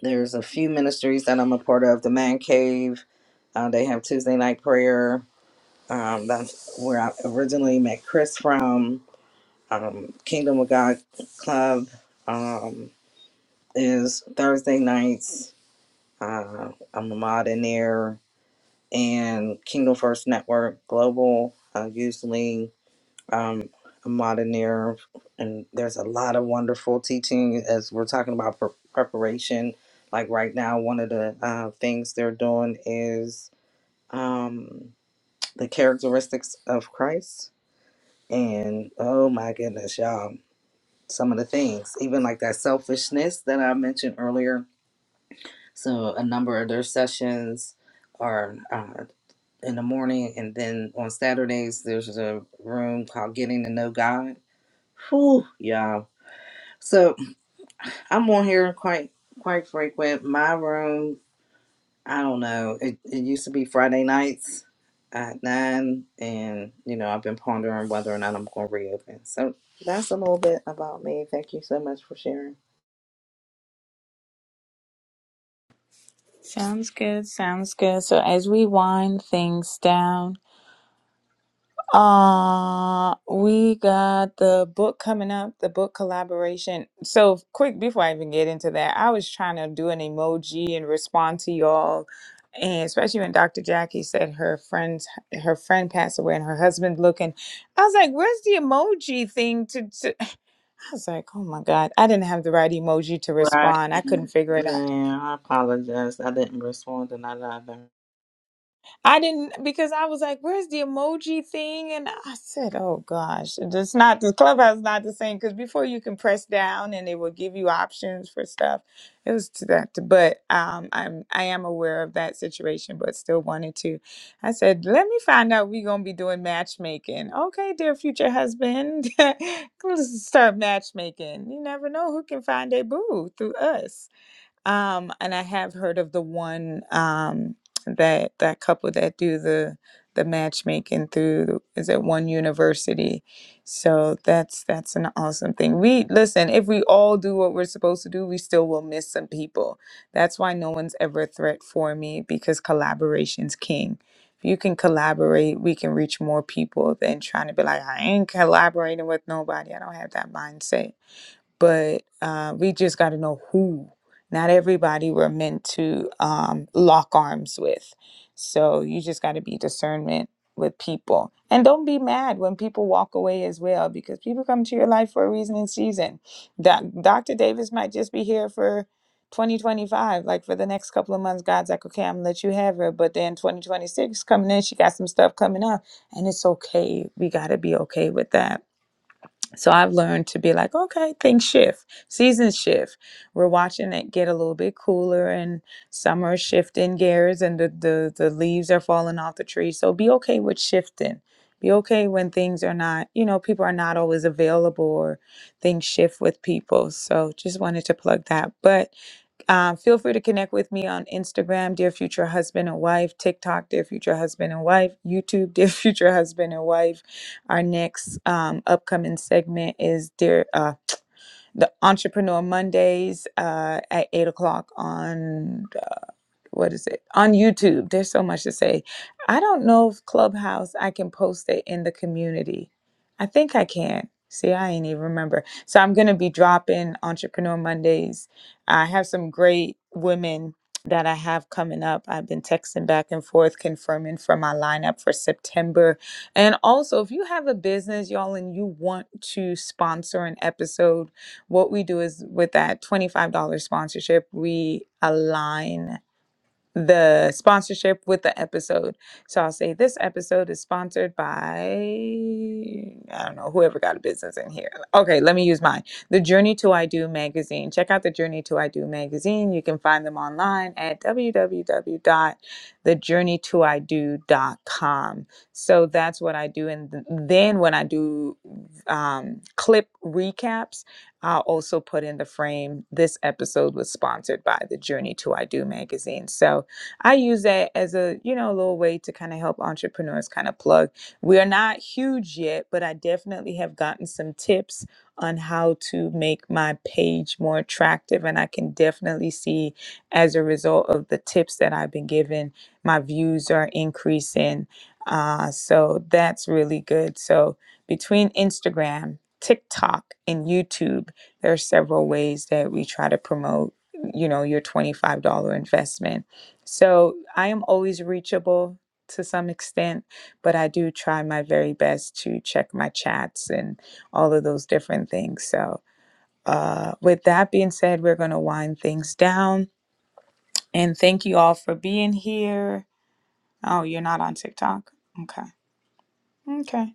S2: there's a few ministries that I'm a part of. The Man Cave, uh, they have Tuesday night prayer. Um, that's where I originally met Chris from. Um, Kingdom of God Club um, is Thursday nights. Uh, I'm a mod in there. And Kingdom First Network Global, uh, usually um, a modernier, and there's a lot of wonderful teaching as we're talking about pre- preparation. Like right now, one of the uh, things they're doing is um, the characteristics of Christ, and oh my goodness, y'all, some of the things, even like that selfishness that I mentioned earlier. So a number of their sessions are uh, in the morning, and then on Saturdays there's a room called Getting to Know God Whew, y'all. So I'm on here quite quite frequent. My room, I don't know. It, it used to be Friday nights at nine, and you know I've been pondering whether or not I'm going to reopen. So that's a little bit about me. Thank you so much for sharing.
S1: Sounds good. Sounds good. So as we wind things down, uh, we got the book coming up, the book collaboration. So quick before I even get into that, I was trying to do an emoji and respond to y'all. And especially when Dr. Jackie said her friend's her friend passed away and her husband looking, I was like, "Where's the emoji thing?" To, to I was like, "Oh my god, I didn't have the right emoji to
S2: Right.
S1: respond. I couldn't figure it out."
S2: Yeah, I apologize. I didn't respond to none of them.
S1: I didn't because I was like, "Where's the emoji thing?" And I said, "Oh gosh, it's not the clubhouse is not the same." Because before you can press down and it will give you options for stuff. It was to that, but um, I'm I am aware of that situation, but still wanted to. I said, "Let me find out. We're gonna be doing matchmaking, okay, dear future husband. Let's start matchmaking. You never know who can find a boo through us." Um, and I have heard of the one um, that that couple that do the the matchmaking through is at one university. So that's that's an awesome thing. We listen, if we all do what we're supposed to do, we still will miss some people. That's why no one's ever a threat for me because collaboration's king. If you can collaborate, we can reach more people than trying to be like, I ain't collaborating with nobody. I don't have that mindset but uh, we just got to know who. Not everybody we're meant to um, lock arms with. So you just got to be discernment with people. And don't be mad when people walk away as well, because people come to your life for a reason and season. Doc, Dr. Davis might just be here for 2025. Like for the next couple of months, God's like, okay, I'm going to let you have her. But then 2026 coming in, she got some stuff coming up. And it's okay. We got to be okay with that so I've learned to be like, okay, things shift, seasons shift. We're watching it get a little bit cooler, and summer is shifting gears, and the, the the leaves are falling off the tree. So be okay with shifting. Be okay when things are not, you know, people are not always available or things shift with people. So just wanted to plug that. But um, feel free to connect with me on Instagram, Dear Future Husband and Wife, TikTok, Dear Future Husband and Wife, YouTube, Dear Future Husband and Wife. Our next um, upcoming segment is Dear uh, the Entrepreneur Mondays uh, at eight o'clock on what is it on YouTube? There's so much to say. I don't know if Clubhouse I can post it in the community. I think I can. See, I ain't even remember. So I'm gonna be dropping Entrepreneur Mondays. I have some great women that I have coming up. I've been texting back and forth confirming for my lineup for September. And also, if you have a business, y'all, and you want to sponsor an episode, what we do is with that $25 sponsorship, we align the sponsorship with the episode. So I'll say this episode is sponsored by I don't know whoever got a business in here. Okay, let me use mine. The Journey to I Do magazine. Check out the Journey to I Do magazine. You can find them online at www.thejourneytoido.com. So that's what I do and th- then when I do um, clip recaps, I'll also put in the frame this episode was sponsored by the Journey to I Do magazine. So I use that as a, you know, little way to kind of help entrepreneurs kind of plug. We are not huge yet, but I definitely have gotten some tips on how to make my page more attractive. And I can definitely see as a result of the tips that I've been given, my views are increasing. Uh, so that's really good. So between Instagram, TikTok, and YouTube, there are several ways that we try to promote you know your $25 investment so I am always reachable to some extent, but I do try my very best to check my chats and all of those different things. So, uh, with that being said, we're going to wind things down. And thank you all for being here. Oh, you're not on TikTok? Okay. Okay.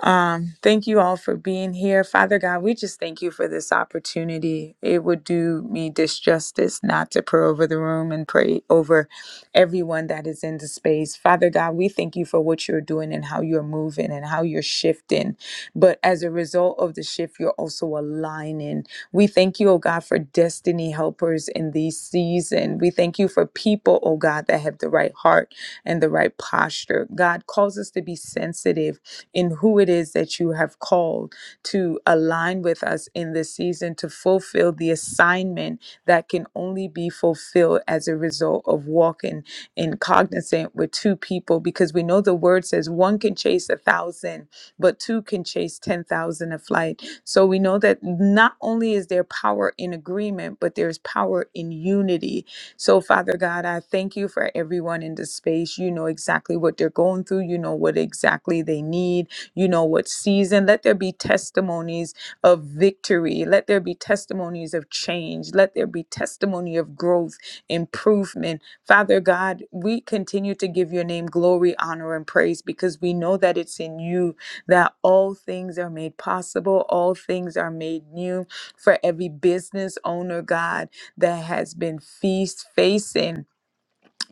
S1: Um, thank you all for being here. Father God, we just thank you for this opportunity. It would do me disjustice not to pray over the room and pray over everyone that is in the space. Father God, we thank you for what you're doing and how you're moving and how you're shifting. But as a result of the shift, you're also aligning. We thank you, oh God, for destiny helpers in this season. We thank you for people, oh God, that have the right heart and the right posture. God calls us to be sensitive in who it is that you have called to align with us in this season to fulfill the assignment that can only be fulfilled as a result of walking in cognizant with two people because we know the word says one can chase a thousand but two can chase 10,000 a flight so we know that not only is there power in agreement but there's power in unity so, Father God, I thank you for everyone in this space. You know exactly what they're going through, you know what exactly they need, you know what season. Let there be testimonies of victory, let there be testimonies of change, let there be testimony of growth, improvement. Father God, we continue to give your name glory, honor, and praise because we know that it's in you that all things are made possible, all things are made new for every business owner, God that has been feast facing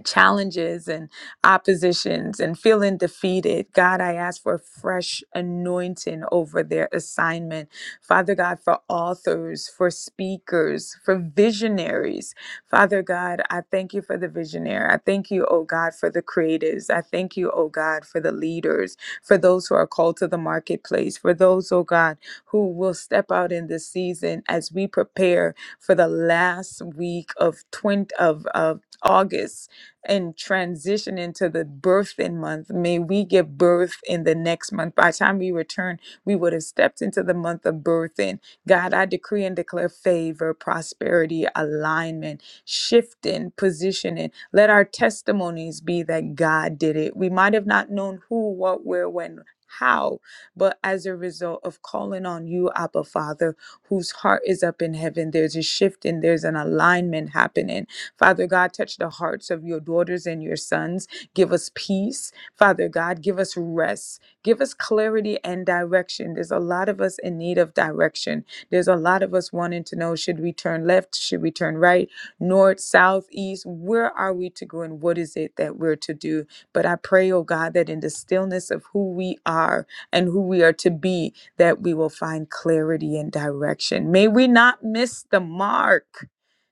S1: challenges and oppositions and feeling defeated. God, I ask for fresh anointing over their assignment. Father God, for authors, for speakers, for visionaries. Father God, I thank you for the visionary. I thank you, oh God, for the creatives. I thank you, oh God, for the leaders, for those who are called to the marketplace, for those, oh God, who will step out in this season as we prepare for the last week of 20 of, of August and transition into the birthing month. May we give birth in the next month. By the time we return, we would have stepped into the month of birthing. God, I decree and declare favor, prosperity, alignment, shifting, positioning. Let our testimonies be that God did it. We might have not known who, what, where, when. How, but as a result of calling on you, Abba Father, whose heart is up in heaven, there's a shifting, there's an alignment happening Father God, touch the hearts of your daughters and your sons. Give us peace. Father God, give us rest. Give us clarity and direction. There's a lot of us in need of direction. There's a lot of us wanting to know should we turn left? Should we turn right? North, south, east? Where are we to go and what is it that we're to do? But I pray, oh God, that in the stillness of who we are and who we are to be, that we will find clarity and direction. May we not miss the mark.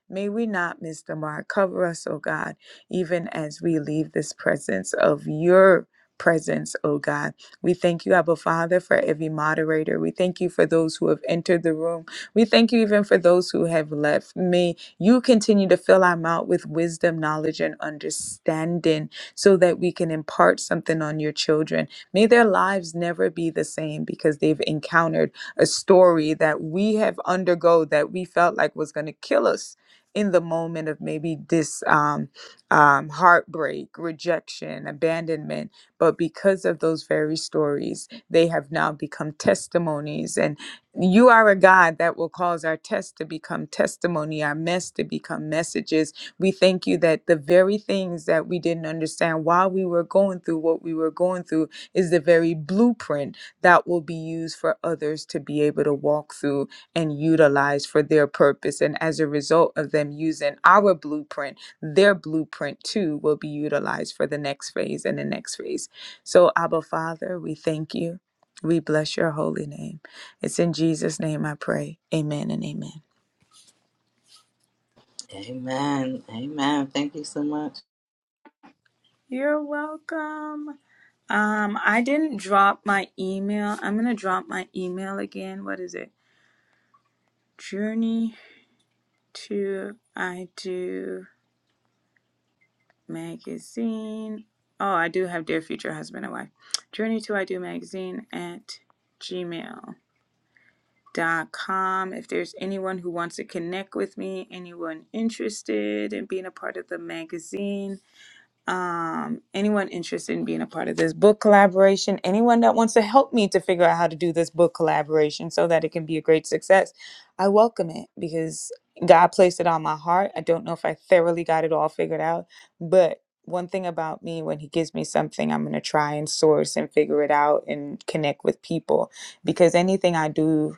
S1: May we not miss the mark. Cover us, O God, even as we leave this presence of your presence, O God. We thank you, Abba Father, for every moderator. We thank you for those who have entered the room. We thank you even for those who have left. May you continue to fill our mouth with wisdom, knowledge, and understanding so that we can impart something on your children. May their lives never be the same because they've encountered a story that we have undergo that we felt like was going to kill us in the moment of maybe this um, um, heartbreak, rejection, abandonment. But because of those very stories, they have now become testimonies. And you are a God that will cause our tests to become testimony, our mess to become messages. We thank you that the very things that we didn't understand while we were going through what we were going through is the very blueprint that will be used for others to be able to walk through and utilize for their purpose. And as a result of them using our blueprint, their blueprint too will be utilized for the next phase and the next phase. So, Abba Father, we thank you. We bless your holy name. It's in Jesus' name I pray. Amen and amen.
S2: Amen. Amen. Thank you so much.
S1: You're welcome. Um, I didn't drop my email. I'm gonna drop my email again. What is it? Journey to I do. magazine. Oh, I do have Dear Future Husband and Wife. Journey to I Do Magazine at gmail dot com. If there's anyone who wants to connect with me, anyone interested in being a part of the magazine, um, anyone interested in being a part of this book collaboration, anyone that wants to help me to figure out how to do this book collaboration so that it can be a great success, I welcome it because God placed it on my heart. I don't know if I thoroughly got it all figured out, but one thing about me when he gives me something i'm going to try and source and figure it out and connect with people because anything i do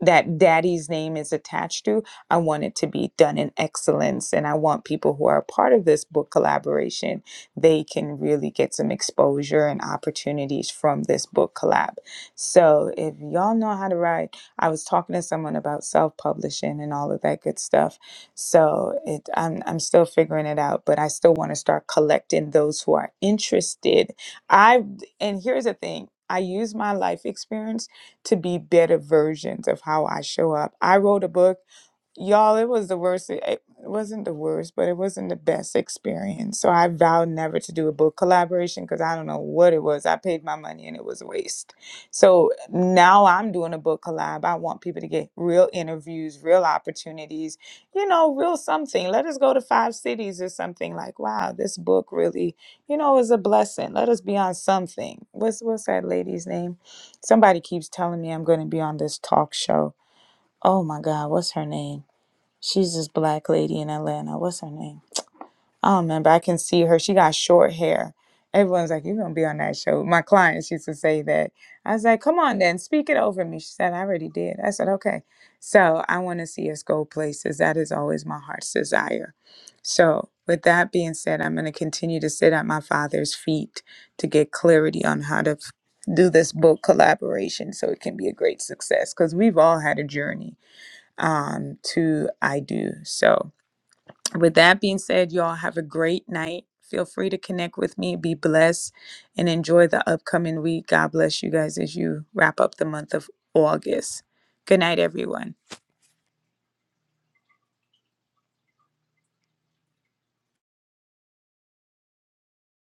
S1: that daddy's name is attached to i want it to be done in excellence and i want people who are a part of this book collaboration they can really get some exposure and opportunities from this book collab. So if y'all know how to write, I was talking to someone about self-publishing and all of that good stuff. So it, I'm I'm still figuring it out, but I still want to start collecting those who are interested. I and here's the thing. I use my life experience to be better versions of how I show up. I wrote a book y'all it was the worst it wasn't the worst but it wasn't the best experience so i vowed never to do a book collaboration because i don't know what it was i paid my money and it was a waste so now i'm doing a book collab i want people to get real interviews real opportunities you know real something let us go to five cities or something like wow this book really you know is a blessing let us be on something what's what's that lady's name somebody keeps telling me i'm going to be on this talk show oh my god what's her name She's this black lady in Atlanta. What's her name? I don't remember. I can see her. She got short hair. Everyone's like, You're gonna be on that show. My clients used to say that. I was like, Come on then, speak it over me. She said, I already did. I said, Okay. So I wanna see us go places. That is always my heart's desire. So with that being said, I'm gonna continue to sit at my father's feet to get clarity on how to f- do this book collaboration so it can be a great success. Because we've all had a journey um, to I do. So, with that being said, y'all have a great night. Feel free to connect with me, be blessed, and enjoy the upcoming week. God bless you guys as you wrap up the month of August. Good night, everyone.